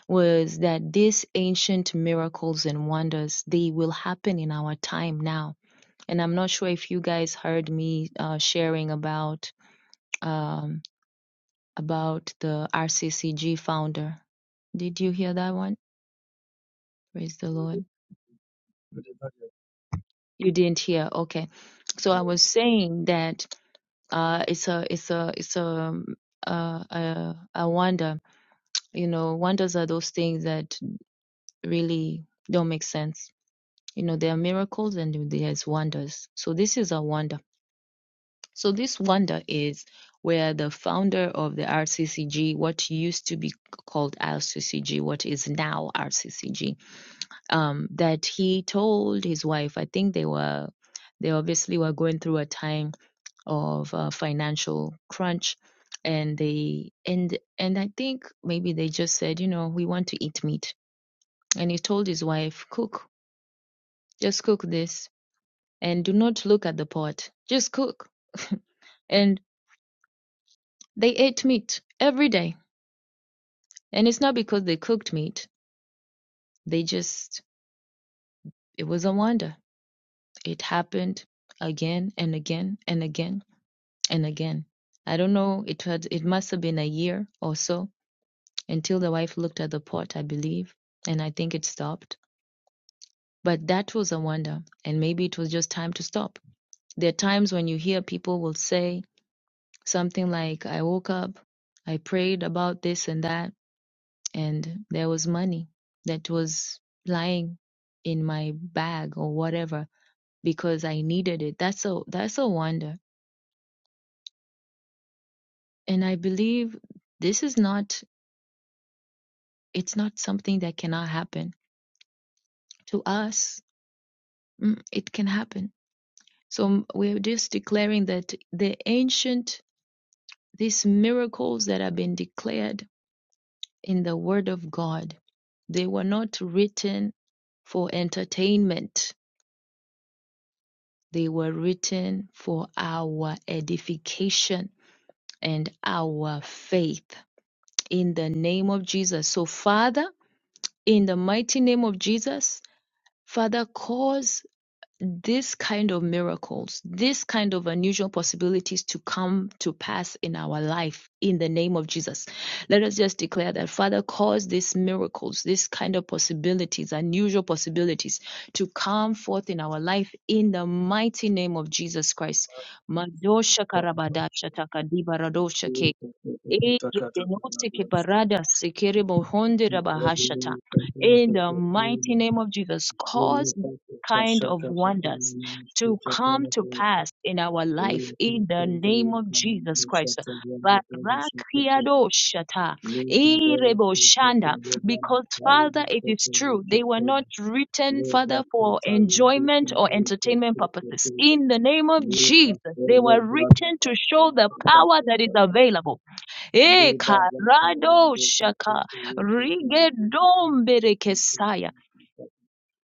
S2: was that these ancient miracles and wonders they will happen in our time now. And I'm not sure if you guys heard me uh, sharing about um, about the RCCG founder. Did you hear that one? Praise the Lord You didn't hear. Okay. So I was saying that uh, it's a it's a it's a um, uh, uh, a wonder. You know, wonders are those things that really don't make sense. You know, there are miracles and there's wonders. So this is a wonder. So this wonder is where the founder of the RCCG, what used to be called RCCG, what is now RCCG, um, that he told his wife. I think they were they obviously were going through a time of uh, financial crunch and they and and i think maybe they just said you know we want to eat meat and he told his wife cook just cook this and do not look at the pot just cook and they ate meat every day and it's not because they cooked meat they just it was a wonder it happened again and again and again and again i don't know it had it must have been a year or so until the wife looked at the pot, I believe, and I think it stopped. But that was a wonder, and maybe it was just time to stop. There are times when you hear people will say something like, I woke up, I prayed about this and that, and there was money that was lying in my bag or whatever because I needed it. That's a that's a wonder. And I believe this is not it's not something that cannot happen to us. mm, It can happen So we're just declaring that the ancient, these miracles that have been declared in the Word of God, they were not written for entertainment. They were written for our edification and our faith in the name of Jesus. So, Father, in the mighty name of Jesus, Father, cause these kind of miracles, these kind of unusual possibilities to come to pass in our life in the name of Jesus. Let us just declare that Father, cause these miracles, these kind of possibilities, unusual possibilities to come forth in our life in the mighty name of Jesus Christ. Madosha karabadasha takadibaradosha ke Ede benute kebarada sekere bohonde rabahashata. In the mighty name of Jesus, cause kind of wonders to come to pass in our life in the name of Jesus Christ. Barakiado shata. Irebo shanda. They were to rigedomberekesa.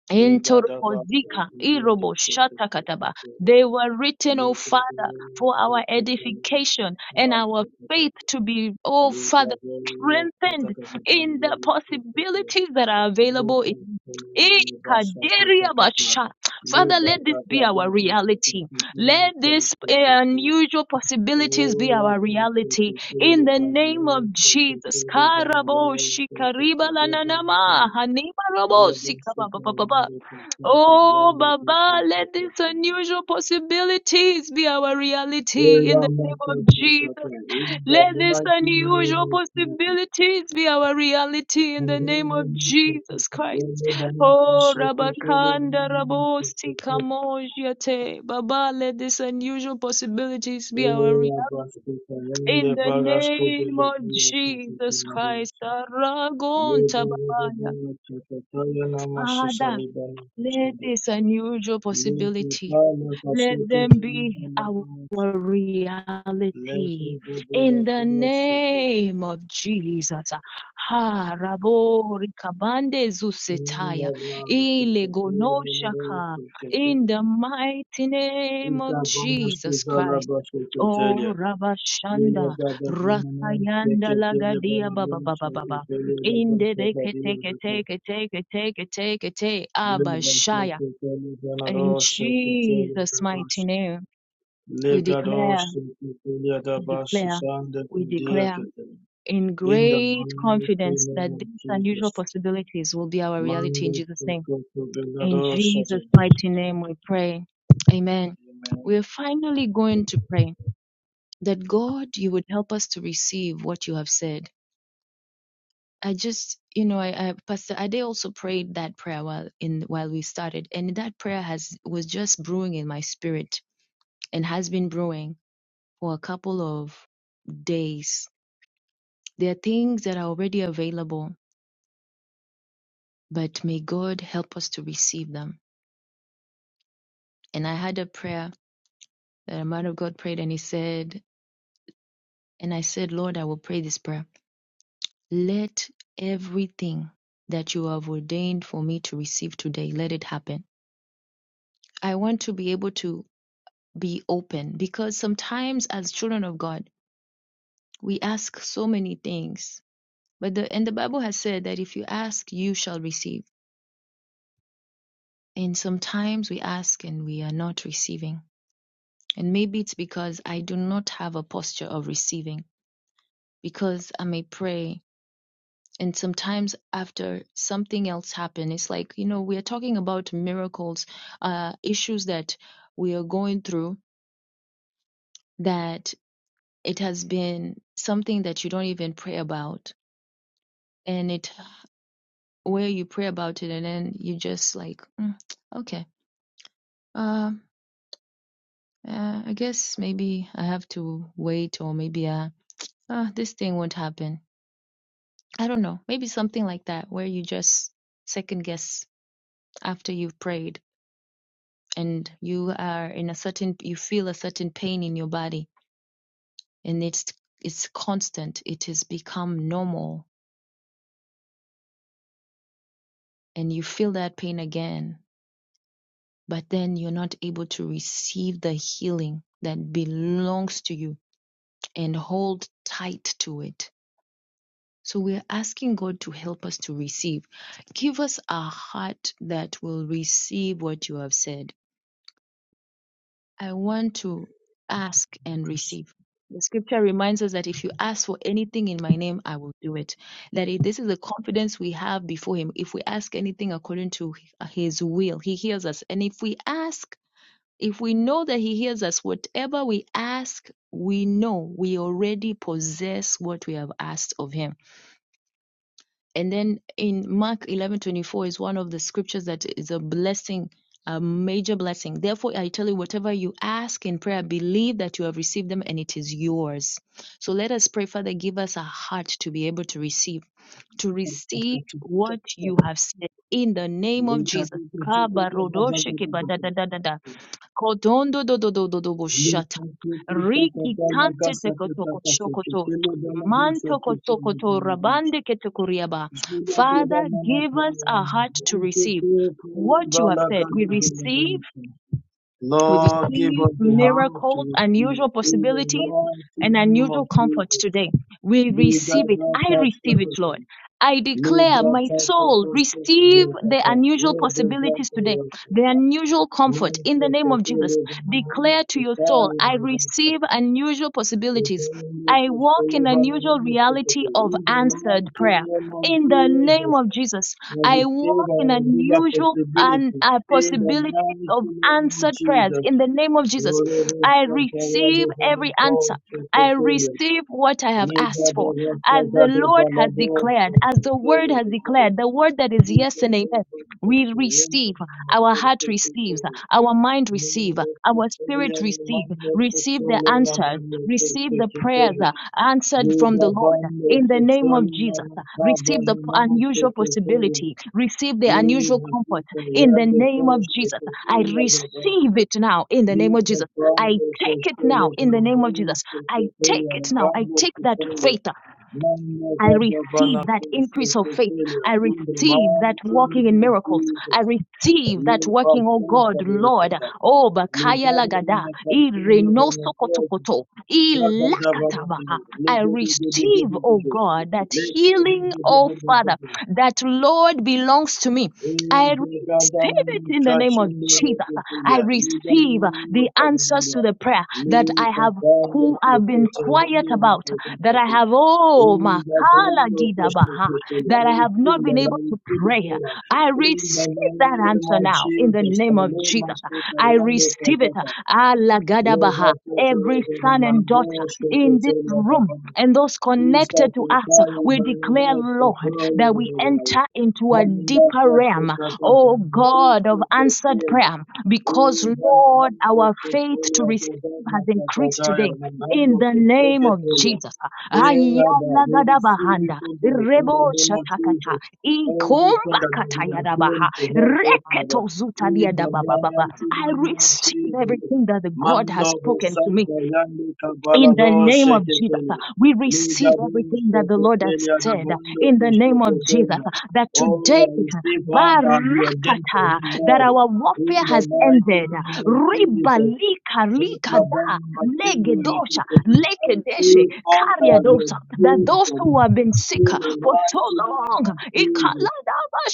S2: Entorobozika. Irobo shata kataba. They were written, O Father, for our edification and our faith to be, oh Father, strengthened in the possibilities that are available in Eh,
S1: ne ta
S2: kaderia basha. Father, let this be
S1: ba,
S2: our
S1: le
S2: reality. Let these unusual possibilities be our reality. In the
S1: na le
S2: name of Jesus.
S1: ko le liga
S2: Karabo
S1: liga
S2: shikariba lananama hanima robo sikabababa.
S1: yende ko
S2: Oh,
S1: yende
S2: Baba, let these unusual possibilities be our
S1: Lord,
S2: reality. In the
S1: I'm name Jesus.
S2: let them be our reality. In the name of Jesus. Ha rabori kabande zusetaya. Ile gonoshaka.
S1: Thank you.
S2: In the mighty name of
S1: Ikabana
S2: Jesus
S1: suzala
S2: Christ. Oh,
S1: basheketelia. Vila
S2: Rabashanda,
S1: dada vimene
S2: Rakayanda
S1: seketelia
S2: Lagadia Baba
S1: banarum
S2: Baba Baba.
S1: seketelia
S2: In
S1: dada
S2: the beke
S1: sekadio
S2: teke
S1: dada.
S2: teke teke teke teke te
S1: Vila
S2: Abashaya.
S1: seketelia
S2: In
S1: banaro seketelia
S2: Jesus' mighty
S1: dabas.
S2: name, we
S1: Legado
S2: declare,
S1: seketelia dabas
S2: declare,
S1: sande
S2: we
S1: kudia
S2: declare
S1: ketelia.
S2: in
S1: In the
S2: great
S1: mighty
S2: confidence
S1: name
S2: that
S1: of
S2: these unusual
S1: Jesus.
S2: possibilities will be our reality in
S1: Mando
S2: Jesus' name.
S1: sekoto
S2: In
S1: begado
S2: Jesus'
S1: satan.
S2: mighty name, we pray. Amen.
S1: Amen.
S2: We're finally going to pray. that God, you would help us to receive what you have said. I just, you know, I, I Pastor Ade also prayed that prayer while in while we started, and that prayer has was just brewing in my spirit and has been brewing for a couple of days. There are things that are already available, but may God help us to receive them. And I had a prayer that a man of God prayed, and he said, and I said, Lord, I will pray this prayer. Let everything that you have ordained for me to receive today, let it happen. I want to be able to be open because sometimes as children of God, we ask so many things. But the and the Bible has said that if you ask, you shall receive. And sometimes we ask and we are not receiving. And maybe it's because I do not have a posture of receiving because I may pray and sometimes after something else happened it's like you know we are talking about miracles uh issues that we are going through that it has been something that you don't even pray about and it where you pray about it and then you just like "Mm, okay um uh, i guess maybe i have to wait or maybe uh, uh this thing won't happen i don't know maybe something like that where you just second guess after you've prayed and you are in a certain you feel a certain pain in your body and it's it's constant it has become normal and you feel that pain again but then you're not able to receive the healing that belongs to you and hold tight to it so we're asking god to help us to receive give us a heart that will receive what you have said I want to ask and receive. The scripture reminds us that if you ask for anything in my name, I will do it. That it, this is the confidence we have before Him. If we ask anything according to His will, He hears us. And if we ask, if we know that He hears us, whatever we ask, we know we already possess what we have asked of Him and then in Mark 11:24 is one of the scriptures that is a blessing, a major blessing. Therefore, I tell you, whatever you ask in prayer, believe that you have received them and it is yours. So let us pray, Father, give us a heart to be able to receive, to receive what you have said in the name of
S1: Legado
S2: Jesus.
S1: seketelia bazada dada.
S2: Kodondo do do do do do
S1: Lord,
S2: boshata.
S1: give us
S2: Rigi tante
S1: the
S2: teko toko shokoto. Manto kotokoto rabande ketekuriaba. Father, give us a heart to receive what you have said. We receive we receive
S1: heart
S2: miracles,
S1: to receive
S2: unusual
S1: in the
S2: possibilities,
S1: mighty
S2: and
S1: name of
S2: unusual
S1: Jesus.
S2: comfort today. We
S1: Liga
S2: receive it.
S1: da
S2: I
S1: pasta
S2: receive it,
S1: kata,
S2: Lord. I declare
S1: liga
S2: my
S1: ta kata
S2: soul
S1: kata
S2: receive
S1: ya
S2: the
S1: kata,
S2: unusual
S1: Lord, the
S2: possibilities
S1: kata
S2: today,
S1: ya
S2: the
S1: kata.
S2: unusual comfort
S1: Lord,
S2: in the
S1: the
S2: name of
S1: kata
S2: Jesus. Declare to your soul, I receive unusual
S1: In
S2: possibilities.
S1: the
S2: I walk in unusual reality of answered
S1: mighty
S2: prayer.
S1: name of
S2: In the name
S1: Jesus,
S2: of Jesus,
S1: may
S2: I
S1: we save
S2: walk in
S1: and give that
S2: unusual and
S1: possibility. In the mighty
S2: of
S1: name of
S2: answered prayers
S1: Jesus,
S2: in the name of Jesus.
S1: whatever
S2: I
S1: stuff I
S2: receive
S1: had from the
S2: every answer.
S1: call to
S2: I
S1: fulfill,
S2: receive what I have
S1: need
S2: asked
S1: that the
S2: for.
S1: rest
S2: As
S1: of
S2: the
S1: that the
S2: Lord has
S1: balado to
S2: declared, as
S1: fulfill
S2: the word has
S1: the very.
S2: declared, the word that is
S1: Need
S2: yes
S1: that
S2: and
S1: the
S2: amen,
S1: rest of
S2: we
S1: the young
S2: receive.
S1: of
S2: Our
S1: course
S2: heart
S1: to
S2: receives.
S1: fulfill.
S2: Our mind
S1: Need
S2: receive.
S1: that
S2: Our
S1: the
S2: spirit
S1: young
S2: receive.
S1: man to
S2: Receive
S1: fulfill,
S2: the answers.
S1: man to
S2: Receive the
S1: fulfill.
S2: prayers uh, answered from
S1: Liga
S2: the Lord
S1: bando
S2: in the name
S1: sesoli
S2: of Jesus.
S1: mama kaba
S2: Receive the
S1: ni mama
S2: unusual
S1: chekekelia.
S2: possibility. Receive the unusual
S1: Liga
S2: comfort
S1: pita
S2: in the
S1: yande
S2: name of
S1: kosh
S2: Jesus. I
S1: chekekelia da bando.
S2: receive it now in the name of
S1: Liga
S2: Jesus. I
S1: bando
S2: take it
S1: kostele
S2: now in the name of
S1: validei
S2: Jesus. I take
S1: chekekelia
S2: it now. I
S1: bando
S2: take that
S1: kusele.
S2: faith.
S1: Mama
S2: I
S1: kada bana
S2: receive that
S1: kosh
S2: increase of faith.
S1: chekekelia.
S2: I
S1: In the
S2: receive that
S1: mighty
S2: walking in
S1: name of
S2: miracles. I
S1: Jesus.
S2: receive that
S1: Liga
S2: working, oh
S1: bando
S2: God, Lord.
S1: yakata.
S2: Oh, Bakaya
S1: Liga
S2: Lagada.
S1: bando kasende
S2: Ireno
S1: bando
S2: Sokotokoto.
S1: Jesus,
S2: Ilakatabaha. I receive, oh God, that healing, oh Father, that Lord belongs to me. I receive it in the name of Jesus. I receive the answers to the prayer that I have who have been quiet about that I have, oh, Makala Gidabaha, that I have not been able to pray. I receive that answer now in the name of
S1: Kalema
S2: Jesus.
S1: Sota,
S2: I
S1: Yando
S2: receive it.
S1: Kazata,
S2: Allah Gadabaha.
S1: Thank
S2: Every son and daughter in this room and those connected to us, we declare, Lord, that we enter into a deeper realm, oh God, of answered
S1: you.
S2: prayer, because, Lord,
S1: Ivanando
S2: our faith to
S1: Cecilia
S2: receive
S1: Govana
S2: has increased
S1: Sakataya
S2: today
S1: Manando
S2: in the name of
S1: Secretaria.
S2: Jesus.
S1: Rabba,
S2: Ayana
S1: we receive you
S2: gadabahanda.
S1: from God in
S2: Rebo
S1: the name of
S2: shatakata.
S1: Jesus. Everything
S2: Ikomba
S1: that has been given
S2: katayadabaha.
S1: to help us, Father,
S2: Reketo
S1: in the
S2: zutadiadabababa.
S1: mighty
S2: I
S1: name of
S2: receive
S1: Jesus.
S2: everything that the God has
S1: Mando
S2: spoken to me
S1: Santa Yandi
S2: in the
S1: Cabalado
S2: name of Jesus, uh,
S1: Secretaria.
S2: we receive
S1: Ligabon
S2: everything that the Lord has
S1: Secretaria
S2: said. uh,
S1: Dabando
S2: In the name of Jesus,
S1: Secretaria.
S2: uh, that
S1: Oh,
S2: today,
S1: I
S2: uh,
S1: receive all that you ordained for
S2: barakata,
S1: me,
S2: that
S1: Lord.
S2: our warfare
S1: In the
S2: has
S1: mighty
S2: ended. uh,
S1: name of Jesus.
S2: Ribalika
S1: Those who are born
S2: likada,
S1: in my sin, we receive
S2: legedosha,
S1: from you. I
S2: lekedeshe,
S1: receive all that you
S2: kariadosa, that
S1: ordained
S2: those
S1: for
S2: who
S1: me.
S2: have been sick
S1: In
S2: uh,
S1: the
S2: for so
S1: mighty name
S2: long, uh,
S1: of Jesus.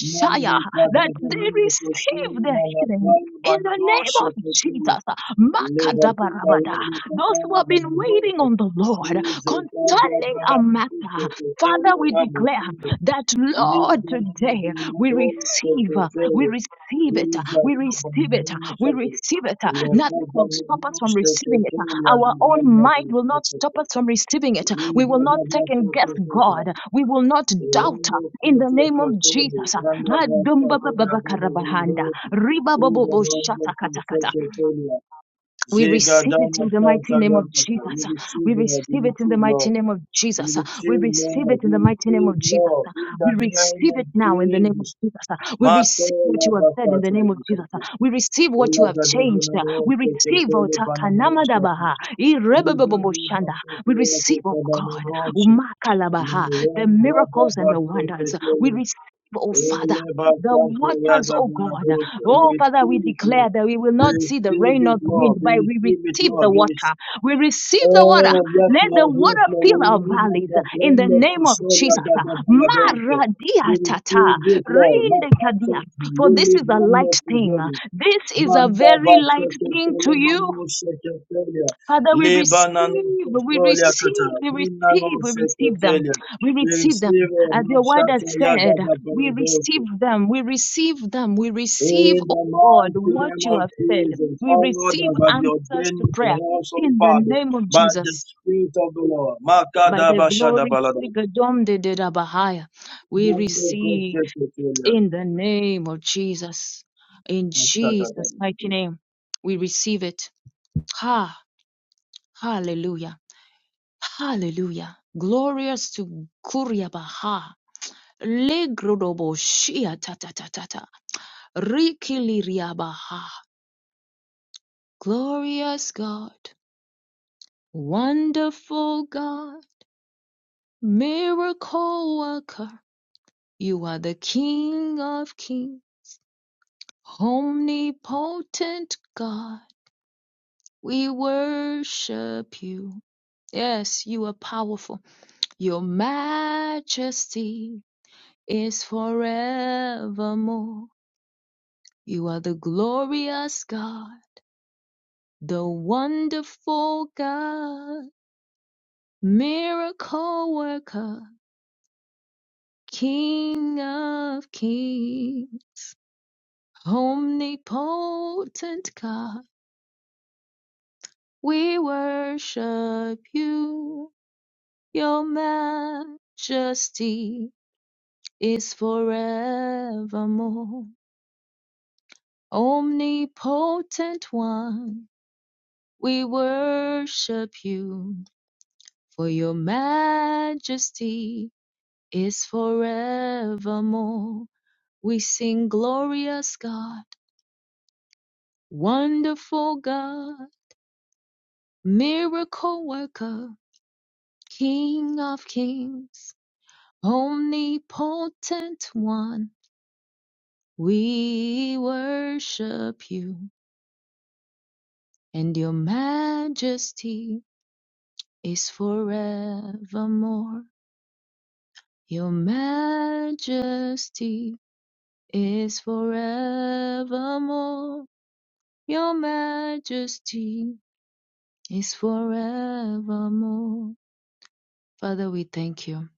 S1: Mande
S2: that they
S1: kadabamile
S2: receive
S1: koshini
S2: their healing.
S1: manatwai
S2: In the name of
S1: vanadoshe ketele.
S2: Jesus, uh,
S1: Levatika
S2: makadabarabada,
S1: yende
S2: those who
S1: katana
S2: have been waiting
S1: vanadoshe.
S2: on the Lord
S1: Jesus, I have
S2: concerning
S1: the
S2: a
S1: one
S2: matter.
S1: who is
S2: Father, we declare
S1: the
S2: that,
S1: Neither
S2: Lord,
S1: God can
S2: today
S1: do not
S2: we
S1: all
S2: receive,
S1: spiritual
S2: uh, we
S1: failure.
S2: receive it, uh,
S1: Neither shall
S2: we
S1: come
S2: receive it, uh,
S1: no
S2: we
S1: shepherd.
S2: receive it. uh,
S1: Neither
S2: Nothing
S1: God
S2: will
S1: can do
S2: stop us
S1: no
S2: from
S1: spiritual
S2: receiving it. uh,
S1: failure. The
S2: Our
S1: one
S2: own
S1: that
S2: mind
S1: is
S2: will not stop
S1: spiritual.
S2: us from receiving it. uh, We will
S1: Neither
S2: not
S1: God can
S2: second guess
S1: spiritual failure.
S2: God. We will not
S1: The one
S2: doubt uh,
S1: that
S2: in
S1: is
S2: the name
S1: spiritual
S2: of
S1: failure.
S2: Jesus. uh,
S1: One that is spiritual
S2: Adumbabababakarabarahanda,
S1: failure. Neither
S2: ribabobobo
S1: God can spiritual failure.
S2: we receive it
S1: Jigadama
S2: in the mighty
S1: Santa
S2: name of
S1: Yakata.
S2: Jesus.
S1: We receive,
S2: We
S1: Lord.
S2: receive
S1: We
S2: it in the
S1: receive,
S2: mighty
S1: Lord.
S2: name of
S1: We
S2: Jesus. We
S1: receive,
S2: receive it
S1: Lord.
S2: in
S1: We
S2: the mighty name
S1: receive,
S2: of Jesus.
S1: Lord. In the
S2: We
S1: name
S2: receive
S1: of
S2: it now in the name of
S1: Jesus.
S2: Jesus. We
S1: Mato
S2: receive
S1: la
S2: what you have said in the
S1: bafata
S2: name of Jesus.
S1: yakapa.
S2: We receive what
S1: Ola
S2: you have
S1: gada
S2: changed.
S1: vina mo
S2: We
S1: seke
S2: receive O
S1: pele pana brishati.
S2: Otakanamadabaha,
S1: Ida vina
S2: Irebebebomoshanda.
S1: seke
S2: We receive,
S1: yakapa
S2: O
S1: bana
S2: God,
S1: noche.
S2: Umakalabaha, the
S1: Nilen baba
S2: miracles and the
S1: basse
S2: wonders. We
S1: petele.
S2: receive, O Father,
S1: Ole
S2: the
S1: bafata
S2: waters,
S1: yada
S2: O
S1: bana
S2: God.
S1: brishati.
S2: Oh, Father, we declare that we will
S1: We
S2: not see the
S1: receive
S2: rain or
S1: it,
S2: the wind,
S1: Lord. We receive it, Lord. We
S2: but we
S1: receive it,
S2: receive the
S1: Lord. We
S2: water. We receive the water.
S1: Oh, yes,
S2: Let the
S1: Lord, yes,
S2: water
S1: Lord,
S2: fill
S1: in
S2: our
S1: the name of
S2: valleys
S1: our
S2: in
S1: friend,
S2: the
S1: the
S2: name of
S1: Christian, and
S2: Jesus.
S1: the Baladoso. We
S2: Maradia tata,
S1: receive it, Lord. Maka
S2: rindekadia.
S1: Soto,
S2: For this
S1: Lily
S2: is a
S1: to
S2: light thing.
S1: Sogoli,
S2: This is a
S1: Manda
S2: very
S1: Basso
S2: light thing
S1: Tele
S2: to you.
S1: Mano Secretaria,
S2: Father, we
S1: Libanano
S2: receive, we
S1: Sostolia
S2: receive,
S1: Kata,
S2: we
S1: Minano
S2: receive, we receive them.
S1: Secretaria.
S2: We
S1: We
S2: receive them.
S1: receive it,
S2: As your word has
S1: Mashata Yada
S2: said,
S1: the
S2: we receive
S1: Baladoso.
S2: them, we receive them, we receive,
S1: In
S2: oh
S1: the
S2: God,
S1: mighty
S2: what
S1: name
S2: you
S1: of
S2: have said.
S1: Jesus,
S2: We
S1: all
S2: receive
S1: that have you
S2: answers
S1: ordained
S2: to prayer
S1: for us, oh
S2: in the
S1: Father,
S2: name of
S1: by the
S2: Jesus.
S1: Spirit of the Lord.
S2: By the
S1: Makadaba
S2: glory,
S1: shadabalada.
S2: Sigadom de Dedabahaya. we
S1: Mende
S2: receive
S1: kote kotelia.
S2: in the name of Jesus. In Jesus'
S1: Shadabala.
S2: mighty name, we receive it. Ha, hallelujah. Hallelujah. Glorious to Kuryabaha. Legrodobo Shia Tata Tata. Rikiliriabaha. Glorious God. Wonderful God. Miracle worker. You are the King of Kings. Omnipotent God. We worship you. Yes, you are powerful. Your majesty is forevermore. You are the glorious God, the wonderful God, miracle worker, King of kings, omnipotent God. We worship you. Your majesty is forevermore. Omnipotent one, we worship you for your majesty is forevermore. We sing glorious God, wonderful God, miracle worker, King of kings, omnipotent one. We worship you, and your majesty is forevermore. Your majesty is forevermore. Your majesty is forevermore. Father, we thank you.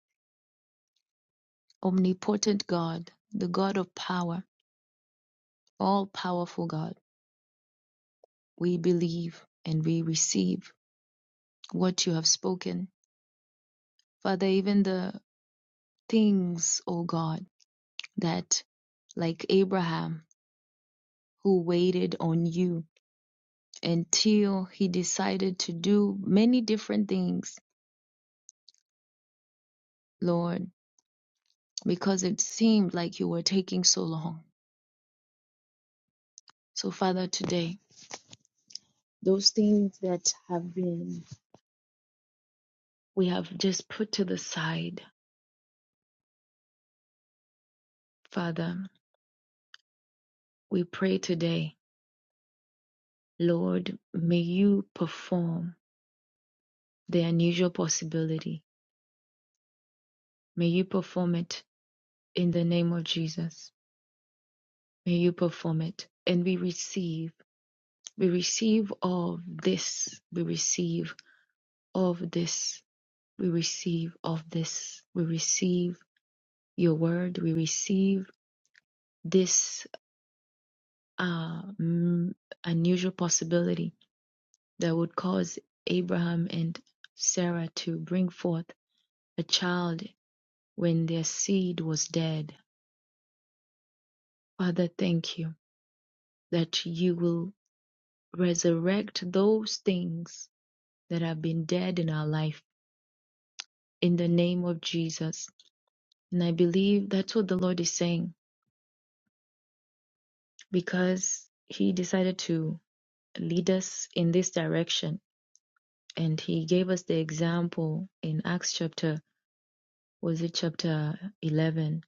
S2: Omnipotent God, the God of power, all powerful God, we believe and we receive what you have spoken. Father, even the things, O God, that like Abraham, who waited on you until he decided to do many different things, Lord, because it seemed like you were taking so long. So, Father, today, Those things that have been, we have just put to the side. Father, we pray today, Lord, may you perform the unusual possibility. May you perform it in the name of Jesus. May you perform it. And we receive, we receive of this, we receive of this, we receive of this, we receive your word, we receive this uh, mm, unusual possibility that would cause Abraham and Sarah to bring forth a child when their seed was dead. Father, thank you that you will resurrect those things that have been dead in our life in the name of Jesus. And I believe that's what the Lord is saying because He decided to lead us in this direction. And He gave us the example in Acts chapter, was it chapter 11?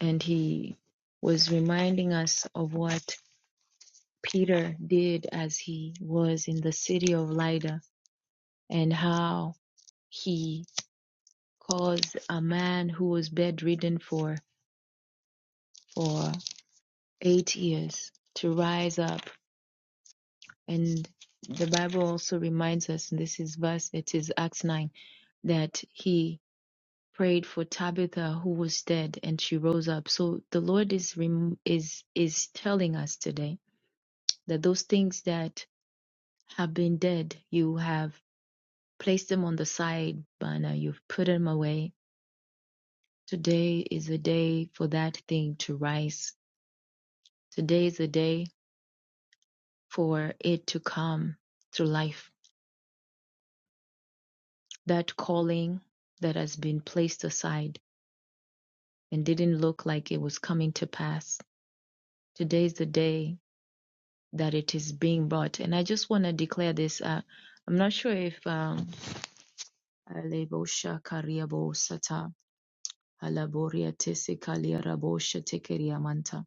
S2: and he was reminding us of what Peter did as he was in the city of Lydda and how he caused a man who was bedridden for for 8 years to rise up and the bible also reminds us and this is verse it is acts 9 that he prayed for Tabitha who was dead and she rose up so the lord is rem- is is telling us today that those things that have been dead. You have placed them on the side burner. You've put them away. Today is a day for that thing to rise. Today is a day for it to come to life. That calling that has been placed aside and didn't look like it was coming to pass. Today is the day that it is being brought. And I just want to declare this. Uh, I'm not sure if. Um, Alebo Shakariabo Sata Halaboria tese kalia rabosha tekeria manta.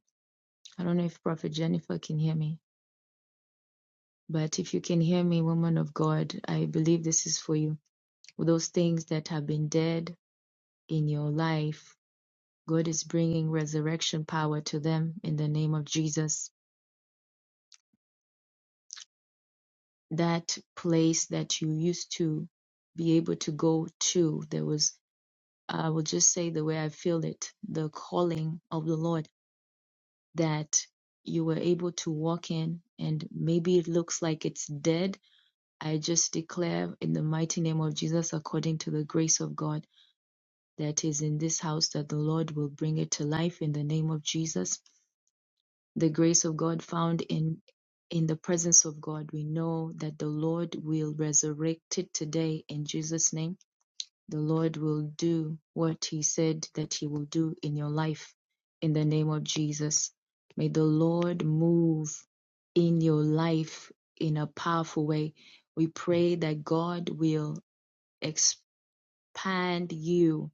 S2: I don't know if Prophet Jennifer can hear me, but if you can hear me, woman of God, I believe this is for you. Those things that have been dead in your life, God is bringing resurrection power to them in the name of Jesus. That place that you used to be able to go to, there was, I will just say the way I feel it, the calling of the Lord that you were able to walk in and maybe it looks like it's dead. I just declare in the mighty name of Jesus, according to the grace of God that is in this house, that the Lord will bring it to life in the name of Jesus. The grace of God found in in the presence of God, we know that the Lord will resurrect it today in Jesus' name the Lord will do what He said that He will do in your life in the name of Jesus. May the Lord move in your life in a powerful way. We pray that God will expand you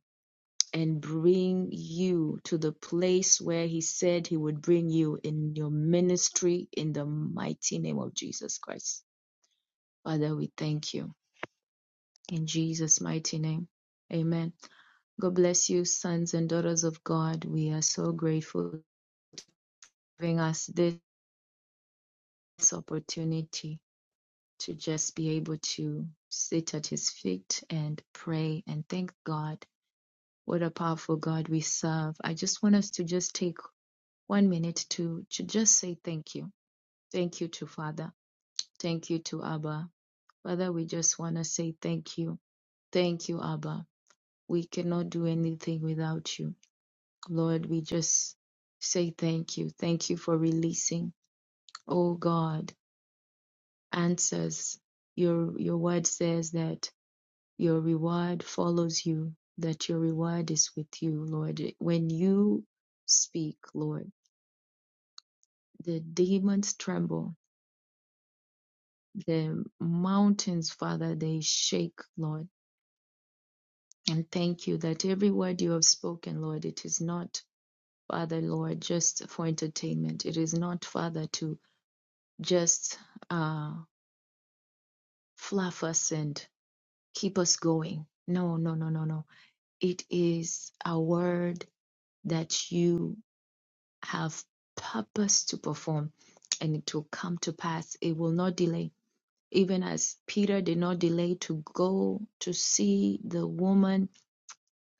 S2: and bring you to the place where He said He would bring you in your ministry in the mighty name of Jesus Christ. Father, we thank you. In Jesus' mighty name. Amen. God bless you, sons and daughters of God. We are so grateful for giving us this opportunity to just be able to sit at his feet and pray and thank God. What a powerful God we serve. I just want us to just take one minute to, to just say thank you. Thank you to Father. Thank you to Abba. Father, we just want to say thank you. Thank you, Abba. We cannot do anything without you. Lord, we just say thank you. Thank you for releasing. Oh God, answers. Your your word says that your reward follows you, that your reward is with you, Lord. When you speak, Lord, the demons tremble, the mountains, Father, they shake, Lord. And thank you that every word you have spoken, Lord, it is not, Father, Lord, just for entertainment. It is not, Father, to just uh, fluff us and keep us going. No, no, no, no, no. It is a word that you have purpose to perform and it will come to pass. It will not delay. Even as Peter did not delay to go to see the woman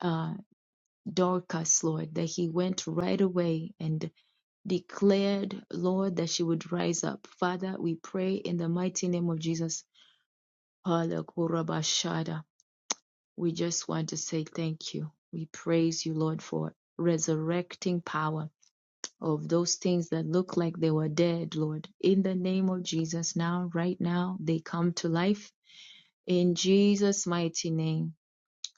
S2: uh, Dorcas, Lord, that he went right away and declared, Lord, that she would rise up. Father, we pray in the mighty name of Jesus. We just want to say thank you. We praise you, Lord, for resurrecting power of those things that look like they were dead, Lord. In the name of Jesus, now, right now, they come to life. In Jesus' mighty name.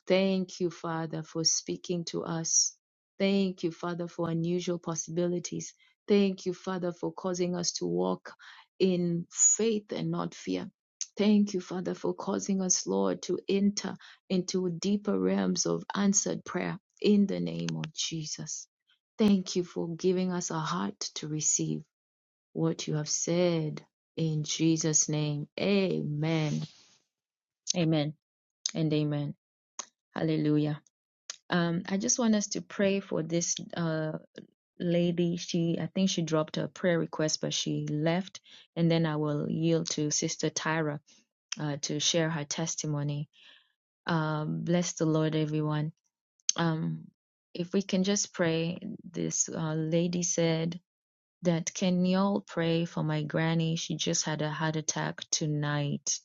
S2: Thank you, Father, for speaking to us. Thank you, Father, for unusual possibilities. Thank you, Father, for causing us to walk in faith and not fear. Thank you, Father, for causing us, Lord, to enter into deeper realms of answered prayer in the name of Jesus. Thank you for giving us a heart to receive what you have said in Jesus' name. Amen. Amen and amen. Hallelujah. Um, I just want us to pray for this uh, lady. She, I think she dropped her prayer request, but she left. And then I will yield to Sister Tyra uh, to share her testimony. Um, bless the Lord, everyone. Um, if we can just pray, this uh, lady said that, Can you all pray for my granny? She just had a heart attack tonight.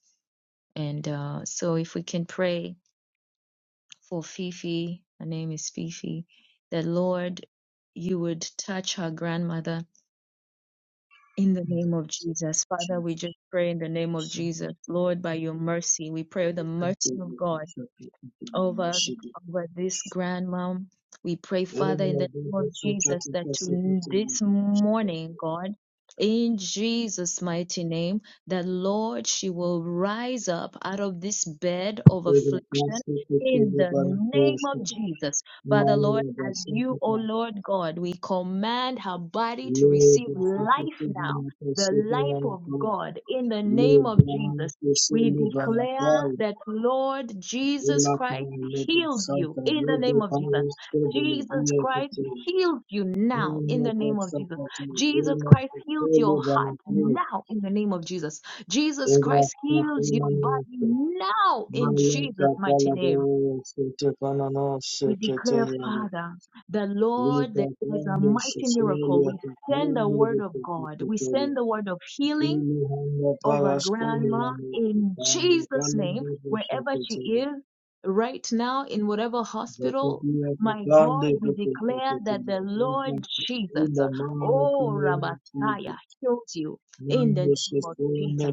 S2: And uh, so if we can pray for Fifi, her name is Fifi, that Lord, you would touch her grandmother in the name of Jesus. Father,
S1: Jesus.
S2: we just pray in the name of Jesus. Lord, by your mercy, we pray the
S1: Thank you,
S2: mercy of
S1: Lord,
S2: God
S1: for your people. We
S2: over
S1: worship you.
S2: over this grandmom. We pray, Father, in the name of Jesus, that to this morning, God, in Jesus' mighty name, that Lord, she will rise up out of this bed of affliction. In the name of Jesus, Father Lord,
S1: Mande
S2: as you,
S1: basete
S2: O
S1: ka.
S2: Lord God, we command her body to receive
S1: Lebe sete
S2: life now,
S1: kibina ka
S2: the
S1: sete
S2: life
S1: mana
S2: of God, in the name
S1: Lebe
S2: of
S1: amu
S2: Jesus.
S1: sese
S2: We
S1: leba na
S2: declare
S1: ka.
S2: that Lord Jesus Christ heals you in the name of Jesus. Jesus Christ heals you now in the name of Jesus. Jesus Christ heals your heart now in the name of Jesus. Jesus Christ heals your body now in Jesus' mighty name. We declare, Father, the Lord, there is a mighty miracle. We send the word of God. We send the word of healing over grandma in Jesus' name, wherever she is right now, in whatever hospital.
S1: Vakia ka
S2: My
S1: kande
S2: God, we declare that the Lord Jesus,
S1: the
S2: uh, oh
S1: name
S2: Rabataya, heals you in the name of Jesus.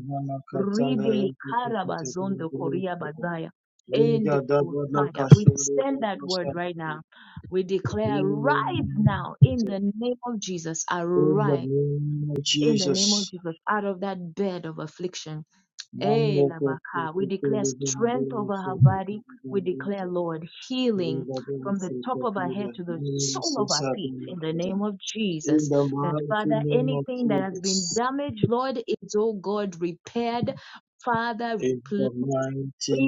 S2: Ribili karabazondo koria bazaya. In the Messiah. We send that word right now. We declare, rise now in the name of Jesus. Arise
S1: of
S2: in the name of
S1: Jesus.
S2: Jesus out of that bed of affliction Eh,
S1: Manu
S2: Labaka.
S1: kapita
S2: We declare
S1: kalagana
S2: strength over
S1: dosa.
S2: her body. We declare, Lord, healing
S1: Linga dana
S2: from the top of her head
S1: sefunda.
S2: to the
S1: Manu
S2: sole of her feet
S1: sefunda
S2: in the name of
S1: In
S2: Jesus.
S1: the
S2: That,
S1: mighty
S2: Father,
S1: name of
S2: anything that has been
S1: Jesus.
S2: damaged, Lord, is, oh God, repaired. Father, repl-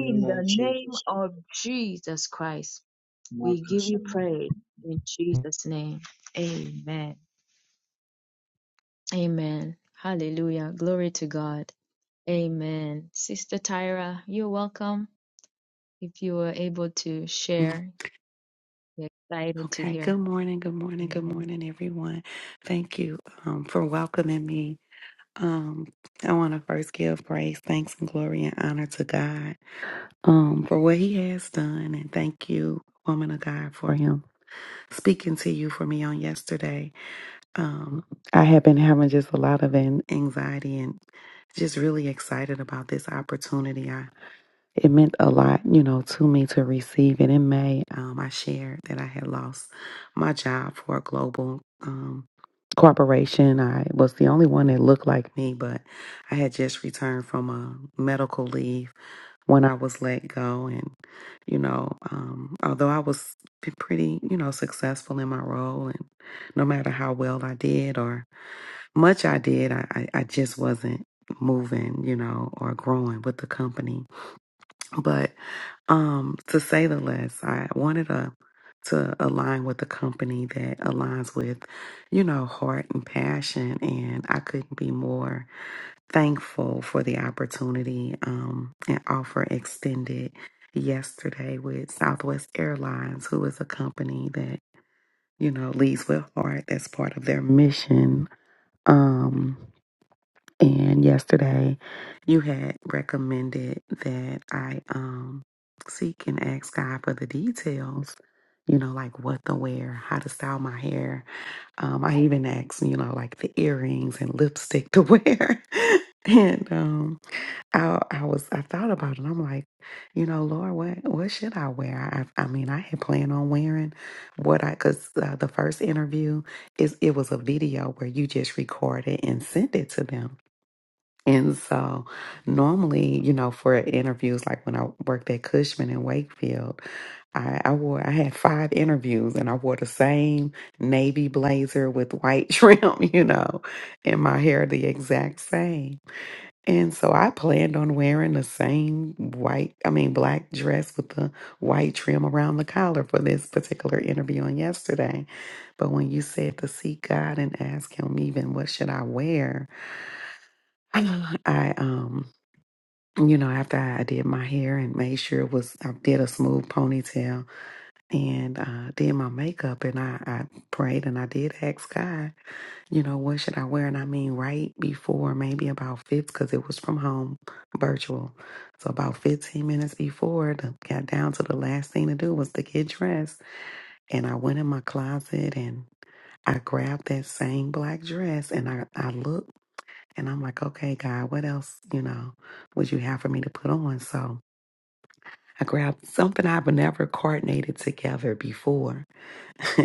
S1: name
S2: the name of Jesus Christ, we give you praise in Jesus' name. Amen. Amen. Hallelujah. Glory to God. Amen. Sister Tyra, you're welcome. If you were able to
S4: Mm,
S2: share, we're excited to
S4: Okay. Good
S2: hear.
S4: morning. Good morning. Good
S2: Amen.
S4: morning, everyone. Thank you um, for welcoming me. Um, I want to first give praise, thanks, and glory and honor to God um, for what He has done, and thank you, woman of God, for Him speaking to you for me on yesterday. Um, I have been having just a lot of an anxiety and just really excited about this opportunity. it meant a lot, you know, to me to receive it. In May, um, I shared that I had lost my job for a global um, corporation. I was the only one that looked like me, but I had just returned from a medical leave when I was let go. And, you know, um, although I was p- pretty, you know, successful in my role, and no matter how well I did or much I did, I, I, I just wasn't moving, you know, or growing with the company. But um, to say the less, I wanted to to align with a company that aligns with, you know, heart and passion, and I couldn't be more thankful for the opportunity um, and offer extended yesterday with Southwest Airlines, who is a company that you know leads with heart. That's part of their mission. Um, and yesterday you had recommended that I um seek and ask God for the details, you know, like what to wear, how to style my hair. Um, I even asked, you know, like the earrings and lipstick to wear. *laughs* and um I I was I thought about it. I'm like, you know, Lord, what what should I wear? I I mean, I had planned on wearing what I cuz uh, the first interview is it was a video where you just recorded and sent it to them. And so, normally, you know, for interviews, like when I worked at Cushman in Wakefield, I, I wore, I had five interviews and I wore the same navy blazer with white *laughs* trim, you know, and my hair the exact same. And so I planned on wearing the same white, I mean, black dress with the white trim around the collar for this particular interview on yesterday. But when you said to seek God and ask Him, even what should I wear? *clears throat* I, um, you know, after I did my hair and made sure it was, I did a smooth ponytail and uh, did my makeup, and I, I prayed and I did ask God, you know, what should I wear? And I mean, right before maybe about 15, because it was from home virtual. So about 15 minutes before, the, got down to the last thing to do was to get dressed. And I went in my closet and I grabbed that same black dress and I, I looked and I'm like, okay, God, what else, you know, would you have for me to put on? So, I grabbed something I've never coordinated together before. *laughs*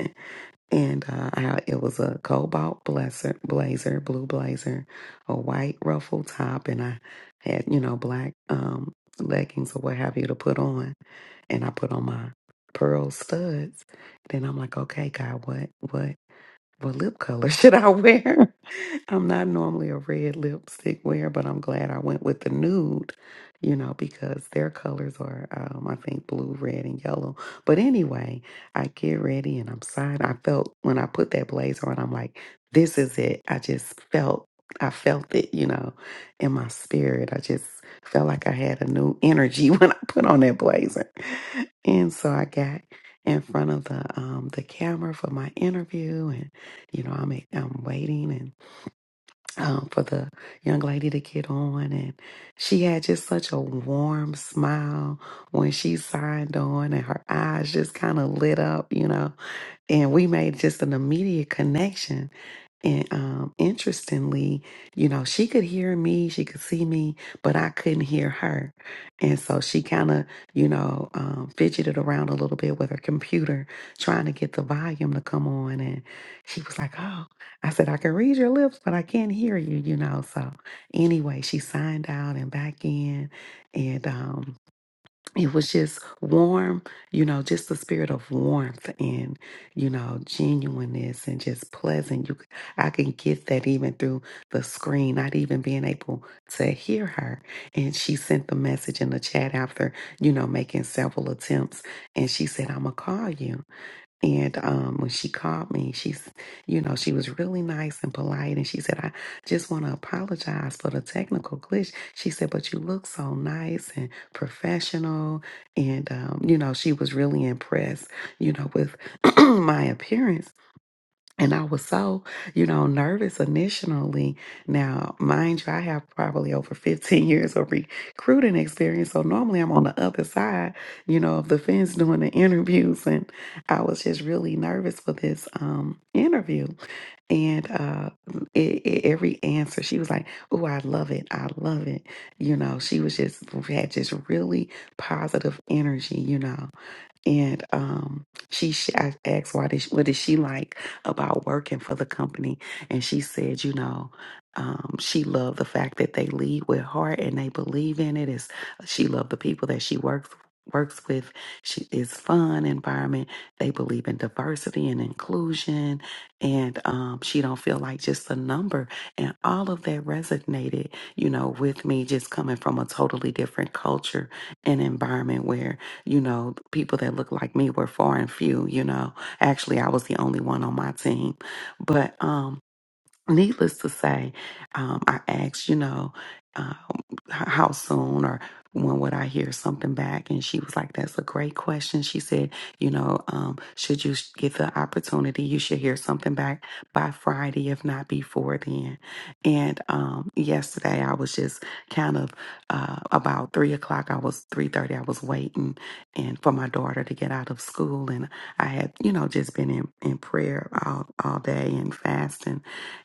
S4: and uh, I, it was a cobalt blazer, blazer, blue blazer, a white ruffle top, and I had, you know, black um, leggings or what have you to put on. And I put on my pearl studs. Then I'm like, okay, God, what, what? What lip color *laughs* should I wear? I'm not normally a red lipstick wearer, but I'm glad I went with the nude, you know, because their colors are, um, I think, blue, red, and yellow. But anyway, I get ready and I'm signed. I felt when I put that blazer on, I'm like, this is it. I just felt, I felt it, you know, in my spirit. I just felt like I had a new energy *laughs* when I put on that blazer. And so I got in front of the um, the camera for my interview you know, I'm I'm waiting and um, for the young lady to get on, and she had just such a warm smile when she signed on, and her eyes just kind of lit up, you know, and we made just an immediate connection and um, interestingly, you know, she could hear me, she could see me, but I couldn't hear her. And so she kind of, you know, um, fidgeted around a little bit with her computer, trying to get the volume to come on. And she was like, Oh, I said, I can read your lips, but I can't hear you, you know. So anyway, she signed out and back in. And, um, it was just warm, you know, just the spirit of warmth and, you know, genuineness and just pleasant. You, c- I can get that even through the screen, not even being able to hear her. And she sent the message in the chat after, you know, making several attempts. And she said, I'm going to call you. And um, when she called me, she's, you know, she was really nice and polite. And she said, I just want to apologize for the technical glitch. She said, but you look so nice and professional. And, um, you know, she was really impressed, you know, with *clears throat* my appearance. And I was so, you know, nervous initially. Now, mind you, I have probably over 15 years of recruiting experience. So normally I'm on the other side, you know, of the fence doing the interviews. And I was just really nervous for this um, interview. And uh, it, it, every answer, she was like, Oh, I love it. I love it. You know, she was just, had just really positive energy, you know. And um, she, she I asked, "Why did she, what is she like about working for the company?" And she said, "You know, um, she loved the fact that they lead with heart and they believe in it. Is she loved the people that she works works with? She is fun environment. They believe in diversity and inclusion, and um, she don't feel like just a number. And all of that resonated, you know, with me, just coming from a totally different culture and environment where." you know, people that look like me were far and few, you know. Actually, I was the only one on my team. But um needless to say, um, I asked, you know, um, h- how soon or when would I hear something back? And she was like, that's a great question. She said, you know, um, should you sh- get the opportunity, you should hear something back by Friday, if not before then. And um, yesterday I was just kind of uh, about three o'clock, I was 3.30, I was waiting and for my daughter to get out of school. And I had, you know, just been in, in prayer all, all day and fasting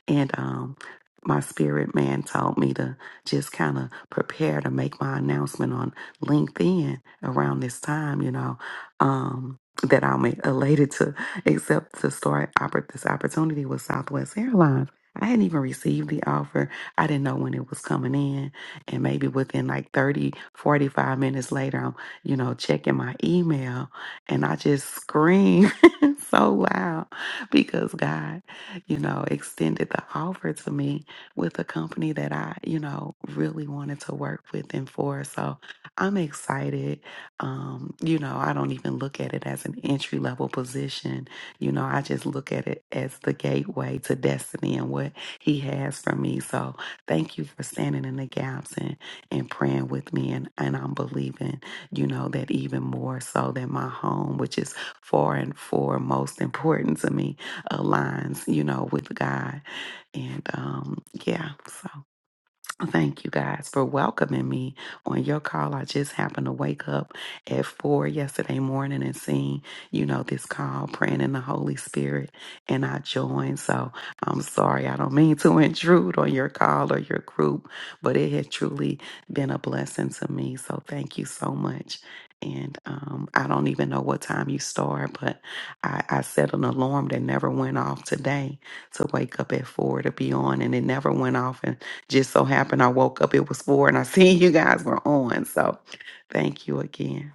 S4: and um, my spirit man told me to just kind of prepare to make my announcement on LinkedIn around this time, you know, um, that I'm elated to accept to start oppor- this opportunity with Southwest Airlines. I hadn't even received the offer. I didn't know when it was coming in. And maybe within like 30, 45 minutes later, I'm, you know, checking my email and I just scream *laughs* so loud because God you know, extended the offer to me with a company that I, you know, really wanted to work with and for. So I'm excited. Um, you know, I don't even look at it as an entry level position. You know, I just look at it as the gateway to destiny and what he has for me. So thank you for standing in the gaps and, and praying with me. And, and I'm believing, you know, that even more so than my home, which is far and foremost important to me, aligns, you know, with God. And um, yeah, so. Thank you guys for welcoming me on your call. I just happened to wake up at four yesterday morning and seeing, you know, this call, praying in the Holy Spirit, and I joined. So I'm sorry, I don't mean to *laughs* intrude on your call or your group, but it had truly been a blessing to me. So thank you so much. And um, I don't even know what time you start, but I, I set an alarm that never went off today to wake up at four to be on, and it never went off just so happened I woke up, it was four, and I *laughs* seen you guys were on. So thank you again.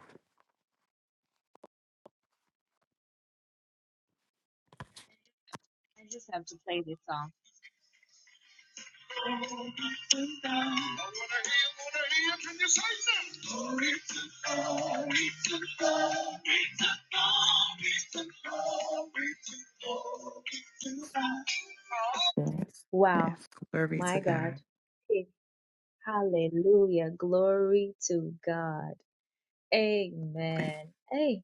S4: Yes. Yes.
S2: Wow,
S4: Glory be to
S2: my God.
S4: God.
S2: Hey, Hallelujah. Glory to God.
S4: Thank
S2: Amen. Hey,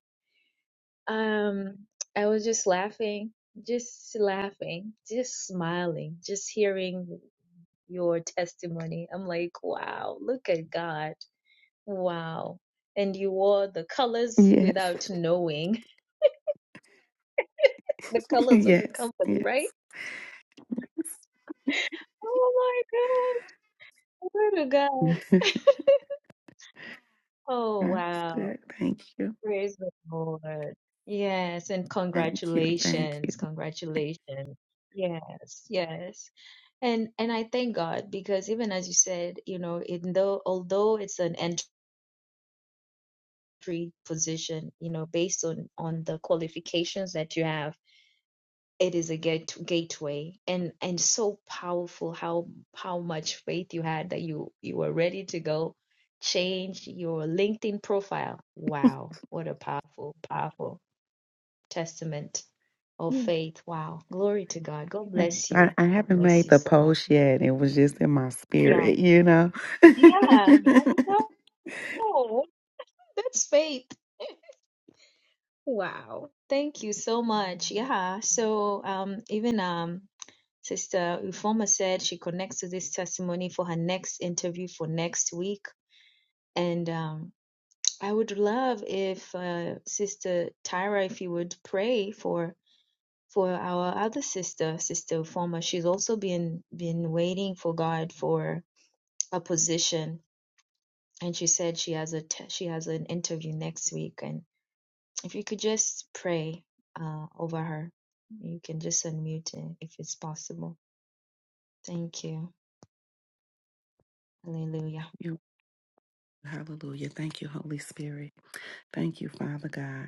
S2: um, I was just laughing, just laughing, just smiling, just hearing your testimony. I'm like, wow, look at God. Wow. And you wore the
S4: you.
S2: colors
S4: Yes.
S2: without knowing *laughs* the
S4: *laughs*
S2: colors of the
S4: yes.
S2: company, right?
S4: Yes.
S2: Oh Glory to God. *laughs*
S4: *laughs*
S2: Oh,
S4: That's
S2: wow.
S4: good. Thank you.
S2: Praise the Lord. Yes, and
S4: Thank you. Thank you.
S2: congratulations.
S4: Thank
S2: Congratulations. Yes, yes. And and I thank God because even as you said, you know, even though although it's an entry position, you know, based on on the qualifications that you have, it is a gate gateway and and so powerful how how much faith you had that you you were ready to go change your linkedin profile wow what a powerful powerful testament of
S4: you.
S2: faith wow glory to god god
S4: Thank
S2: bless
S4: you.
S2: you
S4: I, I
S2: god
S4: haven't
S2: bless
S4: made
S2: you
S4: the
S2: so much
S4: post yet. It was just in my
S2: yeah
S4: spirit, you know. *laughs*
S2: yeah i know that's faith *laughs* wow thank you so much yeah so um even um Sister Ufoma said she connects to this testimony for her next interview for next week. And um, I would love if uh, Sister Tyra, if you would pray for for our other sister, Sister Ufoma. She's also been been waiting for God for a position, and she said she has a t- she has an interview next week. And if you could just pray uh, over her, you can just unmute it if it's possible. Thank you. Hallelujah.
S4: You- Hallelujah. Thank you, Holy Spirit. Thank you, Father God.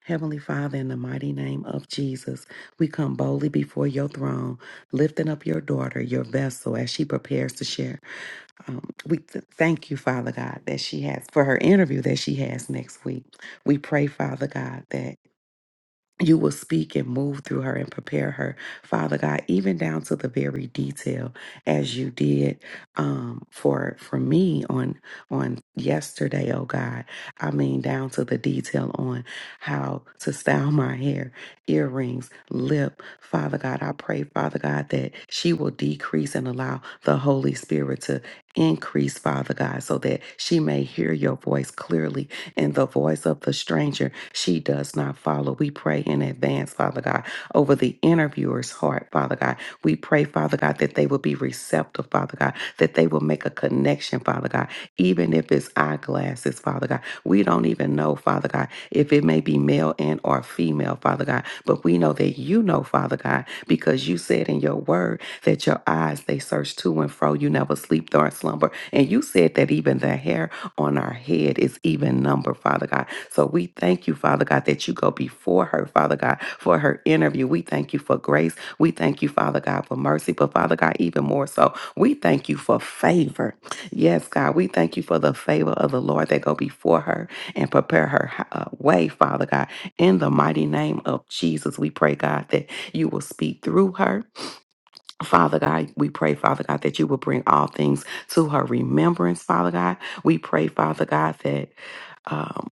S4: Heavenly Father, in the mighty name of Jesus, we come boldly before your throne, lifting up your daughter, your vessel, as she prepares to share. Um, we th- thank you, Father God, that she has for her interview that she has next week. We pray, Father God, that you will speak and move through her and prepare her, Father God, even down to the very detail, as you did um, for for me on on yesterday. Oh God, I mean down to the detail on how to style my hair, earrings, lip. Father God, I pray, Father God, that she will decrease and allow the Holy Spirit to increase, Father God, so that she may hear your voice clearly and the voice of the stranger she does not follow. We pray in advance, Father God, over the interviewer's heart, Father God. We pray, Father God, that they will be receptive, Father God, that they will make a connection, Father God, even if it's eyeglasses, Father God. We don't even know, Father God, if it may be male and or female, Father God, but we know that you know, Father God, because you said in your word that your eyes they search to and fro. You never sleep nor slumber, and you said that even the hair on our head is even numbered, Father God. So we thank you, Father God, that you go before her, Father God, for her interview. We thank you for grace. We thank you, Father God, for mercy. But Father God, even more so, we thank you for favor. Yes, God, we thank you for the favor of the Lord that go before her and prepare her uh, way, Father God. In the mighty name of Jesus, we pray, God, that you will speak through her Father God, we pray, Father God, that you will bring all things to her remembrance, Father God. We pray, Father God, that um,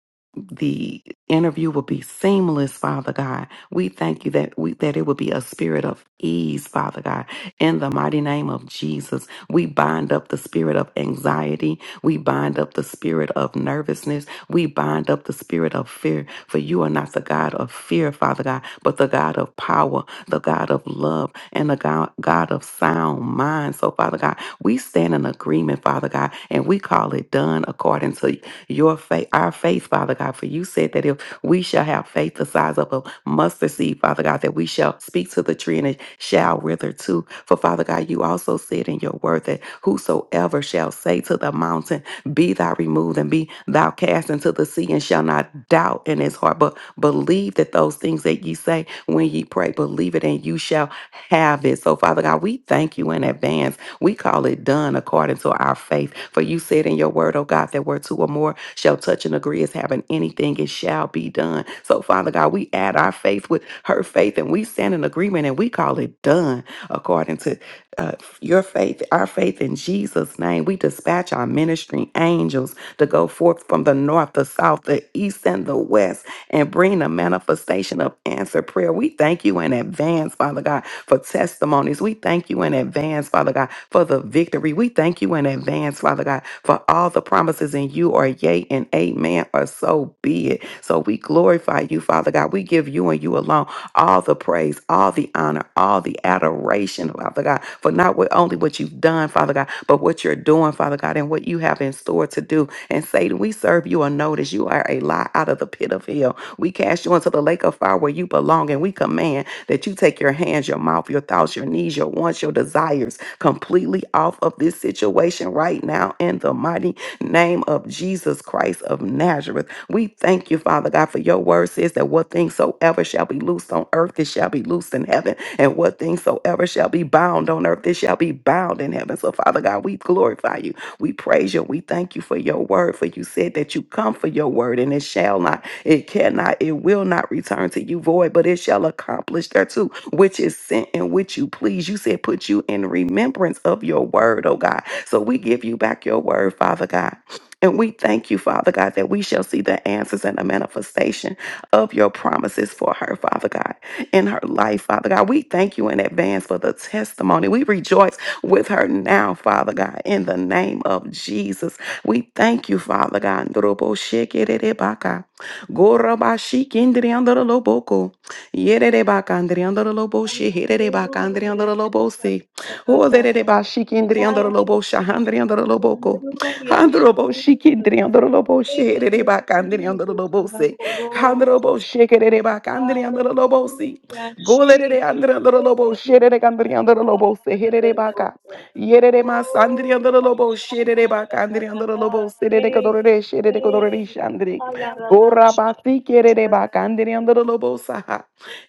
S4: the interview will be seamless, Father God. We thank you that we that it will be a spirit of ease, Father God. In the mighty name of Jesus, we bind up the spirit of anxiety. We bind up the spirit of nervousness. We bind up the spirit of fear. For you are not the God of fear, Father God, but the God of power, the God of love, and the God, God of sound mind. So, Father God, we stand in agreement, Father God, and we call it done according to your faith, our faith, Father God. For you said that if we shall have faith the size of a mustard seed, Father God, that we shall speak to the tree and it shall wither too. For Father God, you also said in your word that whosoever shall say to the mountain, Be thou removed and be thou cast into the sea, and shall not doubt in his heart, but believe that those things that ye say when ye pray, believe it and you shall have it. So, Father God, we thank you in advance we call it done according to our faith. For you said in your word, oh God, that where two or more shall touch and agree as having anything, it shall be done. So, Father God, we add our faith with her faith and we stand in agreement and we call it done according to uh, your faith, our faith in Jesus' name. We dispatch our ministry angels to go forth from the north, the south, the east, and the west and bring the manifestation of answer prayer. We thank you in advance, Father God for testimonies. We thank you in advance, Father God, for the victory. We thank you in advance, Father God, for all the promises in you are yea and amen, or so be it. So we glorify you, Father God. We give you and you alone all the praise, all the honor, all the adoration, Father God, for not what- only what you've done, Father God, but what you're doing, Father God, and what you have in store to do. And Satan, we serve you a notice. You are a lie out of the pit of hell. We cast you into the lake of fire where you belong, and we command that you take your hands, your mouth, your thoughts, your needs, your wants, your desires completely off of this situation right now in the mighty name of Jesus Christ of Nazareth. We thank you, Father God, for your word says that what things soever shall be loosed on earth, it shall be loosed in heaven, and what things soever shall be bound on earth, it shall be bound in heaven. So, Father God, we glorify you. We praise you. We thank you for your word, for you said that you come for your word and it shall not it cannot, it will not return to you void, but it shall accomplish thereto which is sent and which you please. You said put you in remembrance of your word, oh God. So we give you back your word, Father God. And we thank you, Father God, that we shall see the answers and the manifestation of your promises for her, Father God, in her life, Father God. We thank you in advance for the testimony. We rejoice with her now, Father God, in the name of Jesus. We thank you, Father God. Ndorobo shekererebaka. Goraba shikindriandoroloboko. Yererebaka andriandorolobo shehererebaka andriandorolobose. Olerereba shikindriandorolobo shahandriandoroloboko. Handrobo shikindriandorolobo shehererebaka andriandorolobose. Handrobo shekererebaka andriandorolobose. Golerere andriandorolobo shererebaka andriandorolobose. Hererebaka. Yerere ma andoro lobo sherere ba andoro lobo serere kodorere sherere kodorere shandri. Ora basi kerere ba andoro lobo saha.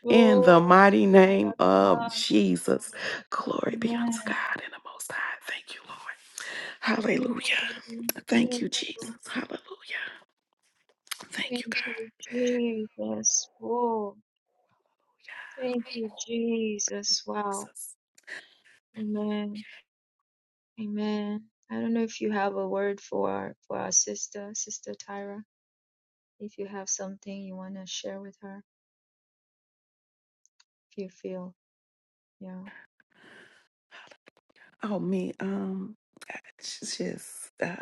S4: In the mighty name of Jesus. Glory be unto God in the most high. Thank you, Lord. Hallelujah. Thank you, Jesus. Hallelujah. Thank you, God. Jesus. Oh, me. Um, it's just. uh,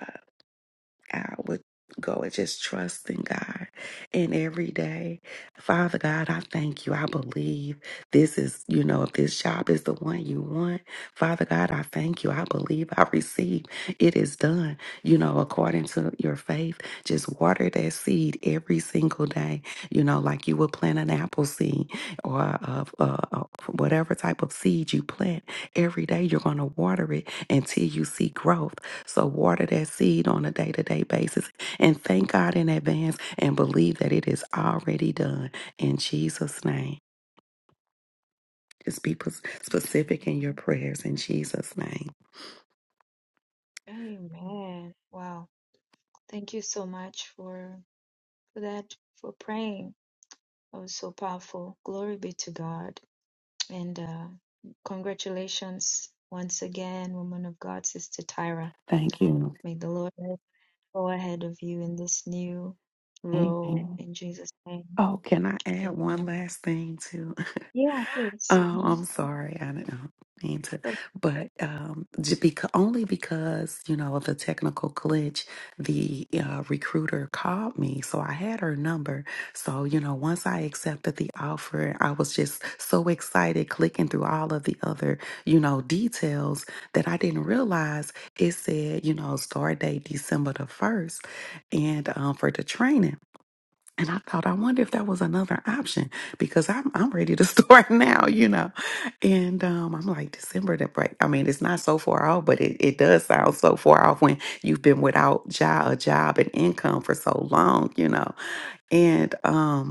S4: I would go and just trust in God. And every day, Father God, I thank you. I believe this is, you know, if this job is the one you want, Father God, I thank you. I believe I receive. It is done, you know, according to your faith. Just water that seed every single day, you know, like you would plant an apple seed or uh, uh, uh, whatever type of seed you plant. Every day, you're going to water it until you see growth. So water that seed on a day to day basis and thank God in advance and believe that it is already done in Jesus' name. Just be pos- specific in your prayers in Jesus' name.
S2: Amen. Wow. Thank you so much for for that for praying. That was so powerful. Glory be to God. And uh, congratulations once again, woman of God, Sister Tyra.
S4: Thank you.
S2: May the Lord go ahead of you in this
S4: Amen. Oh, can I add one last thing too? *laughs* Oh, I'm sorry. I didn't mean to, but um, because, only because you know of a technical glitch, the uh, recruiter called me, so I had her number. So you know, once I accepted the offer, I was just so excited, clicking through all of the other you know details that I didn't realize it said you know start date December the first, and um, for the training. And I thought, I wonder if that was another option because I'm I'm ready to *laughs* start now, you know. And um, I'm like December the break. I mean, it's not so far off, but it, it does sound so far off when you've been without job, a job and income for so long, you know. And um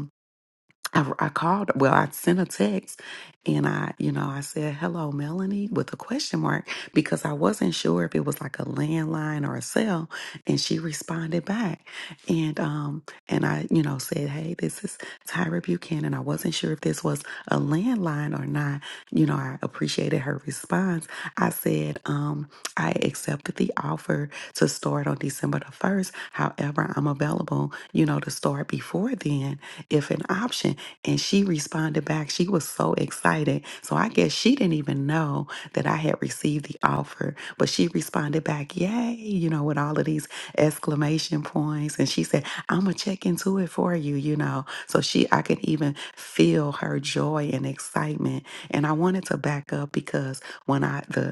S4: I, I called, well, I sent a text and I, you know, I said, hello, Melanie, with a question mark because I wasn't sure if it was like a landline or a cell. And she responded back. And, um, and I, you know, said, hey, this is Tyra Buchanan. I wasn't sure if this was a landline or not. You know, I appreciated her response. I said, um, I accepted the offer to start on December the 1st. However, I'm available, you know, to start before then if an option. And she responded back. She was so excited. So I guess she didn't even know that I had received the offer, but she responded back, Yay, you know, with all of these exclamation points. And she said, I'm going to check into it for you, you know. So she, I could even feel her joy and excitement. And I wanted to back up because when I, the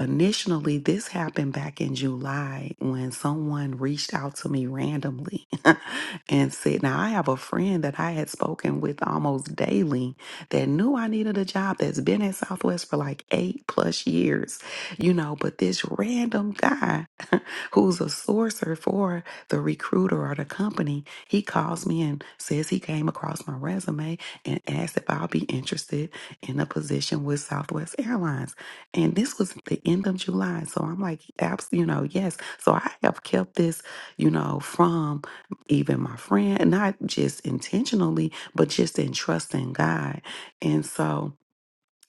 S4: Initially, this happened back in July when someone reached out to me randomly *laughs* and said, Now, I have a friend that I had spoken with almost daily that knew I needed a job that's been at Southwest for like eight plus years, you know, but this random guy *laughs* who's a sourcer for the recruiter or the company, he calls me and says he came across my resume and asked if I'll be interested in a position with Southwest Airlines. And this was the end of July. So I'm like, abs- you know, yes. So I have kept this, you know, from even my friend, not just intentionally, but just in trusting God. And so,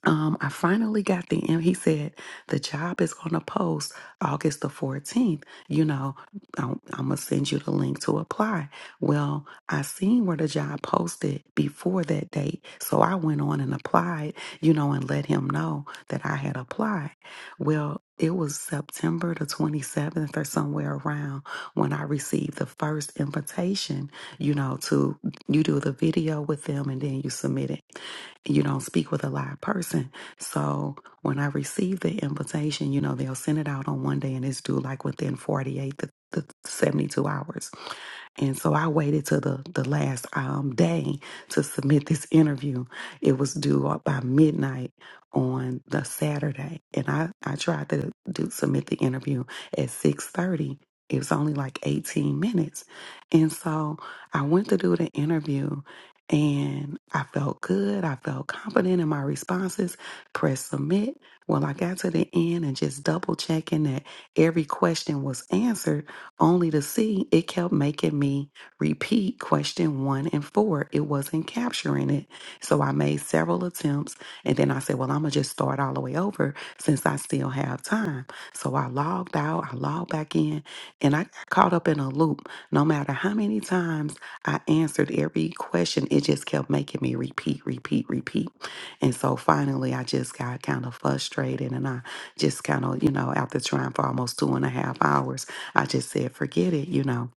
S4: um, I finally got the and he said the job is going to post August the 14th. You know, I'm, I'm gonna send you the link to apply. Well, I seen where the job posted before that date, so I went on and applied, you know, and let him know that I had applied. Well, it was September the 27th or somewhere around when I received the first invitation, you know, to you do the video with them and then you submit it you don't speak with a live person. So when I receive the invitation, you know, they'll send it out on one day and it's due like within 48 to, to 72 hours. And so I waited till the, the last um, day to submit this interview. It was due up by midnight on the Saturday. And I, I tried to do, submit the interview at 6.30. It was only like 18 minutes. And so I went to do the interview and I felt good. I felt confident in my responses. Press submit. Well, I got to the end and just double checking that every question was answered only to see it kept making me repeat question one and four. It wasn't capturing it. So I made several attempts and then I said, well, I'm going to just start all the way over since I still have time. So I logged out, I logged back in, and I got caught up in a loop. No matter how many times I answered every question, it just kept making me repeat, repeat, repeat. And so finally, I just got kind of frustrated and I just kind of, you know, after trying for almost two and a half hours. I just said, forget it, you know.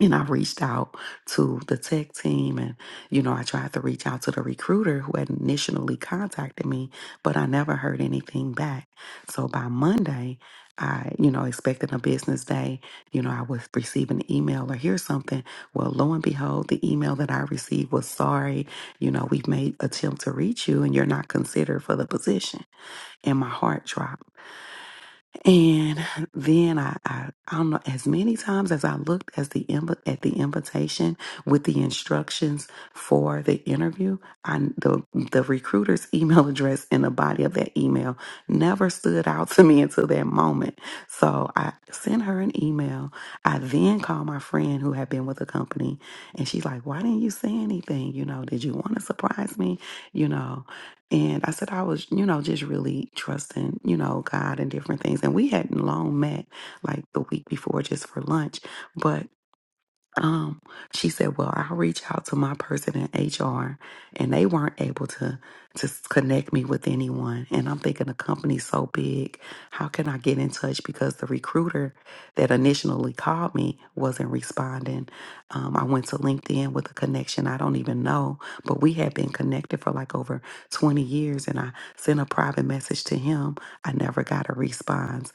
S4: And I reached out to the tech team and, you know, I tried to reach out to the recruiter who had initially contacted me, but I never heard anything back. So by Monday, I, you know, expecting a business day, you know, I would receive an email or hear something. Well, lo and behold, the email that I received was sorry, you know, we've made attempt to reach you and you're not considered for the position. And my heart dropped and then I, I, I don't know, as many times as I looked as the inv- at the invitation with the instructions for the interview, I the the recruiter's *laughs* email address in the body of that email never stood out to me until that moment. So I sent her an email. I then called my friend who had been with the company, and she's like, "Why didn't you say anything? You know, did you want to surprise me? You know." And I said I was, you know, just really trusting, you know, God and different things. And we hadn't long met like the week before just for lunch. But um, she said, "Well, I'll reach out to my person in HR, and they weren't able to to s- connect me with anyone." And I'm thinking, the company's so big, how can I get in touch? Because the recruiter that initially called me wasn't responding. Um, I went to LinkedIn with a connection I don't even know, but we had been connected for like over 20 years, and I sent a private message to him. I never got a response.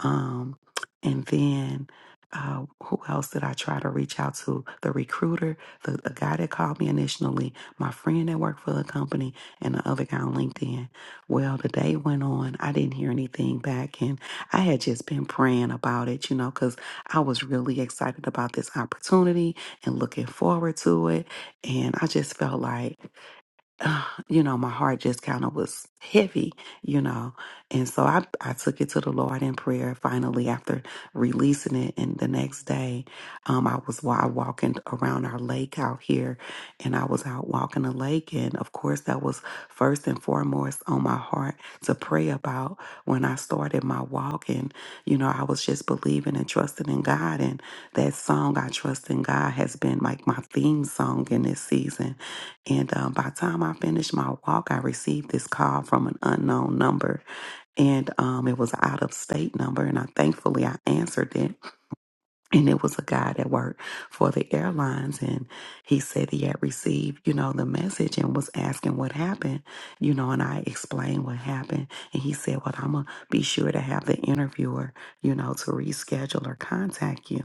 S4: Um, and then uh, who else did I try to reach out to? The recruiter, the, the guy that called me initially, my friend that worked for the company, and the other guy on LinkedIn. Well, the day went on. I didn't hear anything back, and I had just been praying about it, you know, because I was really excited about this opportunity and looking forward to it. And I just felt like, *sighs* uh, you know, my heart just kind of was heavy, you know. And so I, I took it to the Lord in prayer finally after releasing it. And the next day, um, I was wa- walking around our lake out here and I was out walking the lake. And of course, that was first and foremost on my heart to pray about when I started my walk. And, you know, I was just believing and trusting in God. And that song, I Trust in God, has been like my theme song in this season and um, by the time I finished my walk, I received this call from an unknown number. And um, it was an out of state number. And I thankfully I answered it. And it was a guy that worked for the airlines. And he said he had received, you know, the message and was asking what happened, you know, and I explained what happened. And he said, Well, I'm going to be sure to have the interviewer, you know, to reschedule or contact you.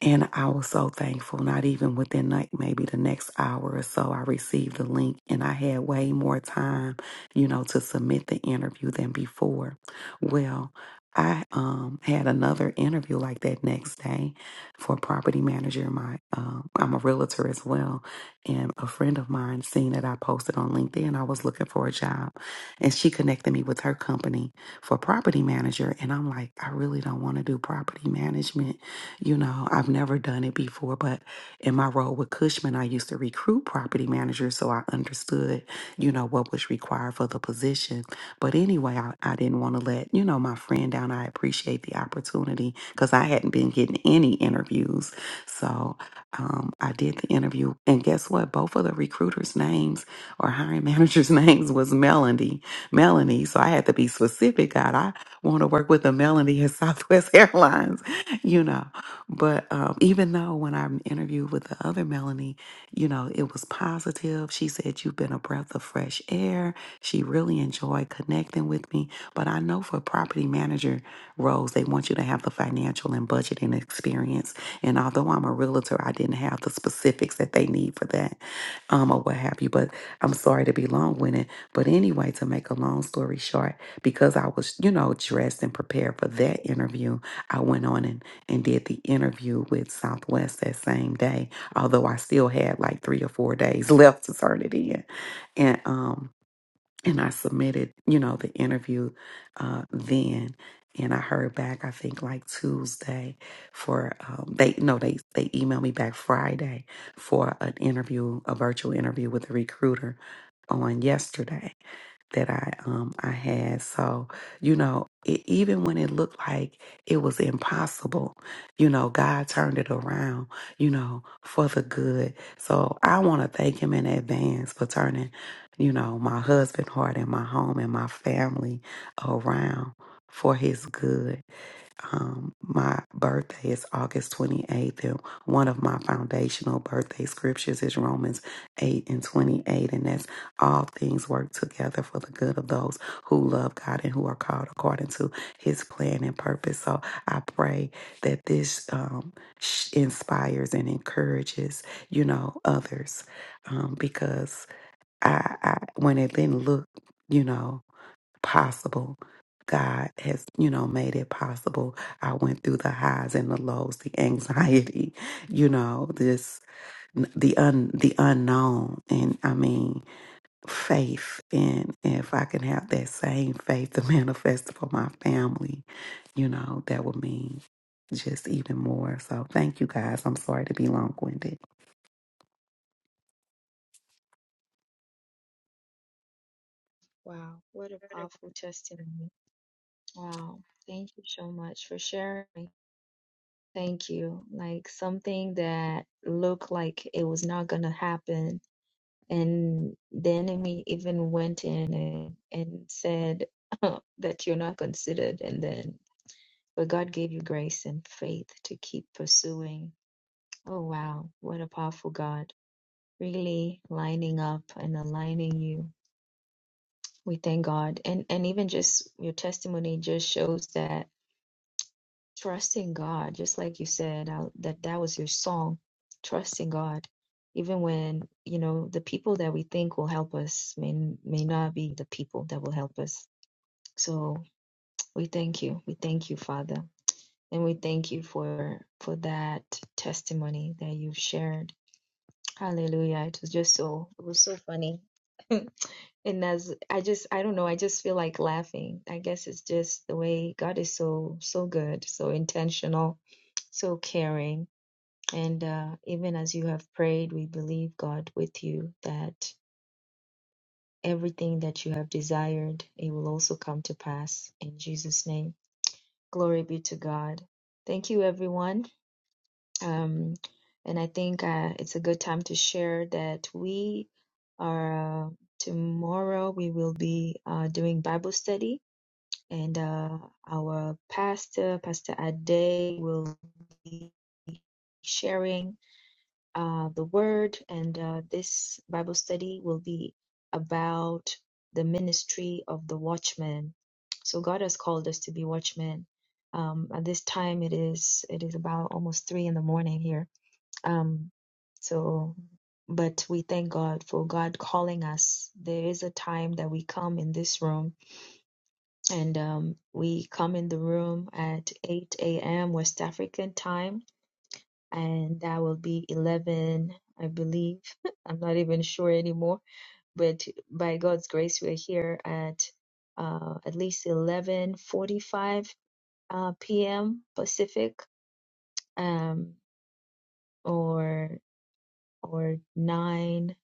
S4: And I was so thankful, not even within like maybe the next hour or so, I received the link and I had way more time, you know, to submit the interview than before. Well, I um, had another interview like that next day for a property manager. My um, I'm a realtor as well, and a friend of mine seen that I posted on LinkedIn. I was looking for a job, and she connected me with her company for property manager. And I'm like, I really don't want to do property management you know, I've never done it before, but in my role with Cushman, I used to recruit property managers, so I understood, you know, what was required for the position. But anyway, I, I didn't want to let, you know, my friend down. I appreciate the opportunity because I hadn't been getting any interviews. So um, I did the interview, and guess what? Both of the recruiters' names or hiring managers' *laughs* names was Melanie. Melanie. So I had to be specific. God, I want to work with a Melanie at Southwest *laughs* Airlines, you know. But um, even though when I interviewed with the other Melanie, you know, it was positive. She said, You've been a breath of fresh air. She really enjoyed connecting with me. But I know for property manager roles, they want you to have the financial and budgeting experience. And although I'm a realtor, I didn't have the specifics that they need for that um, or what have you. But I'm sorry to be long winded. But anyway, to make a long story short, because I was, you know, dressed and prepared for that interview, I went on and and did the interview with Southwest that same day, although I still had like three or four days *laughs* left to turn it in. And um and I submitted, you know, the interview uh then and I heard back I think like Tuesday for um they no they they emailed me back Friday for an interview, a virtual interview with a recruiter on yesterday that I um I had. So, you know, it, even when it looked like it was impossible, you know, God turned it around, you know, for the good. So, I want to thank him in advance for turning, you know, my husband heart and my home and my family around for his good. Um, my birthday is August 28th, and one of my foundational birthday scriptures is Romans 8 and 28, and that's all things work together for the good of those who love God and who are called according to his plan and purpose. So I pray that this um, sh- inspires and encourages, you know, others um, because I, I, when it didn't look, you know, possible. God has, you know, made it possible. I went through the highs and the lows, the anxiety, *laughs* you know, this the un the unknown, and I mean faith. And if I can have that same faith to *laughs* manifest for my family, you know, that would mean just even more. So thank you guys. I'm sorry to be long winded.
S2: queue. Like something that looked like it was not gonna happen. And the enemy even went in and, and said *laughs* that you're not considered. And then but God gave you grace and faith to keep pursuing. Oh, wow. What a powerful God. Really lining up and aligning you. We thank God. And, and even just your testimony just shows that trusting God, just like you said, I, that that was your song, trusting God. Even when, you know, the people that we think will help us may, may not be the people that will help us. So we thank you. We thank you, Father. And we thank you for for that testimony that you've shared. Hallelujah. It was just so it was so funny. *laughs* and as I just I don't know, I just feel like laughing. I guess it's just the way God is so so good, so intentional, so caring. And uh even as you have prayed, we believe God with you that everything that you have desired, it will also come to pass in Jesus name. Glory be to God. Thank you everyone Um, and I think uh, it's a good time to share that we are uh, tomorrow we will be uh, doing Bible study, and uh, our pastor, Pastor Ade, will be sharing uh, the word, and uh, this Bible study will be about the ministry of the watchman. So God has called us to be watchmen. Um, at this time, it is it is about almost three in the morning here um, so, but we thank God for God calling us. There is a time that we come in this room, and um, we come in the room at 8 a.m. West African time, and that will be 11, I believe. *laughs* I'm not even sure anymore, but by God's grace, we're here at uh, at least 11:45 uh, p.m. Pacific, um, or or 9.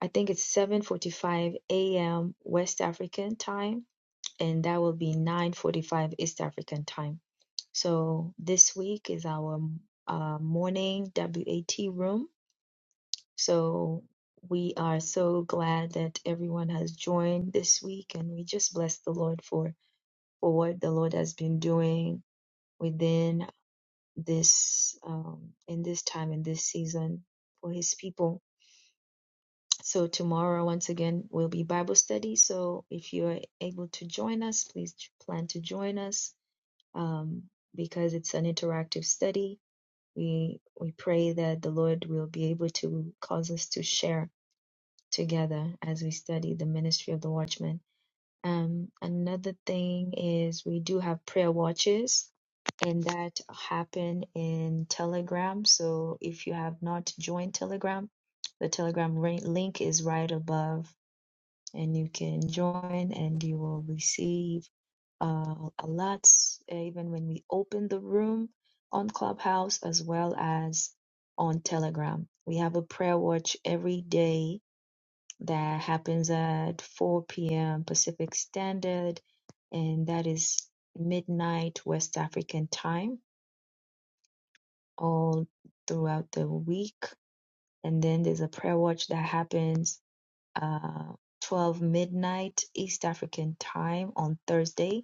S2: I think it's 7:45 a.m. West African time, and that will be 9:45 East African time. So this week is our uh, morning WAT room. So we are so glad that everyone has joined this week, and we just bless the Lord for for what the Lord has been doing within this um, in this time in this season for His people. So tomorrow, once again, will be Bible study. So if you are able to join us, please j- plan to join us um, because it's an interactive study. We we pray that the Lord will be able to cause us to share together as we study the ministry of the watchman. Um, another thing is we do have prayer watches and that happen in Telegram. So if you have not joined Telegram, the Telegram ri- link is right above and you can join and you will receive uh, a lot uh, even when we open the room on clubhouse as well as on telegram we have a prayer watch every day that happens at 4 p.m pacific standard and that is midnight west african time all throughout the week and then there's a prayer watch that happens uh, 12 midnight East African time on Thursday,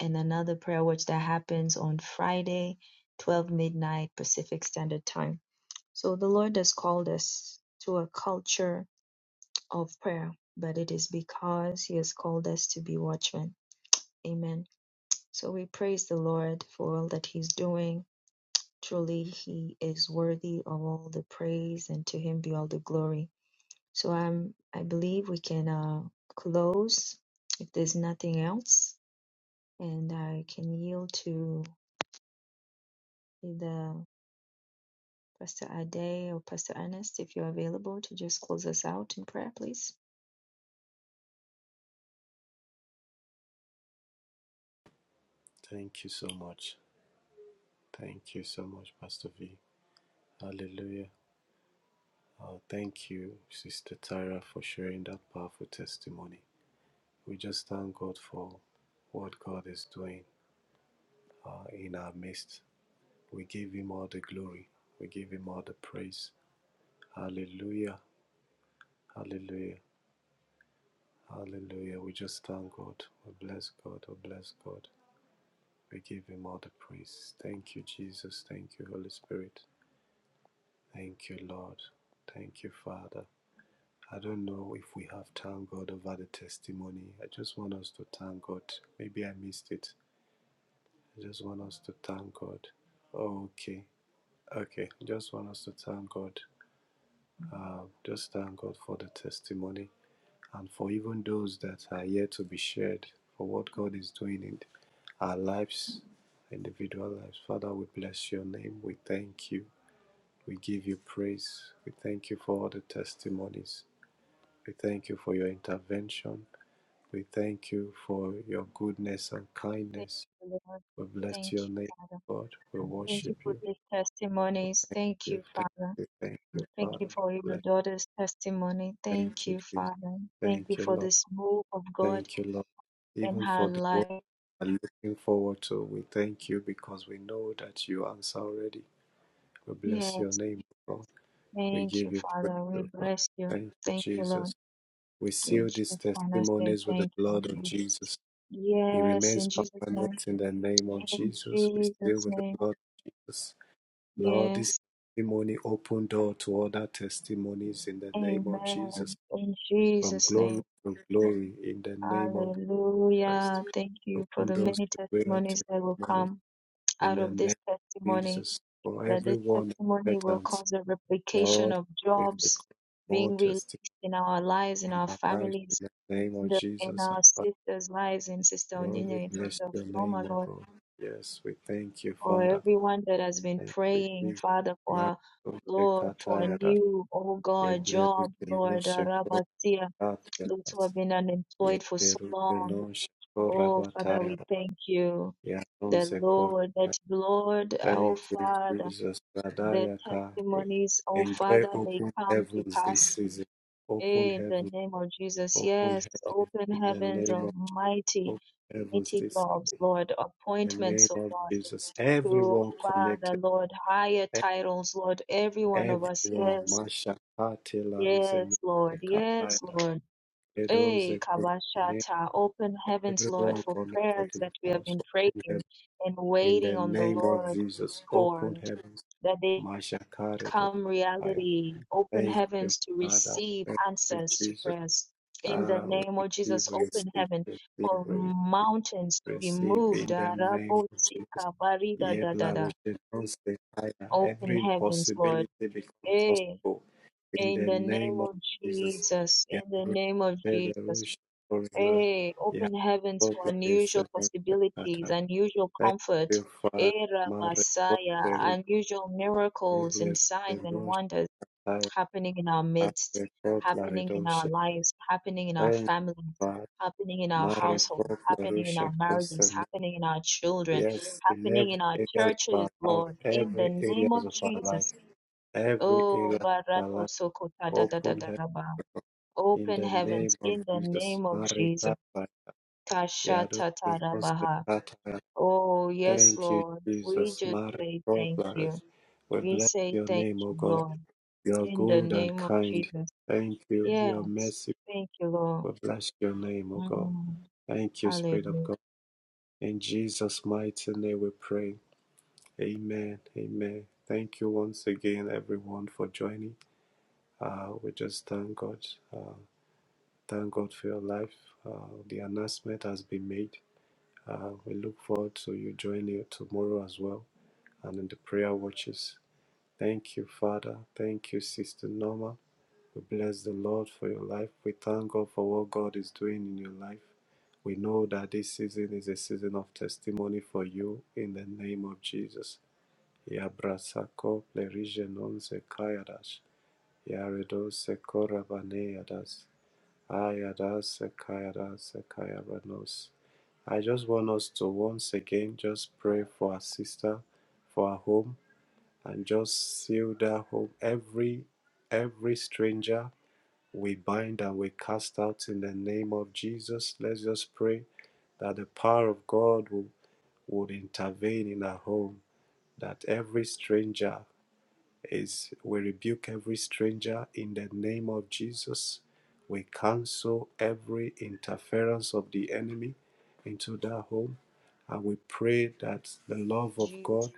S2: and another prayer watch that happens on Friday, 12 midnight Pacific Standard Time. So the Lord has called us to a culture and, and that He's doing all the uh, to the
S3: Thank you so much. Thank you so much, Pastor V. Hallelujah. Oh, thank you, Sister Tyra, for sharing that powerful testimony. We just thank God for what God is doing uh, in our midst. We give Him all the glory, we give Him all the praise. Hallelujah, hallelujah, hallelujah. We just thank God. We bless God, we bless God. We give Him all the praise. Thank you, Jesus. Thank you, Holy Spirit. Thank you, Lord. Thank you, Father. I don't know if we have thanked God over the testimony. I just want us to thank God. Maybe I missed it. I just want us to thank God. Oh, okay. Okay. Just want us to thank God. Uh, just thank God for the testimony and for even those that are yet to be shared for what God is doing in our lives, individual lives. Father, we bless your name. We thank you. We give you praise. We thank you for all the testimonies. We thank you for your intervention. We thank you for your goodness and kindness. We bless your name, God. We worship you. We thank you. Thank you, Father. Bless- Thank you, Jesus. Thank you, Lord. Thank you, Lord. Even for the work we're looking forward to, we thank you because we know that you answer already. We bless your name, God. We give you praise. Lord. Thank you, Jesus. We seal these testimonies with the blood of Jesus. He remains permanent in the name of Jesus. We seal with the blood of Jesus. Lord, this testimony open door to other testimonies in the name of Jesus. From glory to glory in the name of Christ. Open doors to greater testimonies in the name of Jesus. For everyone expectant, Lord, we request more testimony in our lives in the name of Jesus. And Father, Lord, we bless your name, O God. Yes, we thank you, Father. Thank you, Jesus. Marco Pecatayada, Yeblerugeno Shekoratias, Yeblerugeno Shekorabatayada, Yanose Kor. Thank you, Jesus. Radayaka. We enjoy open heavens this season. Open heavens, open heavens, in the name of open heavens this season. In the name of Jesus. Everyone connected. Everyone, Masha, Kate, La Ruzene, Kakaila, Edoze, Korinne, everyone connected to the house, open heaven. In the name of Jesus, open heavens, Masha, Kare, to fire. Thank you, Father. Thank you, Jesus. Ah, we receive, we receive, we receive, we receive. receive in the name of Jesus. Ye blaroshenonse kaya. Every impossibility become possible in the name of Jesus. Ya rotelerusha korona. Ya rotlaresenonse kata. Thank you, Father. Ma rotlerusha yeblerusenosha kaya. A rotlaredosha. Thank you, Father. Ma rotlerusha Yes, in every areas of our life, every areas of our life, every area of our life, open her in the name of Jesus. Marikapa, Yado, Sekata. Thank you, Jesus. Marikapa. We bless your name, O God. You are good and kind. Thank you. You are merciful. We bless your name, O God. Thank you, Spirit of God. In Jesus' mighty name we pray. Amen. Amen. Thank you once again, everyone, for joining. Uh, we just thank God. Uh, thank God for your life. Uh, the announcement has been made. Uh, we look forward to you joining tomorrow as well and in the prayer watches. Thank you, Father. Thank you, Sister Norma. We bless the Lord for your life. We thank God for what God is doing in your life. We know that this season is a season of testimony for you in the name of Jesus. Yabrasako plerigenon sekayadas. Yaredos sekorabaneadas. Ayadas sekayadas sekayaranos. I just want us to once again just pray for our sister, for our home, and just seal that home. Every every stranger we bind and we cast out in the name of Jesus. Let's just pray that the power of God will, would intervene in our home, that every stranger is we rebuke every stranger in the name of Jesus. We cancel every interference of the enemy into that home. And we pray that the love of God,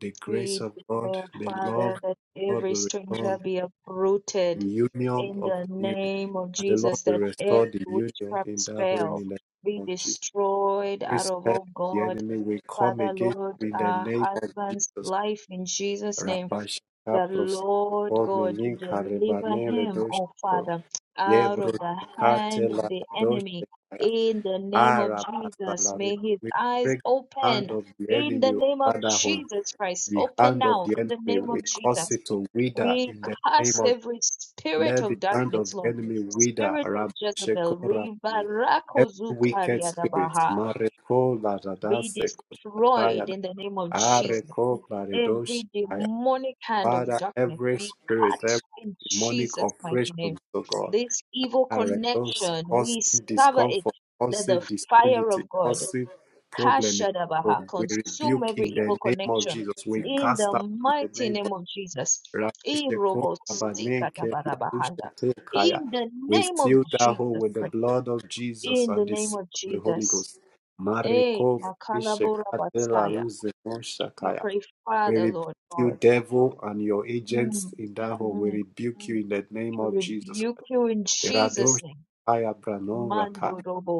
S3: the grace of God, the love of God will return the union of will. The Lord will restore the union in that home in the name of Jesus. Respect the enemy. We come against you in the name of Jesus. Rabashaka prosako menin karibane redosh for yebro kate la dosh arabasalaru. We break the hand of the enemy over that The hand of the enemy, we cause it to wither in the name of let the hand of the enemy wither. Rabashako rabane. Every wicked spirit, Mareko la radase koshataya, Areko la Father, every spirit, every demonic oppression, oh God, and those causing discomfort, causing disunity, causing problem in the home, we rebuke in the name of Jesus. We cast out in the name of Rabushekaya. We seal that hole with the blood of Jesus and the seal of the Holy Ghost. Mariko Rishekatela Ruzenon Shakaya. We rebuke you, devil, and your agents in that home. We rebuke you in the name of Jesus. Rado Shaya Branon Raka.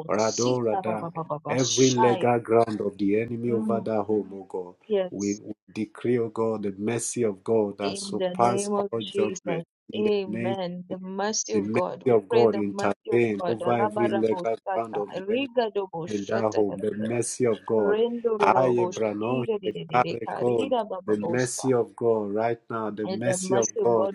S3: Radon Rada. Every legal ground of the enemy over that home, O God. We we decree, O God, the mercy of God that surpass all judgment. In the name, of Jesus, the mercy of God intervene over every legal ground of the enemy in that home, the mercy of God. Aye, Brano, Shekare, Kom. The mercy of God right now, the mercy of God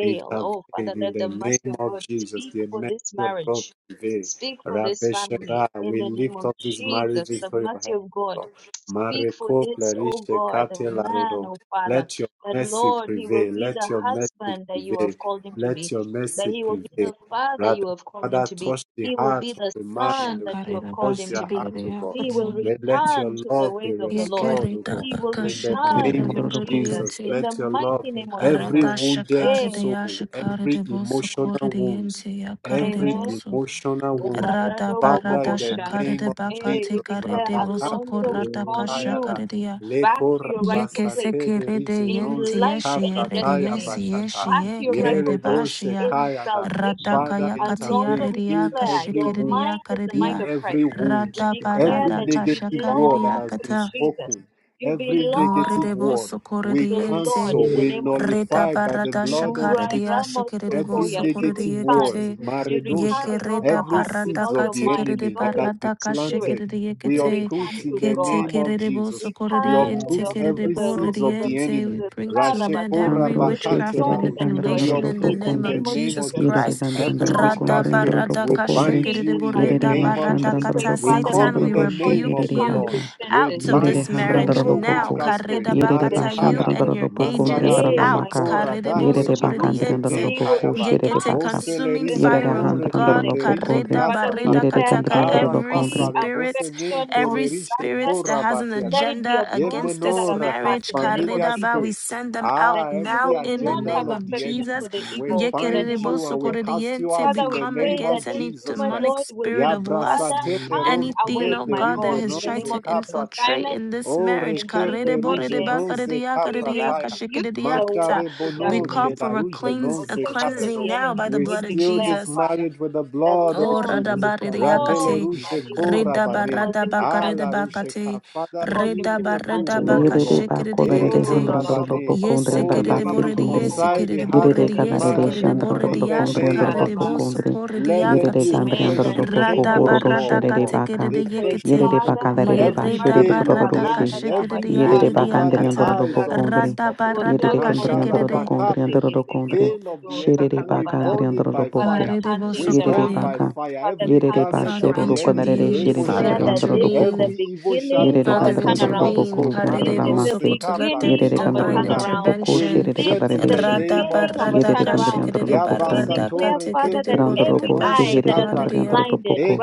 S3: intervene in the name of Jesus. The mercy of God prevail. Rabbi Shaddai, we lift up this marriage into your hands. Lord. Mareko Plerish kate larodo. Let your mercy prevail. Let your mercy prevail. Let your mercy prevail. Rather, Father, touch the heart of the man and the
S5: Shakarida
S3: touch their heart,
S5: basikarida
S3: oh God.
S5: yakata.
S3: Let, let your love be restored, oh
S5: Yekerida
S3: God.
S5: baka
S3: In the
S5: shakarida
S3: name of
S5: vorida
S3: Jesus,
S5: yeti.
S3: let your love, every
S5: Rada
S3: wounded
S5: shakarida ya
S3: soul, every
S5: shakarida boso
S3: emotional
S5: korida
S3: wound,
S5: yenti yakarida
S3: every
S5: boso.
S3: emotional wound,
S5: Rada
S3: Father, in
S5: barada
S3: the name
S5: shakarida
S3: of
S5: baka
S3: Jesus,
S5: tekarida
S3: Rabaka
S5: boso
S1: Thank
S3: Perushayada,
S5: korada
S3: Leko
S5: Yeke
S3: Rabasate de
S5: sekerede yente
S3: Rigenonze
S5: yeshi yerede
S3: Kaprataya
S5: yesi
S3: Bashata,
S5: yeshi yekerede
S3: Yere Doshe
S5: bashia.
S3: Kayada,
S5: Radaka
S3: Father,
S5: yakatia
S3: intervene, heal
S5: rediaka
S3: every wound
S5: shikiridia
S3: Heal
S5: karidia.
S3: every wound,
S5: Rada
S3: every
S5: barada kasha
S3: negative word that
S5: karidia
S3: has been
S5: kata.
S3: spoken, every
S5: No
S3: negative
S5: redebo
S3: word we
S5: sokorediente.
S3: cancel, we
S5: Reda
S3: nullify by the
S5: barada
S3: blood of
S5: shakaridia
S3: Jesus.
S5: shikiridibo
S3: Every negative word,
S5: sokorediekete.
S3: maredosha,
S5: Yekereda
S3: every
S5: barada
S3: seeds of the
S5: katekerede
S3: enemy that has been
S5: barada
S3: planted,
S5: kashekerede
S3: we
S5: yekete
S3: uproot in the name
S1: you.
S3: of
S5: ketekerede
S3: Jesus.
S5: bosokorede
S3: We uproot
S5: yentekerede
S3: every
S5: borede
S3: seeds of the
S5: yente.
S3: enemy.
S5: We bring to an end
S3: Rashekora
S5: every
S4: Andro
S3: bakate
S5: witchcraft
S4: shekere de
S3: larush. We
S4: candrandro
S5: manipulation in the
S4: lopo
S3: uproot
S5: name
S3: in the
S5: of
S4: condre.
S3: name
S5: Jesus
S3: of
S4: Yere
S3: Jesus.
S4: de
S5: Christ.
S3: Every
S4: candrandro lo
S5: Rada
S3: witchcraft
S4: condre andro
S3: spirit,
S5: barada
S3: we
S4: lopo condre.
S3: bind
S5: kashekerede
S3: you in the
S4: Yere de
S5: boreda
S3: name of
S5: barada
S3: Jesus.
S4: mashandrandro
S5: kata.
S4: lo
S3: We
S4: condre
S3: come
S5: Satan,
S4: andro
S3: in
S5: we
S3: the
S4: do
S3: name
S4: shekere
S3: of
S5: rebuke
S4: de
S3: the
S5: you
S3: Lord.
S4: baka.
S3: We
S5: out of
S4: Yere de
S5: this
S3: bind you,
S4: handrandro
S5: marriage
S3: you
S4: lopo
S5: now.
S4: co.
S3: witchcraft
S5: Kareda
S3: spirit.
S4: Yere de
S5: bakata, you
S3: Marekaya,
S5: and
S4: bashandrandro
S5: your
S4: lopo condre
S5: agents
S4: andro la
S3: Masalaruje
S5: out.
S4: maca.
S5: Karede
S3: Korada
S4: Yere de
S5: bosokorede
S4: bacandre
S3: Kepleruse
S4: andro
S5: yente.
S3: Ne
S4: lopo co
S3: Kayaba,
S4: shere de
S5: Yekete
S4: baka.
S5: consuming
S4: Yere
S3: Oselerije
S4: de
S5: fire of
S3: Nore
S4: handrandro
S5: God,
S4: lopo
S3: Keplerije
S4: condre.
S5: kareda bareda
S4: Yere de candre
S5: kataka,
S4: andro lo
S5: every
S4: condre.
S3: Arakapla
S5: spirit,
S3: rebosenin
S5: every
S3: kelerishe
S5: spirit that has an
S3: korabatiana.
S5: agenda against this
S3: Yemenoraka
S5: marriage,
S3: familiar
S5: kareda ba, we
S3: spirit.
S5: send them out
S3: Ah, every
S5: now in the
S3: agenda
S5: name
S3: of
S5: of
S3: the enemy.
S5: Jesus.
S3: We bind
S5: Yekerebo
S3: you and we cast you
S5: sokorediente,
S3: out
S5: We
S3: in the
S5: come
S3: name
S5: against
S3: of
S5: any
S3: Jesus Christ.
S5: demonic spirit of lust,
S3: Yabrasate le rome
S5: anything, oh
S3: keple
S5: God, that
S3: rije
S5: has tried
S3: noze
S5: to
S3: kaprataya.
S5: infiltrate in this
S3: O
S5: marriage. Karede
S3: rekefle
S5: borede
S3: ruje
S5: ba,
S3: noze
S5: karedia, karedia,
S3: kaprataya.
S5: kashikedediakata.
S3: Mashare
S5: We
S3: bono
S1: Thank
S5: call
S3: ke
S5: for a
S3: kelaruje
S5: cleans a
S3: noze
S5: cleansing
S3: karedo.
S5: now by the
S3: We
S5: blood of
S3: seal this
S5: Jesus.
S3: marriage with the blood of
S5: Oh,
S3: Jesus. Rabele
S5: radabaridayakate,
S3: Rushe Ko Rabane. Ala Rushe Ka.
S5: redabaradabakaridabakate,
S3: Father, heal every wound, O
S4: Yerere
S3: God. E
S4: bakolarere
S3: Ko
S5: redabaradabakashikiridiyekete,
S4: handrandarolo
S3: Rabane.
S4: bokondri
S3: Oh,
S4: andarada
S3: let it
S4: sekindri.
S3: reconcile the heart
S4: Yerere
S3: of the man
S4: kanarere
S3: and the woman. In
S4: shandrandarolo
S3: the
S4: kondri
S3: name
S4: andarolo
S3: of Jesus,
S4: bokondri.
S3: let there
S4: Yerere
S3: be a
S5: yesikiridiboridiyesikiridiboridiyesikiridiboridiyashikaridibosikoridiyakate,
S4: kandri
S3: fresh
S4: andarolo boko
S3: rekindle of
S4: hororo
S3: love, O
S4: sherere
S3: God.
S4: baka.
S3: A fresh
S5: radabaradakatekiridiyekete,
S4: Yerere
S3: rekindle.
S4: bakalarere ba
S3: Every
S4: sherere
S3: veil of
S4: kodororo
S3: the
S4: she.
S3: enemy, every
S4: Yerere
S3: veil over
S4: bakandri
S3: the
S5: yeredabaradakashikiridiyaridiakata,
S4: andarolo
S3: eyes of this
S4: bokondri.
S3: couple.
S4: Yerere kondri andarolo
S5: radabaradakashikiride,
S4: kondri
S3: Masharabakape,
S4: andarolo kondri.
S3: veil of the enemy,
S4: Sherere
S3: we
S4: bakandri
S3: burn it
S4: andarolo
S3: by
S4: boko.
S3: fire. We
S4: Yerere
S3: burn
S5: Karedebosokorde.
S3: by
S4: baka.
S3: fire every
S4: Yerere ba
S3: garment
S5: Father,
S3: of the
S4: shororo
S3: enemy,
S4: kanarere
S5: intervene.
S3: Rebo
S4: sherere
S5: Father,
S4: kondri
S3: Sheka,
S4: andarolo boko.
S5: intervene.
S3: every evil shadow
S4: Yerere
S5: Father,
S4: kandere
S3: casted
S4: andere
S3: over this
S4: roboko
S5: intervene.
S3: home,
S4: andere andere
S3: Maredo
S5: Karedebosoko,
S4: ramase.
S5: To let
S3: Zetapla,
S5: there be
S4: Yerere kandere
S5: divine
S4: andere
S3: Reshekoreda.
S4: roboko
S3: We
S5: intervention.
S4: şerere
S3: reject
S4: kandere
S3: in the
S4: deşe.
S3: name
S5: Radaba
S3: of
S4: Yerere
S3: Jesus
S5: radaka
S3: Christ.
S4: kandere andere
S5: shikerede ba
S4: roboko andere.
S5: radaka
S3: Yabasatore
S5: tekerede
S3: Keple
S4: Brando
S3: Rije
S5: borede
S4: robo
S5: ba
S3: Noze
S4: şeherere kandere
S5: shakaredia.
S3: Kaplaredo,
S4: andere roboko.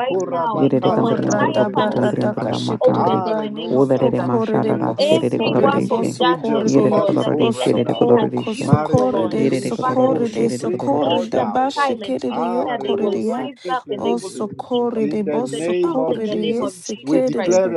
S4: Yerere
S5: O
S4: kandere
S3: La
S4: andere
S5: rada
S3: Ruje
S4: roboko andere
S3: Noze
S5: barada
S4: andere
S3: Kaya,
S4: ramakandere.
S3: Are
S5: kashikiriba.
S3: no
S5: O
S4: Olerere
S3: Saka. We
S5: korede
S4: maşarara
S5: bos
S3: release
S4: şerere kandere
S5: korede
S3: ministering
S4: deşe.
S5: bos
S3: angels
S5: korede.
S4: Yerere
S3: over this
S4: kandere
S3: home
S4: de
S5: O
S3: right
S4: şerere
S3: now, God.
S5: soko
S4: kandere deşe.
S5: koso korede
S3: Marebele
S4: Yerere
S3: Rushe
S4: kandere ro
S3: Ko
S5: sokorede
S3: to
S4: şerere
S3: bring
S4: kandere ro
S3: order,
S5: sokorede
S3: oh God.
S5: bashikiride
S3: Ah,
S5: yo
S1: you.
S5: korede
S3: redose
S5: ya.
S3: teple
S5: O
S3: rushe.
S1: Thank you.
S3: In
S5: sokorede
S3: the
S5: bos
S3: name of
S5: sokorede
S3: Jesus, we
S5: yesikiride
S3: declare
S5: bu.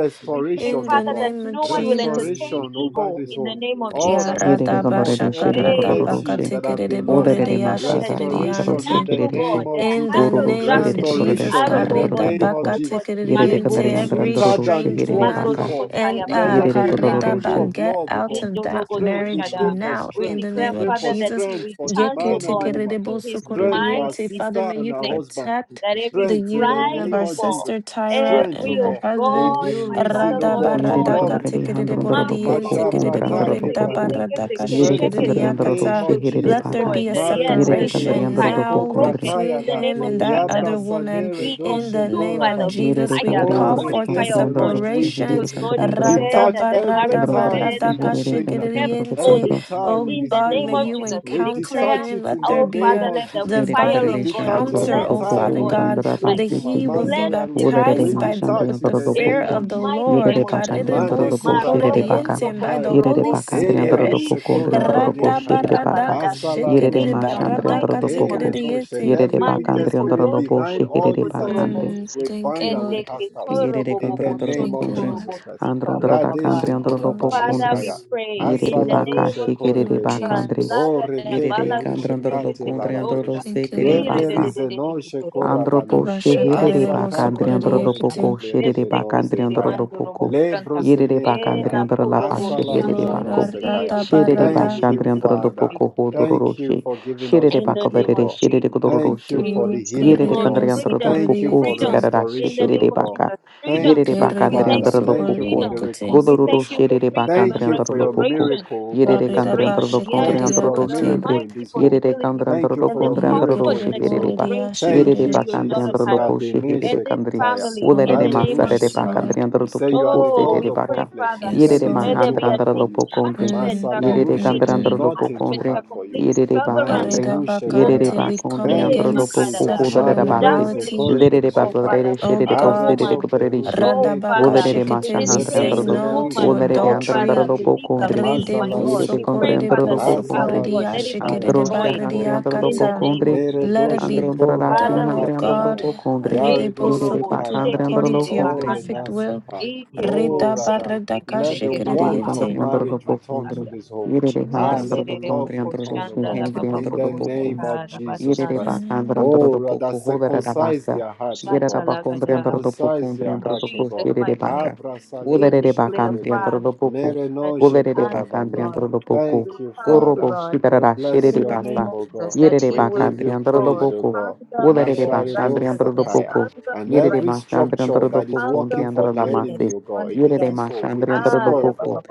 S5: In
S3: O
S5: the
S3: God.
S5: name of Jesus.
S3: Restoration over this home. All
S5: Ya
S3: that has
S4: Yerere
S5: rada
S3: been
S4: kandere
S3: lost,
S4: de
S5: bashaka
S4: şerere
S3: every
S5: rada
S4: kandere ro
S3: virtues that have
S5: bakatikiride
S3: been lost.
S5: borede
S4: Olerere
S5: ya
S4: masada andro
S3: Restoration in
S5: shikiride
S3: the name
S4: shekerereko.
S3: of
S5: in
S3: Jesus.
S5: the
S4: Gororo
S5: name
S4: sherere
S5: of
S4: kaborere
S5: Jesus,
S3: Restoration in the
S4: shandrandoro
S5: Kareda
S3: name of
S4: lopoko.
S5: Baka
S3: Jesus.
S4: Yerere
S5: Tikiriente,
S3: Even
S4: kandari
S5: every
S3: sweeter
S4: andrandoro
S3: than
S5: strange
S3: it
S4: sheherere
S3: was
S5: woman
S4: baka.
S3: before.
S5: and
S3: Let
S5: uh
S3: there
S4: Yerere
S3: be a
S5: Kareda
S4: kodororo
S5: Ba
S3: rekindle
S4: she.
S3: of
S5: get
S3: love, O
S5: out
S3: God.
S5: of that
S3: Strength, we
S5: marriage
S3: pray for
S5: now in
S3: strength.
S5: the
S3: We
S5: name
S3: pray
S5: of
S3: for
S5: Jesus.
S3: strength for the
S5: Yeke
S3: man and the woman.
S5: Tikirebo
S3: Strength for our
S5: Sokoriente. Father,
S3: sister
S5: may
S3: and
S5: you
S3: her husband.
S5: protect the
S3: Strength in the
S5: union of
S3: name
S5: our
S3: of Jesus.
S5: sister Tyra
S3: Strength, oh
S5: and her
S3: God. A
S5: husband.
S3: new reason, oh
S5: Rada
S3: God, to
S4: Yerere
S3: love
S5: Baradaka
S4: kandari
S3: again, oh God.
S5: Tikirebo
S4: handrandoro lopoko.
S5: Riente,
S3: Masha
S5: Kirebo
S3: brata
S4: Hundrandoro
S5: Reda
S4: lopoko.
S3: keparo.
S5: Baradaka
S4: Yerere
S3: Strength in
S4: kandari
S3: the
S4: andoro
S3: name
S5: Shikiridiakata.
S3: of
S4: sheherere
S5: Let
S3: Jesus.
S5: there
S4: baka.
S5: be a
S3: Mare ko
S4: Yerere kandari
S5: separation
S4: andoro
S3: plerize ko
S5: now
S4: lopoko ndri.
S5: between
S3: prataya da.
S1: Thank
S5: him and that
S3: Yabra
S5: other
S1: you.
S5: woman.
S3: sanere
S5: In
S3: doshe
S5: the name of
S3: korabane.
S4: Yerere
S5: Jesus, we
S4: kandari
S3: Oh,
S5: call
S4: andoro
S5: forth
S4: lopoko
S5: a
S4: ndri
S3: rekeple
S4: andoro
S3: rush. We
S5: separation.
S4: sheherere kandari andoro.
S3: Detach every
S4: Androndoro
S3: ties with the
S4: sheherere
S3: stranger.
S4: kandari andoro lopoko
S5: Radabaradabara-dakashikiriente.
S3: Every tie
S5: Oh
S3: with the
S5: God,
S3: stranger,
S5: may
S3: man.
S5: you
S3: We
S5: encounter
S3: detach
S5: him.
S3: it in
S5: Let
S3: the
S5: there be
S3: name
S5: a
S3: of Jesus.
S4: Udere kadere
S5: divine
S3: We
S4: shandram
S3: detach
S4: dorodo
S5: encounter,
S3: every
S5: oh
S4: poko
S3: tie
S5: Father
S3: with
S4: hundram
S3: the
S5: God,
S4: dara
S5: that
S3: strange
S4: pasi
S3: woman,
S5: he will
S4: kindri.
S5: be
S3: Masalaru.
S4: Udere
S3: We
S5: baptized
S4: ma
S5: by th-
S4: shandram
S3: detach
S5: with
S3: in
S5: the
S3: the
S4: dorodo
S5: fear
S3: name
S4: poko.
S3: of
S5: of the
S3: Jesus.
S4: Yere
S5: Lord,
S4: pakandri
S5: Karedebo,
S3: Mande
S4: dorodo po shere
S3: korabaya da
S4: paka.
S5: sokoridiente and by the
S4: Yere
S3: sakaidu.
S5: Holy
S4: pakandri
S3: Ele
S4: dorodo
S5: Spirit.
S3: rushe
S4: poko ndri dorodo po
S3: korabane
S5: Rada
S3: kaya.
S4: shere paka.
S5: baradaka
S3: Asala
S5: shikede
S4: Yere
S3: rushe
S4: ma
S3: kaya.
S4: shandri
S5: baradaka
S4: dorodo
S3: Ere
S5: tikede
S4: poko.
S3: noshe. And
S5: yete.
S4: Yere
S3: every wicked
S4: pakandri
S3: spirit
S4: dorodo po
S3: behind
S4: shere
S3: all these
S4: pakandri.
S3: activities,
S5: Mm,
S3: we
S5: thank
S3: bind
S5: you,
S3: and we
S5: Lord.
S3: cast out
S4: Yere
S3: in
S4: kondro
S3: the
S4: dorodo
S3: name
S5: Thank
S3: of
S5: you,
S4: kondre.
S5: Lord.
S3: Jesus Christ.
S4: Andro dorodo kandri
S3: Radeshe
S5: Thank you,
S4: dorodo
S5: Lord
S4: poko
S3: korabane
S4: kondre.
S3: kaya.
S5: Jesus.
S4: Yere
S3: Asala
S4: paka
S3: rushe
S5: Thank
S4: shikere
S5: you, Lord
S3: korebene.
S4: pakandri.
S5: Jesus.
S3: O
S4: Yere
S3: rekeple rushe
S4: kandri dorodo
S3: kate
S4: kondre dorodo
S3: laradosh.
S5: Thank you,
S4: sete
S5: Lord.
S3: Yeble
S4: pasa.
S3: rizenoshe
S4: Andropo
S3: korabane.
S5: Abasha
S4: sheherere
S5: karerebo
S3: Asaka
S4: bakandri
S5: sokorede
S3: predore
S4: androdopoko
S5: yekete.
S3: keple
S4: sherere bakandri
S3: rizenose kaya.
S4: androdopoko yerere bakandri
S3: Lebrozenekaya.
S4: androlapa
S5: Thank you,
S4: sheherere
S5: Lord.
S4: bako
S3: Asalarujenosekaya.
S5: Arada
S4: sherere
S5: barada.
S3: Thank you,
S4: bashandri
S3: Father.
S4: androdopoko
S3: Thank you
S4: hodororoshe
S3: for giving us
S4: sherere
S3: victory, O
S4: bakolerere
S3: God.
S4: sherere
S3: Thank
S5: Thank you,
S4: kodororoshe
S3: you for the
S5: Lord.
S3: healing, O
S4: yerere
S3: God.
S5: Karerebo
S4: kandri
S5: sokorede
S3: Thank you
S4: androdopoko
S3: for
S5: yekete.
S4: sikarara
S3: restoration, O
S4: sheherere
S3: God.
S4: baka yerere
S3: Thank you,
S4: bakandri
S5: Kererebo
S3: Father. Thank you
S5: sokorede
S3: for
S4: androdopoko
S3: the
S5: yekete.
S4: godororo
S3: reconciliation.
S4: sherere
S3: Thank
S4: bakandri
S3: you for your
S4: androdopoko
S3: miracle over
S4: yerere
S3: this
S5: Karida
S4: kandri
S3: home.
S5: ba
S4: androdopoko
S5: shikede
S4: andri
S3: Thank you for your
S4: androdoshe
S5: yakate.
S4: andri
S3: miracle in this home.
S4: yerere kandri
S3: Thank you for
S4: androdopoko
S3: your
S4: andri
S3: miracle in this
S5: Yekerebo
S3: home.
S4: androdoshe
S5: redia
S3: Thank
S4: Yerere
S3: you,
S5: shikede.
S4: bakandri andro
S3: Jesus.
S4: lo
S3: Rabbi
S4: boşe herere
S3: Neshe
S4: kandri.
S3: Kataya.
S5: Yes,
S4: Ulerere
S5: Lord.
S4: masarere
S5: Yes,
S3: Hallelujah.
S4: bakandri
S5: Lord.
S4: andro
S3: You
S4: lo
S3: say you are
S4: poco
S3: the God
S4: serere
S3: of all
S4: baka.
S3: flesh. Is there
S5: Yes,
S4: Yerere
S3: anything
S5: Lord.
S3: too
S4: mahandra
S3: hard
S4: andro
S3: for
S4: lo
S3: you?
S4: pocondri.
S5: Mm,
S3: Masala
S5: mm,
S4: Yerere
S5: mm,
S3: Rushe,
S4: kandri
S3: no,
S4: andro
S5: mm.
S4: lo
S3: nothing too
S4: pocondri.
S3: hard for you.
S4: Yerere
S3: Mandele
S4: bakandri.
S5: Areda
S3: Rushe
S4: Yerere
S3: Kaya.
S5: bakante, we come
S4: bakondri
S3: Thank
S4: andro
S3: you,
S4: lo
S5: against
S4: poco
S3: Jesus.
S5: sexual
S4: hodere basi.
S3: Maredoze
S5: immorality.
S3: Korede
S4: Lerere
S3: Shekaya.
S4: bablere
S5: Oh
S4: şerere
S3: Are
S5: God.
S4: boserere
S3: kople
S4: kudere şe.
S3: ruze
S5: Radabaka
S3: nenkele
S4: Golerere
S3: rush.
S5: shikete, we
S4: maşahandra
S5: say
S4: andro lo.
S3: Yebresele
S5: no
S3: ruje
S5: to
S4: Ulerere andro andro
S5: adultery.
S4: lo
S3: korabakati.
S4: pocondri.
S5: Rede
S3: Mazala
S4: Yerere
S5: boso
S3: rushe
S4: kondri
S3: ko.
S5: korede
S4: andro lo
S5: boso
S4: pocondri.
S3: Asala
S5: korede ya
S3: rushe kaya
S4: Andro
S5: shikerede
S3: da le
S5: barede
S4: şahandri
S5: ya
S4: andro lo
S3: korebele.
S5: kata.
S4: pocondri.
S5: Let it
S3: Meredoshe
S4: André
S5: be
S4: andré da fim,
S5: done, O
S4: andré
S3: korabakati
S4: andré
S5: God.
S3: lara.
S4: lobo condre.
S3: Yare
S5: Rede
S4: Yere
S5: boso
S4: de
S3: doze
S4: pa
S5: koto,
S3: kaya
S4: andré
S3: da.
S4: andré
S5: according
S4: lobo
S5: to your
S3: Oh,
S4: condre.
S5: perfect will.
S3: Renasaka. Oh,
S5: Reda
S3: Rada.
S5: barada ka
S3: Let the
S5: shikerede
S4: Yere de
S3: warmth of
S4: andré
S5: yente.
S4: andré
S3: marriage
S4: lobo
S3: return
S4: condre.
S3: to this home.
S5: you,
S4: Yere de
S3: Ah,
S4: andré
S5: Jesus.
S4: andré
S3: let the
S4: lo
S3: love
S4: condre, andré lo
S3: return, O
S4: fim,
S3: God,
S5: Thank you,
S4: andré
S3: in
S4: andré
S3: the
S4: lobo
S3: name of Jesus
S4: Yerere
S3: Christ.
S4: bakandra
S5: man.
S4: andro
S3: Oh,
S4: do
S3: Rada,
S4: poco hodara da
S3: circumcise
S4: basa.
S3: their hearts, O
S4: Yerera
S3: God.
S4: bakondre andro do poco
S3: Circumcise
S4: andre
S3: their
S4: andro do
S3: hearts, O
S4: poco
S3: God.
S4: yerere baka.
S3: Abra
S4: Olerere
S3: salerushe
S4: bakandre
S3: korene.
S4: andro do poco.
S3: Merenoje
S4: Olerere bakandre
S3: korabane.
S4: andro do poco.
S3: Thank you,
S4: Korobo
S3: Father.
S4: shidara
S3: We
S4: da
S3: bless
S4: sherere
S3: your
S4: basa.
S3: name, O God.
S4: Yerere
S3: We give
S4: bakandre
S3: you
S4: andro do
S3: praise, O
S4: poco.
S3: God.
S4: Olerere
S3: Masharidon
S4: bashandre andro do
S3: Sakaya.
S4: poco.
S3: And
S4: Yerere
S3: every
S4: mashandre andro
S3: structure
S4: do
S3: that is
S4: poco andre
S3: working for
S4: andro da
S3: the enemy,
S4: masi.
S3: O God, against
S4: Yerere
S3: this soul, we
S4: mashandre andro do
S3: destroy, O
S4: poco.
S3: God.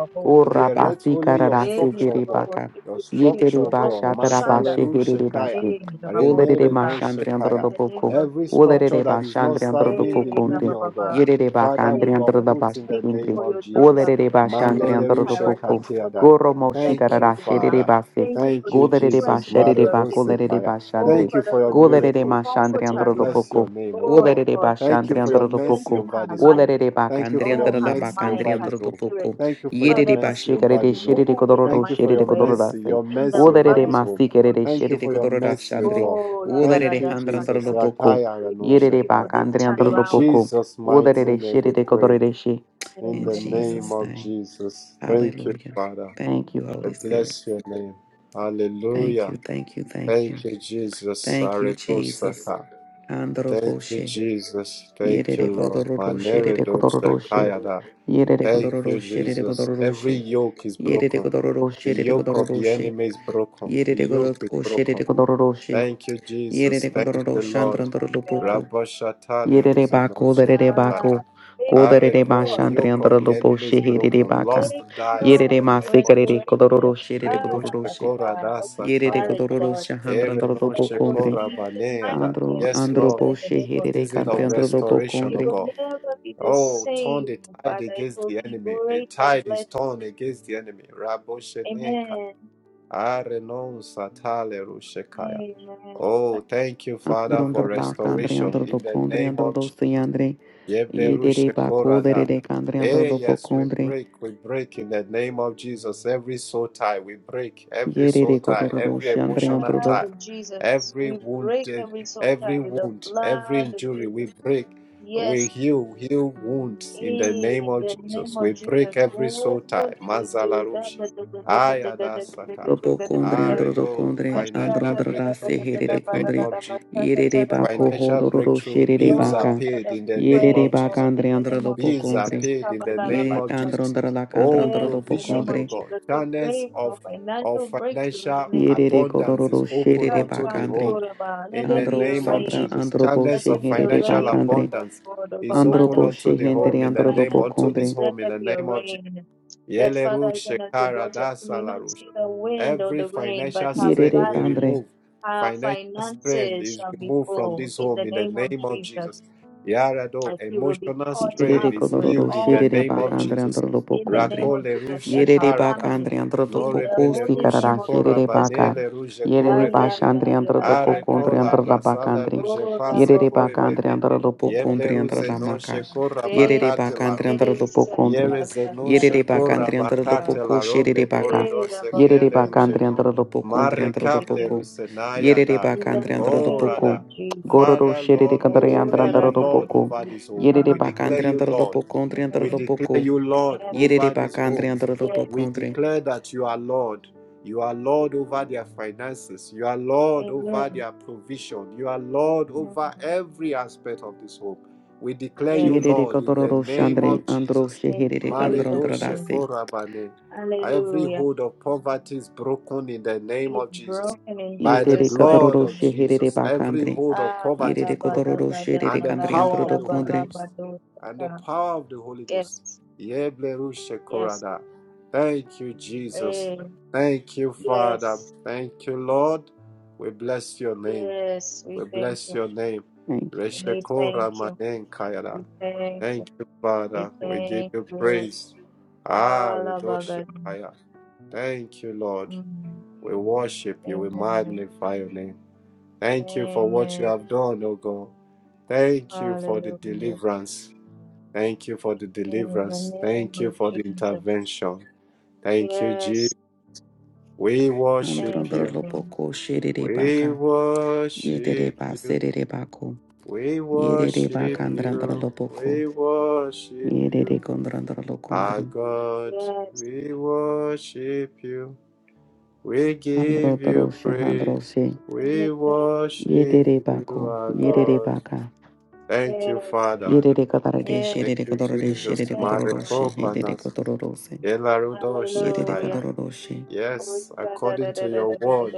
S3: We
S4: Ora
S3: erect
S4: basi
S3: only your
S4: karara se
S3: structure, O God.
S4: baka.
S3: Your structure,
S4: Yetere
S3: O God.
S4: basha darabashe
S3: Masaleru
S4: herere
S3: Shekaya.
S4: basi. Ulerere
S3: Renere no
S4: maşandre
S3: Shekaya.
S4: androlo boku.
S3: Every structure
S4: Ulerere
S3: that is not
S4: başandre androlo
S3: serving the
S4: bokundre.
S3: union, O God.
S4: Yerere
S3: Father, we
S4: bakandre androlo
S3: uproot in the name
S4: baştikundre.
S3: of Jesus.
S4: Ulerere başandre
S3: Mandeleru
S4: androlo boku.
S3: Shekatiada.
S4: Goro moşi
S3: Thank you,
S4: garara
S3: Father.
S4: şerere basi.
S3: Thank you,
S4: Golerere
S3: Jesus.
S4: başerere
S3: Maredo
S4: bak. Ulerere
S3: Sekaya.
S4: başandre.
S3: Thank you for your
S4: Golerere
S3: miracle.
S4: maşandre
S3: We
S4: androlo
S3: bless
S4: boku.
S3: your name, O God.
S4: Ulerere
S3: Thank you
S4: başandre
S3: for your
S4: androlo
S3: mercy
S4: boku.
S3: over this home.
S4: Ulerere
S3: Thank you
S4: bakandre
S3: for your
S4: androlo
S3: mercy
S4: bakandre
S3: over this
S4: androlo
S3: home.
S4: boku.
S3: Thank you for your
S4: Yerere
S3: mercy
S4: başe
S3: over
S4: garere
S3: this home.
S4: şerere kodororo
S3: Thank you for
S4: şerere
S3: your mercy,
S4: kodororası.
S3: your mercy over
S4: Uderere
S3: this home.
S4: masikerere
S3: Thank you
S4: sherere
S3: for your
S4: kodorora
S3: mercy, O
S4: shandre.
S3: God. Thank
S4: Uderere
S3: you,
S4: handrandoro
S3: Jesus.
S4: loboko.
S3: Rakaya rano
S4: Yerere
S3: shekaya.
S4: bakandre andoro
S3: In
S4: loboko.
S3: Jesus' mighty name we
S4: sherere
S3: pray.
S4: kodorere she.
S3: In
S4: In
S3: the name
S4: Jesus'
S3: of
S4: name.
S3: Jesus. Thank you,
S4: Hallelujah.
S3: Father.
S4: Thank you,
S3: I
S4: Holy Spirit.
S3: bless your name.
S4: Thank
S3: Hallelujah.
S4: you, thank you, thank you.
S3: Thank you, Jesus.
S4: Thank you,
S3: Sareko
S4: Jesus. Handoro
S3: Thank you,
S4: boshe.
S3: Jesus. Thank you,
S4: Yerere
S3: Lord.
S4: kodororo
S3: Manere
S4: sherere
S3: do
S4: kodororo she.
S3: shakayada.
S4: Yerere
S3: Thank
S4: kodororo
S3: you,
S4: sherere
S3: Jesus.
S4: kodororo
S3: Every
S4: she.
S3: yoke is
S4: Yerere
S3: broken.
S4: kodororo
S3: The
S4: sherere
S3: yoke of
S4: kodororo
S3: the
S4: she.
S3: enemy is broken. The
S4: Yerere
S3: yoke is
S4: kodororo sherere
S3: broken.
S4: kodororo she.
S3: Thank you, Jesus.
S4: Yerere
S3: Thank
S4: kondororo
S3: you,
S4: shandra
S3: Lord.
S4: andoro lopoko.
S3: Raboshatale
S4: Yerere ba koderere ba
S3: ruzenoshetataya.
S4: ko. Koderere ba
S3: Areko,
S4: shandre
S3: yoke of
S4: andoro
S3: the
S4: lopo
S3: enemy is
S4: sheherere
S3: broken.
S4: ba ka.
S3: Lost dies in
S4: Yerere
S3: the
S4: ma
S3: name of
S4: sekerere
S3: Jesus.
S4: kodororo sherere kodororo she. did Codoroche. Yerere
S3: Redoshekoradasakayada.
S4: kodororo shahandra andoro lopo kondre.
S3: Erenoshekorabaneyada.
S4: Andro
S3: Yes,
S4: andro
S3: Lord
S4: po sheherere
S3: season
S4: kandre
S3: of
S4: andoro lupo
S3: restoration, O
S4: kondre.
S3: God. Oh, turn the tide against the enemy. The tide is turned against the enemy. Raboshenenka. Arenon satale rushekaya. Oh, thank you,
S4: Andro
S3: Father, for
S4: andro la kandre
S3: restoration
S4: andoro lo
S3: in the
S4: kondre
S3: name
S4: andoro
S3: of
S4: lo seyandre. Yerere
S3: Yeblerusha
S4: ba
S3: Korada.
S4: koderere kandre andoro
S3: Eh,
S4: lopo
S3: yes, we
S4: kondre.
S3: break, we break in the name of Jesus every soul tie, we break every soul
S4: Yerere
S3: tie,
S4: kodororo
S3: every
S4: shandre
S3: emotional
S4: andoro
S3: tie, every wounded, every wound, every injury, we break, we heal, heal wounds in the name of Jesus. We break every soul tie, Mazalarush, Ayadasaka,
S4: Robo kondre andro
S3: Aredo,
S4: kondre andro
S3: financial
S4: andra se
S3: breakthrough in
S4: herere
S3: the name
S4: kondre
S3: of Jesus.
S4: yerere bako
S3: Financial
S4: hodoro
S3: breakthrough,
S4: sherere
S3: bills are
S4: baka
S3: paid in the name
S4: yerere
S3: of
S4: baka
S3: Jesus.
S4: andre andro lobo
S3: Bills are
S4: kondre
S3: paid in the
S4: yere
S3: name of
S4: andro
S3: Jesus.
S4: andra la kandra
S3: Oh,
S4: andro lobo
S3: provision,
S4: kondre
S3: oh God. Channels of, of financial
S4: yerere
S3: abundance
S4: kolororo
S3: is open
S4: sherere
S3: unto
S4: baka
S3: the
S4: andre
S3: whole. In the
S4: andro
S3: name of
S4: sandra
S3: Jesus.
S4: andro bo
S3: Channels of
S4: sheherere
S3: financial
S4: baka andre
S3: abundance is
S4: andro
S3: open
S4: bo
S3: unto the
S4: shehendere
S3: home in the
S4: andro
S3: name
S4: lobo
S3: unto
S4: kondre
S3: this home in the name of Jesus. Yeleru shekara da salaru Every financial strain
S4: yerere
S3: we
S4: kandre
S3: remove. Financial strain is removed from this home in the name of Jesus. Yarado, emotional
S4: Yerere
S3: strain is
S4: kolororo
S3: healed in the
S4: sherere
S3: name of
S4: bakandre
S3: Jesus.
S4: andro lopo kondre.
S3: Rakole rushe
S4: Yerere
S3: karada.
S4: bakandre andro lopo
S3: Nore
S4: kosti karara
S3: belerushe kora
S4: sherere baka.
S3: banele ruje
S4: Yerere
S3: korebene.
S4: bashandre andro lopo
S3: Are
S4: kondre
S3: kola
S4: andro la
S3: brasala
S4: bakandre.
S3: ruje pase
S4: Yerere bakandre
S3: korebene.
S4: andro lopo
S3: Yeble
S4: kondre andro
S3: ruze
S4: la maka.
S3: noshe kora
S4: Yerere
S3: bakate
S4: bakandre
S3: larudo.
S4: andro lopo kondre.
S3: Yerezenoshe
S4: Yerere bakandre andro lopo
S3: korabakate
S4: ko
S3: la
S4: sherere
S3: robe
S4: baka.
S3: koredose
S4: Yerere
S3: kele
S4: bakandre
S3: rujeno.
S4: andro lopo kondre
S3: Mare
S4: andro lopo
S3: kaple
S4: ko.
S3: rusenaya
S4: Yerere
S3: da.
S4: bakandre andro
S3: Oh,
S4: lopo ko.
S3: Rada.
S4: Gororo
S3: Father,
S4: sherere
S3: Lord, we
S4: kandre andro
S3: declare you
S4: andro lopo
S3: Lord
S4: ko.
S3: over this home.
S4: Yerere
S3: We declare
S4: bakandre
S3: you
S4: andro
S3: Lord.
S4: pokondre
S3: We
S4: andro
S3: declare
S4: poko.
S3: you Lord
S4: Yerere
S3: over this
S4: bakandre
S3: home.
S4: andro
S3: We
S4: pokondre.
S3: declare that you are Lord. You are Lord over their finances. You are Lord over their provision. You are Lord over every aspect of this home. We declare you
S4: Yerere
S3: Lord in the
S4: kadoro
S3: name
S4: shandre
S3: of
S4: andro
S3: Jesus.
S4: sheherere kandro
S3: Maredoshe
S4: andrarase.
S3: Korabane. Every hold of poverty is broken in the name of Jesus. By the
S4: Yetere
S3: blood
S4: kadoro
S3: of
S4: sheherere
S3: Jesus, every
S4: bakandre.
S3: hold of poverty is
S4: Yerere
S3: broken.
S4: kadoro
S3: And
S4: sheherere
S3: the
S4: kandre
S3: power of
S4: andro
S3: the Holy
S4: kondre.
S3: Ghost. And the power of the Holy Ghost. Yeblerushe Korada. Thank you, Jesus. Thank you, Father. Thank you, Lord. We bless your name. We bless your name.
S4: Thank you. Jesus.
S3: Reshekora manen kayara. Thank you, Father. We give you praise. Ah, Redoshe Kaya. Thank you, Lord. We worship you. We magnify your name. Thank you for what you have done, O God. Thank you for the deliverance. Thank you for the deliverance. Thank you for the intervention. Thank you, Jesus. We
S4: Andro
S3: worship you.
S4: andro poko sheherere
S3: We
S4: baka. Yetere
S3: worship you.
S4: baserere bako.
S3: We
S4: Yerere
S3: worship
S4: bakandre
S3: you,
S4: andro poko.
S3: we worship you,
S4: Yerere kondro andro
S3: our
S4: kondre.
S3: God. We worship you, we
S4: Andro
S3: give you
S4: andro shehandro
S3: praise.
S4: she.
S3: We worship
S4: Yerere
S3: you,
S4: bako.
S3: our
S4: Yerere
S3: God.
S4: baka.
S3: Thank you, Father.
S4: Yerere kadaroroshi,
S3: Thank
S4: yerere
S3: you,
S4: kadaroroshi,
S3: Jesus.
S4: yerere kadaroroshi, yerere
S3: Marekopanas,
S4: kadaroroshi,
S3: Yelarudo
S4: yerere
S3: shekaya.
S4: kadaroroshi.
S3: Yes, according to your word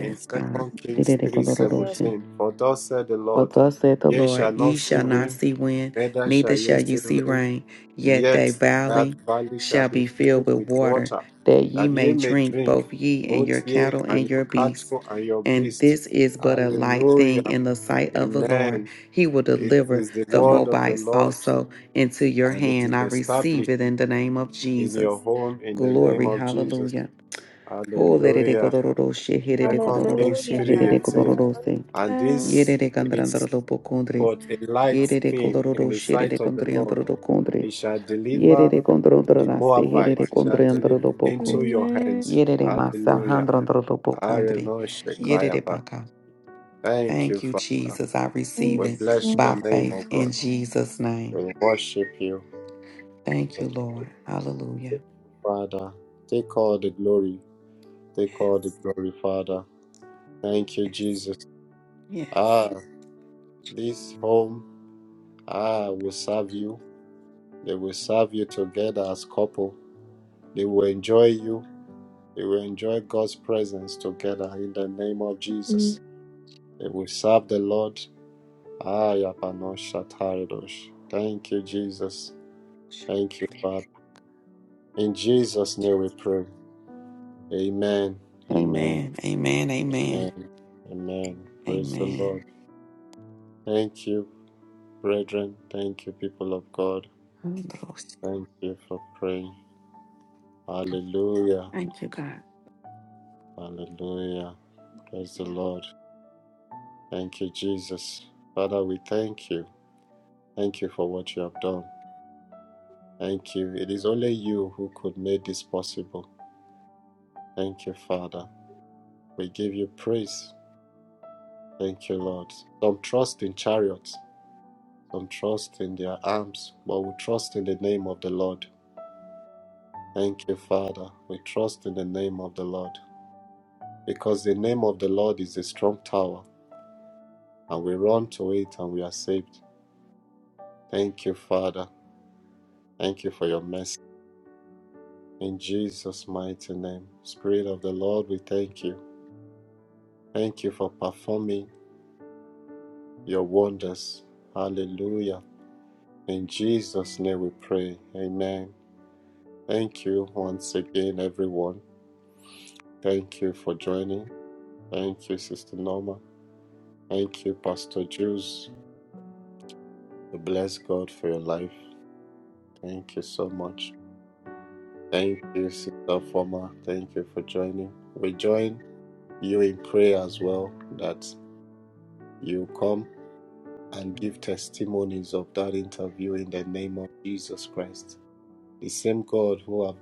S3: in
S4: God.
S3: Second Kings
S4: Yerere kadaroroshi.
S3: 3:17. For thus said the
S4: For
S3: Lord,
S4: thus saith the
S3: Ye shall
S4: Lord, ye
S3: not see
S4: shall not
S3: wind
S4: see wind,
S3: Neither shall
S4: neither
S3: ye
S4: shall you
S3: see
S4: see
S3: rain,
S4: rain, yet thy
S3: yet that
S4: valley
S3: valley shall
S4: shall
S3: be
S4: be filled
S3: filled
S4: with
S3: with
S4: water,
S3: water,
S4: that ye
S3: that ye
S4: may
S3: may
S4: drink
S3: drink,
S4: both ye and
S3: both
S4: your
S3: ye
S4: cattle
S3: and
S4: and your
S3: your
S4: beasts.
S3: cattle and your
S4: And
S3: beasts.
S4: this is but a light thing
S3: Hallelujah.
S4: in the sight of the Lord.
S3: Amen.
S4: He will
S3: It
S4: deliver
S3: is the
S4: the
S3: word of the
S4: Moabites
S3: Lord,
S4: also into your
S3: and it is
S4: hand. I receive
S3: established
S4: it in the name of
S3: in your
S4: Jesus.
S3: home in the name
S4: Glory,
S3: of Jesus.
S4: hallelujah.
S3: Hallelujah. Second Kings 3:18. And
S5: Yeah,
S3: this
S4: Yerere kandrandro
S3: is
S4: lopo
S3: but a light
S4: Yerere
S3: thing in
S4: kolororo
S3: the sight
S4: sherere
S3: of the
S4: kondri
S3: Lord.
S4: do kondri.
S3: He shall deliver
S4: Yerere kondro andro
S3: the
S4: herere
S3: Moabites shall
S4: kondri andro
S3: deliver
S4: lopo
S3: into your
S5: Amen.
S3: hands.
S4: Yerere masa
S3: Hallelujah.
S4: handro andro lopo
S3: Areno
S5: Thank
S4: Yerere
S3: Shekayaba.
S4: baka.
S3: Thank you,
S4: Thank you,
S3: Father.
S4: Jesus. I receive
S5: you,
S3: We
S4: it
S3: bless your
S4: by
S3: name, O
S4: faith
S3: God.
S4: in Jesus' name.
S3: We worship you.
S4: Thank
S3: We
S4: you, Lord.
S3: thank
S4: Hallelujah.
S3: you, Father. Take all the glory. Take all the
S4: Yes,
S3: glory, Father. Thank you,
S4: yes,
S3: Jesus.
S4: yes.
S3: Ah, this home, ah, will serve you. They will serve you together as couple. They will enjoy you. They will enjoy God's presence together in the name of
S5: man.
S3: Jesus. If we serve the Lord, Ayapanoshatarosh. thank you, Jesus. Thank you, Father. In Jesus' name we pray. Amen. Amen.
S4: Amen, amen, amen,
S3: Amen. Amen. Praise the
S4: amen.
S3: Lord. Thank you, brethren. Thank you, people of God. Thank you for praying. Hallelujah.
S4: Thank you, God.
S3: Hallelujah. Praise the Lord. Thank you, Jesus. Father, we thank you. Thank you for what you have done. Thank you. It is only you who could make this possible. Thank you, Father. We give you praise. Thank you, Lord. Some trust in chariots, some trust in their arms, but we trust in the name of the Lord. Thank you, Father. We trust in the name of the Lord. Because the name of the Lord is a strong tower, and we run to it and we are saved. Thank you, Father. Thank you for your mercy. In Jesus' mighty name, Spirit of the Lord, we thank you. Thank you for performing your wonders. Hallelujah. In Jesus' name we pray. Amen. Thank you once again, everyone. Thank you for joining. Thank you, Sister Norma. Thank you, Pastor Jules. We bless God for your life. Thank you so much. Thank you, Sister Former. Thank you for joining. We join you in prayer as well that you come and give testimonies of that interview in the name of Jesus Christ. The same God who have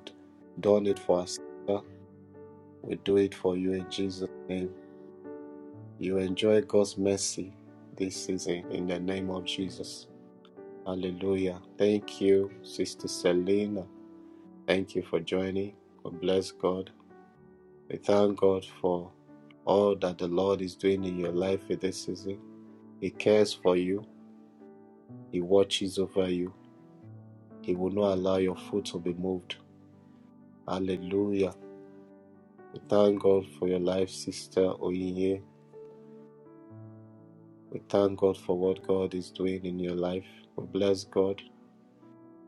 S3: done it for us We do it for you in Jesus' name. You enjoy God's mercy this season in the name of Jesus. Hallelujah. Thank you, Sister Selena. Thank you for joining. God bless God. We thank God for all that the Lord is doing in your life in this season. He cares for you, He watches over you. He will not allow your foot to be moved. Hallelujah. We thank God for your life, Sister Oyinye. We thank God for what God is doing in your life. We bless God.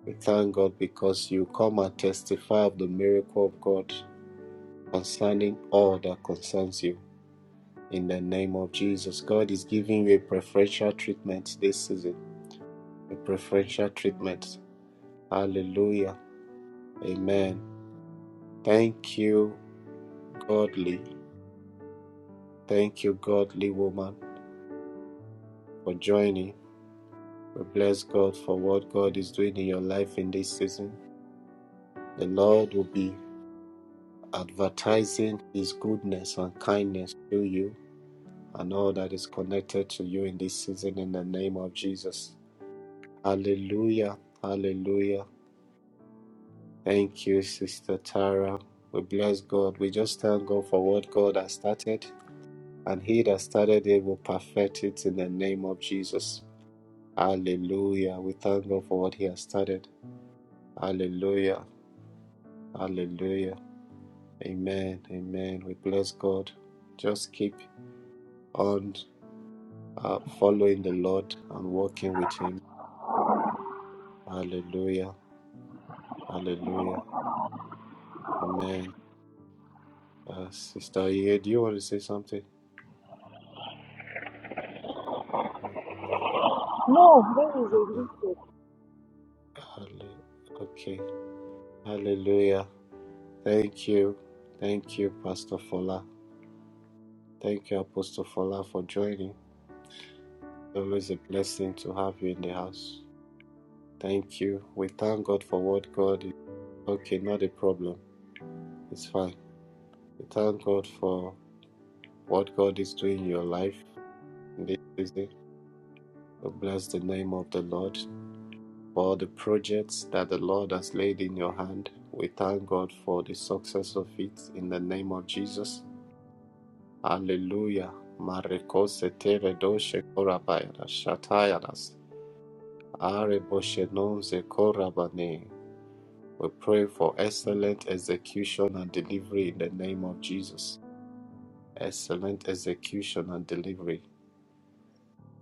S3: We thank God because you come and testify of the miracle of God concerning all that concerns you. In the name of Jesus, God is giving you a preferential treatment this season. A preferential treatment. Hallelujah. Amen. Thank you, godly. Thank you, godly woman, for joining. We bless God for what God is doing in your life in this season. The Lord will be advertising his goodness and kindness to you and all that is connected to you in this season in the name of Jesus. Hallelujah. Hallelujah. Thank you, Sister Tara. We bless God. We just thank God for what God has started, and He that started it will perfect it in the name of Jesus. Hallelujah. We thank God for what He has started. Hallelujah. Hallelujah. Amen. Amen. We bless God. Just keep on uh, following the Lord and walking with Him. Hallelujah. Hallelujah. Amen. Uh, Sister Ye, do you want to say something? Mhm.
S6: No, where is
S3: Halle-
S6: Elise?
S3: halle- Okay. Hallelujah. Thank you. Thank you, Pastor Fola. Thank you, Apostle Fola, for joining. Always a blessing to have you in the house. Thank you. We thank God for what God is. Okay, not a problem. It's fine. We thank God for what God is doing in your life in this season. Oh, bless the name of the Lord for the projects that the Lord has laid in your hand. We thank God for the success of it in the name of Jesus. Hallelujah. Marekose tere doshe korabayada shatayadas. Are boshe nonze korabane. We pray for excellent execution and delivery in the name of Jesus. Excellent execution and delivery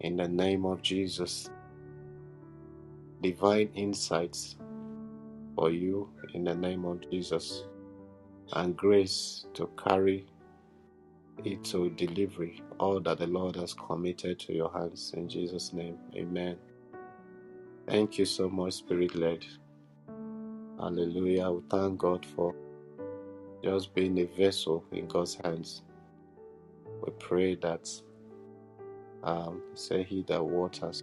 S3: in the name of Jesus. Divine insights for you in the name of Jesus and grace to carry it to delivery, all that the Lord has committed to your hands in Jesus' name. Amen. Thank you so much, Spirit led. Hallelujah. We thank God for just being a vessel in God's hands. We pray that, um, say, He that waters,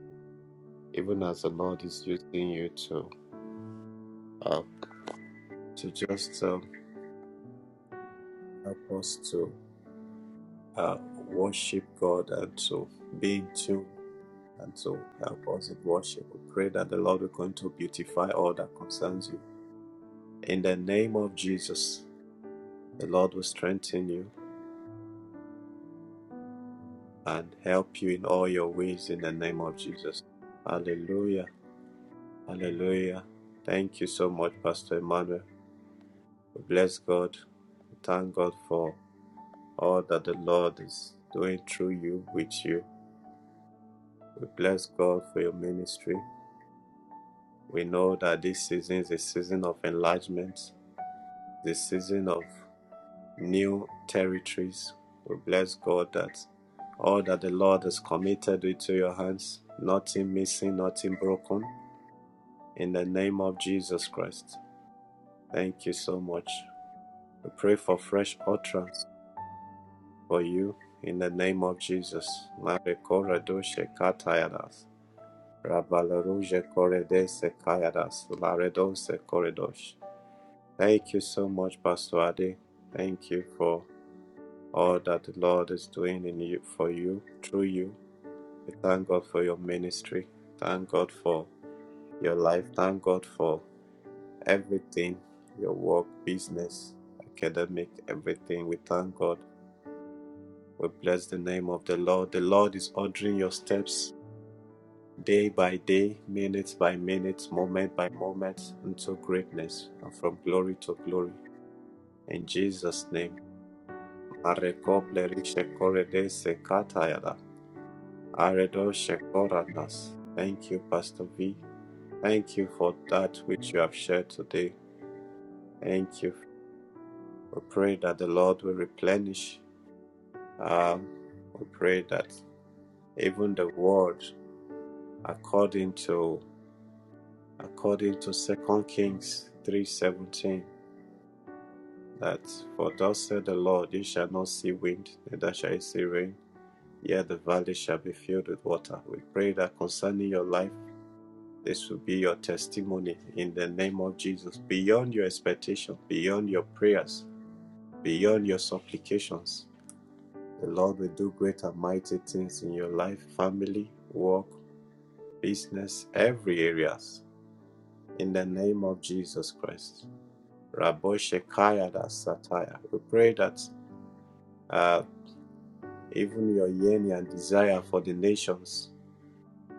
S3: even as the Lord is using you to, uh, to just um, help us to uh, worship God and to be in tune And so help us in worship. We pray that the Lord will continue to beautify all that concerns you. In the name of Jesus, the Lord will strengthen you and help you in all your ways in the name of Jesus. Hallelujah. Hallelujah. Thank you so much, Pastor Emmanuel. We bless God. We thank God for all that the Lord is doing through you, with you. We bless God for your ministry. We know that this season is a season of enlargement, the season of new territories. We bless God that all that the Lord has committed into your hands, nothing missing, nothing broken. In the name of Jesus Christ. Thank you so much. We pray for fresh utterance for you in the name of Jesus. Marekora doshe katayadas. Rabalaruje koredese kayadas. Laredose koredosh. Thank you so much, Pastor Ade. Thank you for all that the Lord is doing in you for you, through you. We thank God for your ministry. Thank God for your life. Thank God for everything, your work, business, academic, everything. We thank God. We bless the name of the Lord. The Lord is ordering your steps day by day, minute by minute, moment by moment, into greatness and from glory to glory. In Jesus' name. Marekople rishe korede sekatayada. Aredo Shekoranas. Thank you, Pastor V. Thank you for that which you have shared today. Thank you. We pray that the Lord will replenish. Um, we pray that even the word, according to according to Second Kings three seventeen, that for thus said the Lord, you shall not see wind, neither shall you see rain. Yet the valley shall be filled with water. We pray that concerning your life. This will be your testimony in the name of Jesus, beyond your expectation, beyond your prayers, beyond your supplications. The Lord will do great and mighty things in your life, family, work, business, every areas. In the name of Jesus Christ. Raboshekaya da Sataya. We pray that uh, even your yearning and desire for the nations,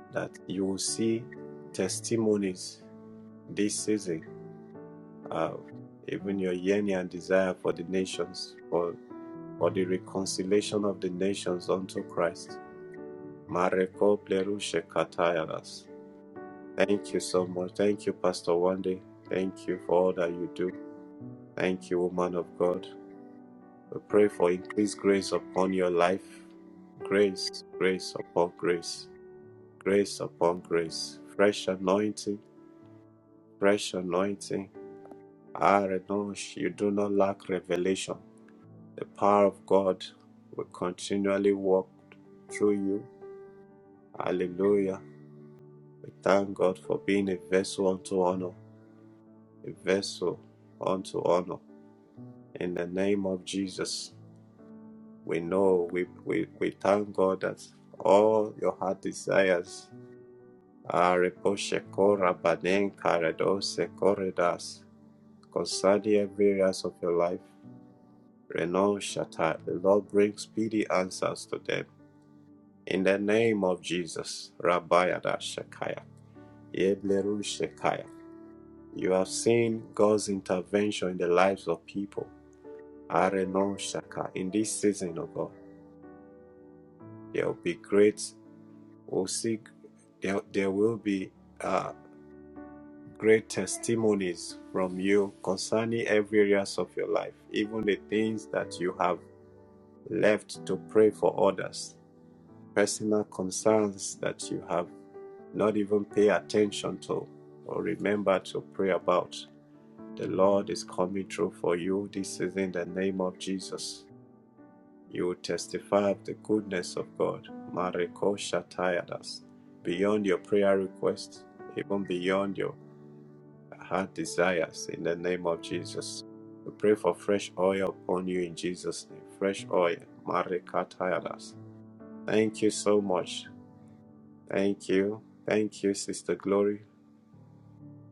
S3: that you will see testimonies this season have, even your yearning and desire for the nations, for, for the reconciliation of the nations unto Christ. Mareko plerushe katayanas. Thank you so much. Thank you, Pastor Wande. Thank you for all that you do. Thank you, woman of God. We pray for increased grace upon your life. Grace, grace upon grace, grace upon grace. Fresh anointing, fresh anointing. Ah, Renosh, you do not lack revelation. The power of God will continually work through you. Hallelujah. We thank God for being a vessel unto honor, a vessel unto honor. In the name of Jesus, we know, we, we, we thank God that all your heart desires are reposhekora banen karadose koredas concerning every areas of your life. Renounce shatter. The Lord brings speedy answers to them. In the name of Jesus, Rabbi Shakaya, Yebleru Shekaya, you have seen God's intervention in the lives of people. Arenon Shaka, in this season, of God, there will be great, we'll see, there, there will be uh, great testimonies from you concerning every areas of your life, even the things that you have left to pray for others, personal concerns that you have not even pay attention to or remember to pray about. The Lord is coming through for you this season in the name of Jesus. You will testify of the goodness of God. Mareko Shatayadas. Beyond your prayer requests, even beyond your heart desires in the name of Jesus. We pray for fresh oil upon you in Jesus' name. Fresh oil. Marekatayadas. Thank you so much. Thank you. Thank you, Sister Glory.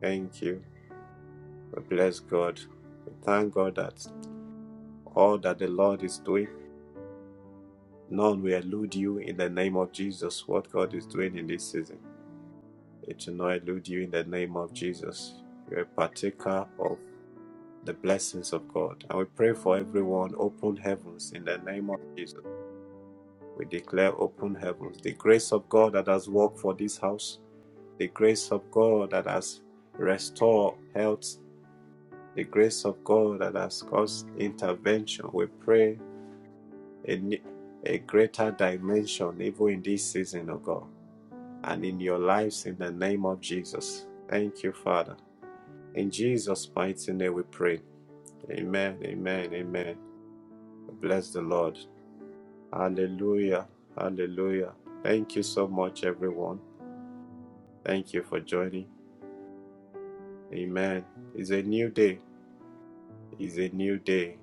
S3: Thank you. We bless God. We thank God that all that the Lord is doing, none will elude you in the name of Jesus. What God is doing in this season, it will not elude you in the name of Jesus. You're a partaker of the blessings of God. And we pray for everyone, open heavens in the name of Jesus. We declare open heavens. The grace of God that has worked for this house, the grace of God that has restored health, the grace of God that has caused intervention. We pray a, ne- a greater dimension even in this season, oh God, and in your lives in the name of Jesus. Thank you, Father. In Jesus' mighty name we pray. Amen, amen, amen. Bless the Lord. Hallelujah, hallelujah. Thank you so much, everyone. Thank you for joining. Amen. It's a new day. It's a new day.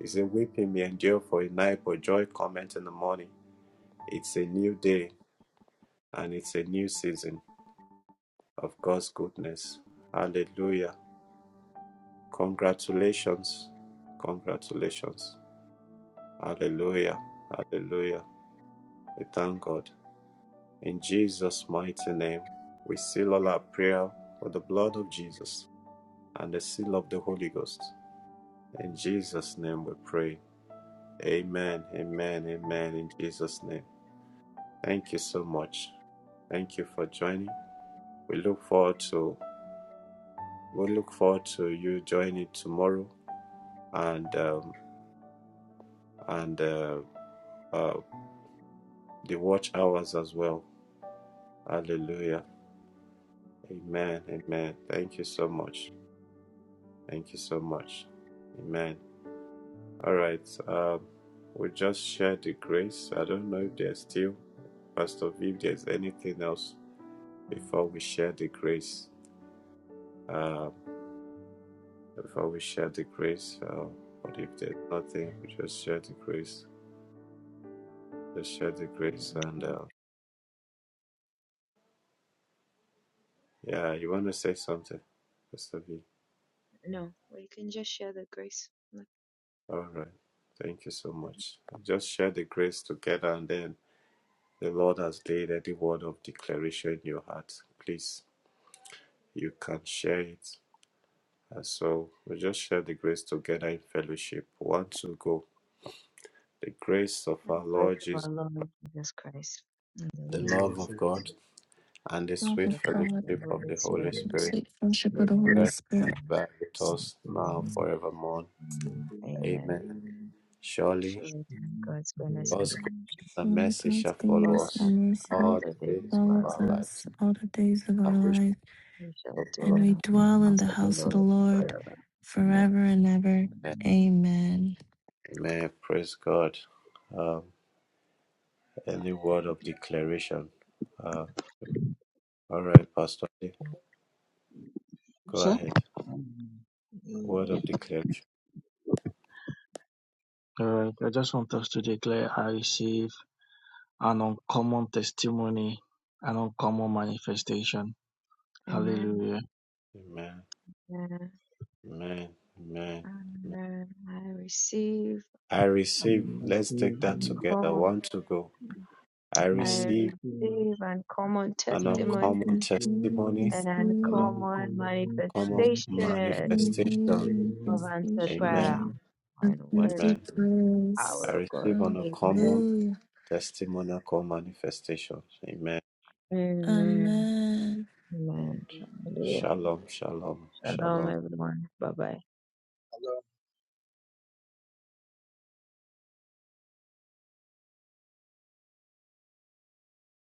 S3: It's a weeping may endure for a night, but joy comes in the morning. It's a new day and it's a new season. of God's goodness. Hallelujah. Congratulations. Congratulations. Hallelujah. Hallelujah. We thank God. In Jesus' mighty name, we seal all our prayer with the blood of Jesus and the seal of the Holy Ghost. In Jesus' name we pray. Amen. Amen. Amen. In Jesus' name. Thank you so much. Thank you for joining. We look forward to we look forward to you joining tomorrow and um, and uh, uh, the watch hours as well. Hallelujah. Amen. Amen. Thank you so much. Thank you so much. Amen. All right. Um, we just share the grace. I don't know if there's still, Pastor V, if there's anything else before we share the grace. Um, before we share the grace, uh, but if there's nothing, we just share the grace. Just share the grace. And uh, yeah, you want to say something, Pastor V? All right. Thank you so much. Just share the grace together, and then the Lord has laid any word of declaration in your heart. Please, you can share it. And so we just share the grace together in fellowship. One, two, go. The grace of our Lord Jesus, the love of God, and the
S5: Love
S3: sweet
S5: of God,
S3: fellowship of the Holy
S5: the
S3: Spirit
S5: sweet fellowship of the Holy
S3: rest and
S5: Spirit,
S3: abide with us now forevermore. Amen. Surely God's
S1: I'm
S3: goodness and
S5: and
S3: mercy
S5: God's
S3: shall follow
S5: goodness
S3: us
S5: and
S3: all
S5: mercy
S3: the days of
S5: follows
S3: our lives
S5: us all the days of
S3: I
S5: our
S3: wish
S5: life,
S3: for the
S5: and we
S3: Lord.
S5: dwell in the house of the Lord forever and ever. Amen.
S3: Amen. Praise God. Um, any word of declaration? Uh, all right, Pastor. Ade, Go ahead. Word of declaration. Amen. Amen. Amen. I receive. Let's take that
S1: feeling
S3: together. One to go. I
S1: very
S3: receive
S1: few
S3: an
S1: in the
S3: uncommon
S1: feeling.
S3: testimony, an
S1: I'm calling
S3: uncommon
S1: myself feeling
S3: manifestation.
S5: Divine
S3: Amen.
S1: very
S5: manifestation of
S3: Amen.
S5: perfect
S3: I
S5: grace.
S3: receive an uncommon
S5: Hallelujah.
S3: testimonial manifestation. Amen.
S5: Amen.
S3: Shalom, shalom, shalom.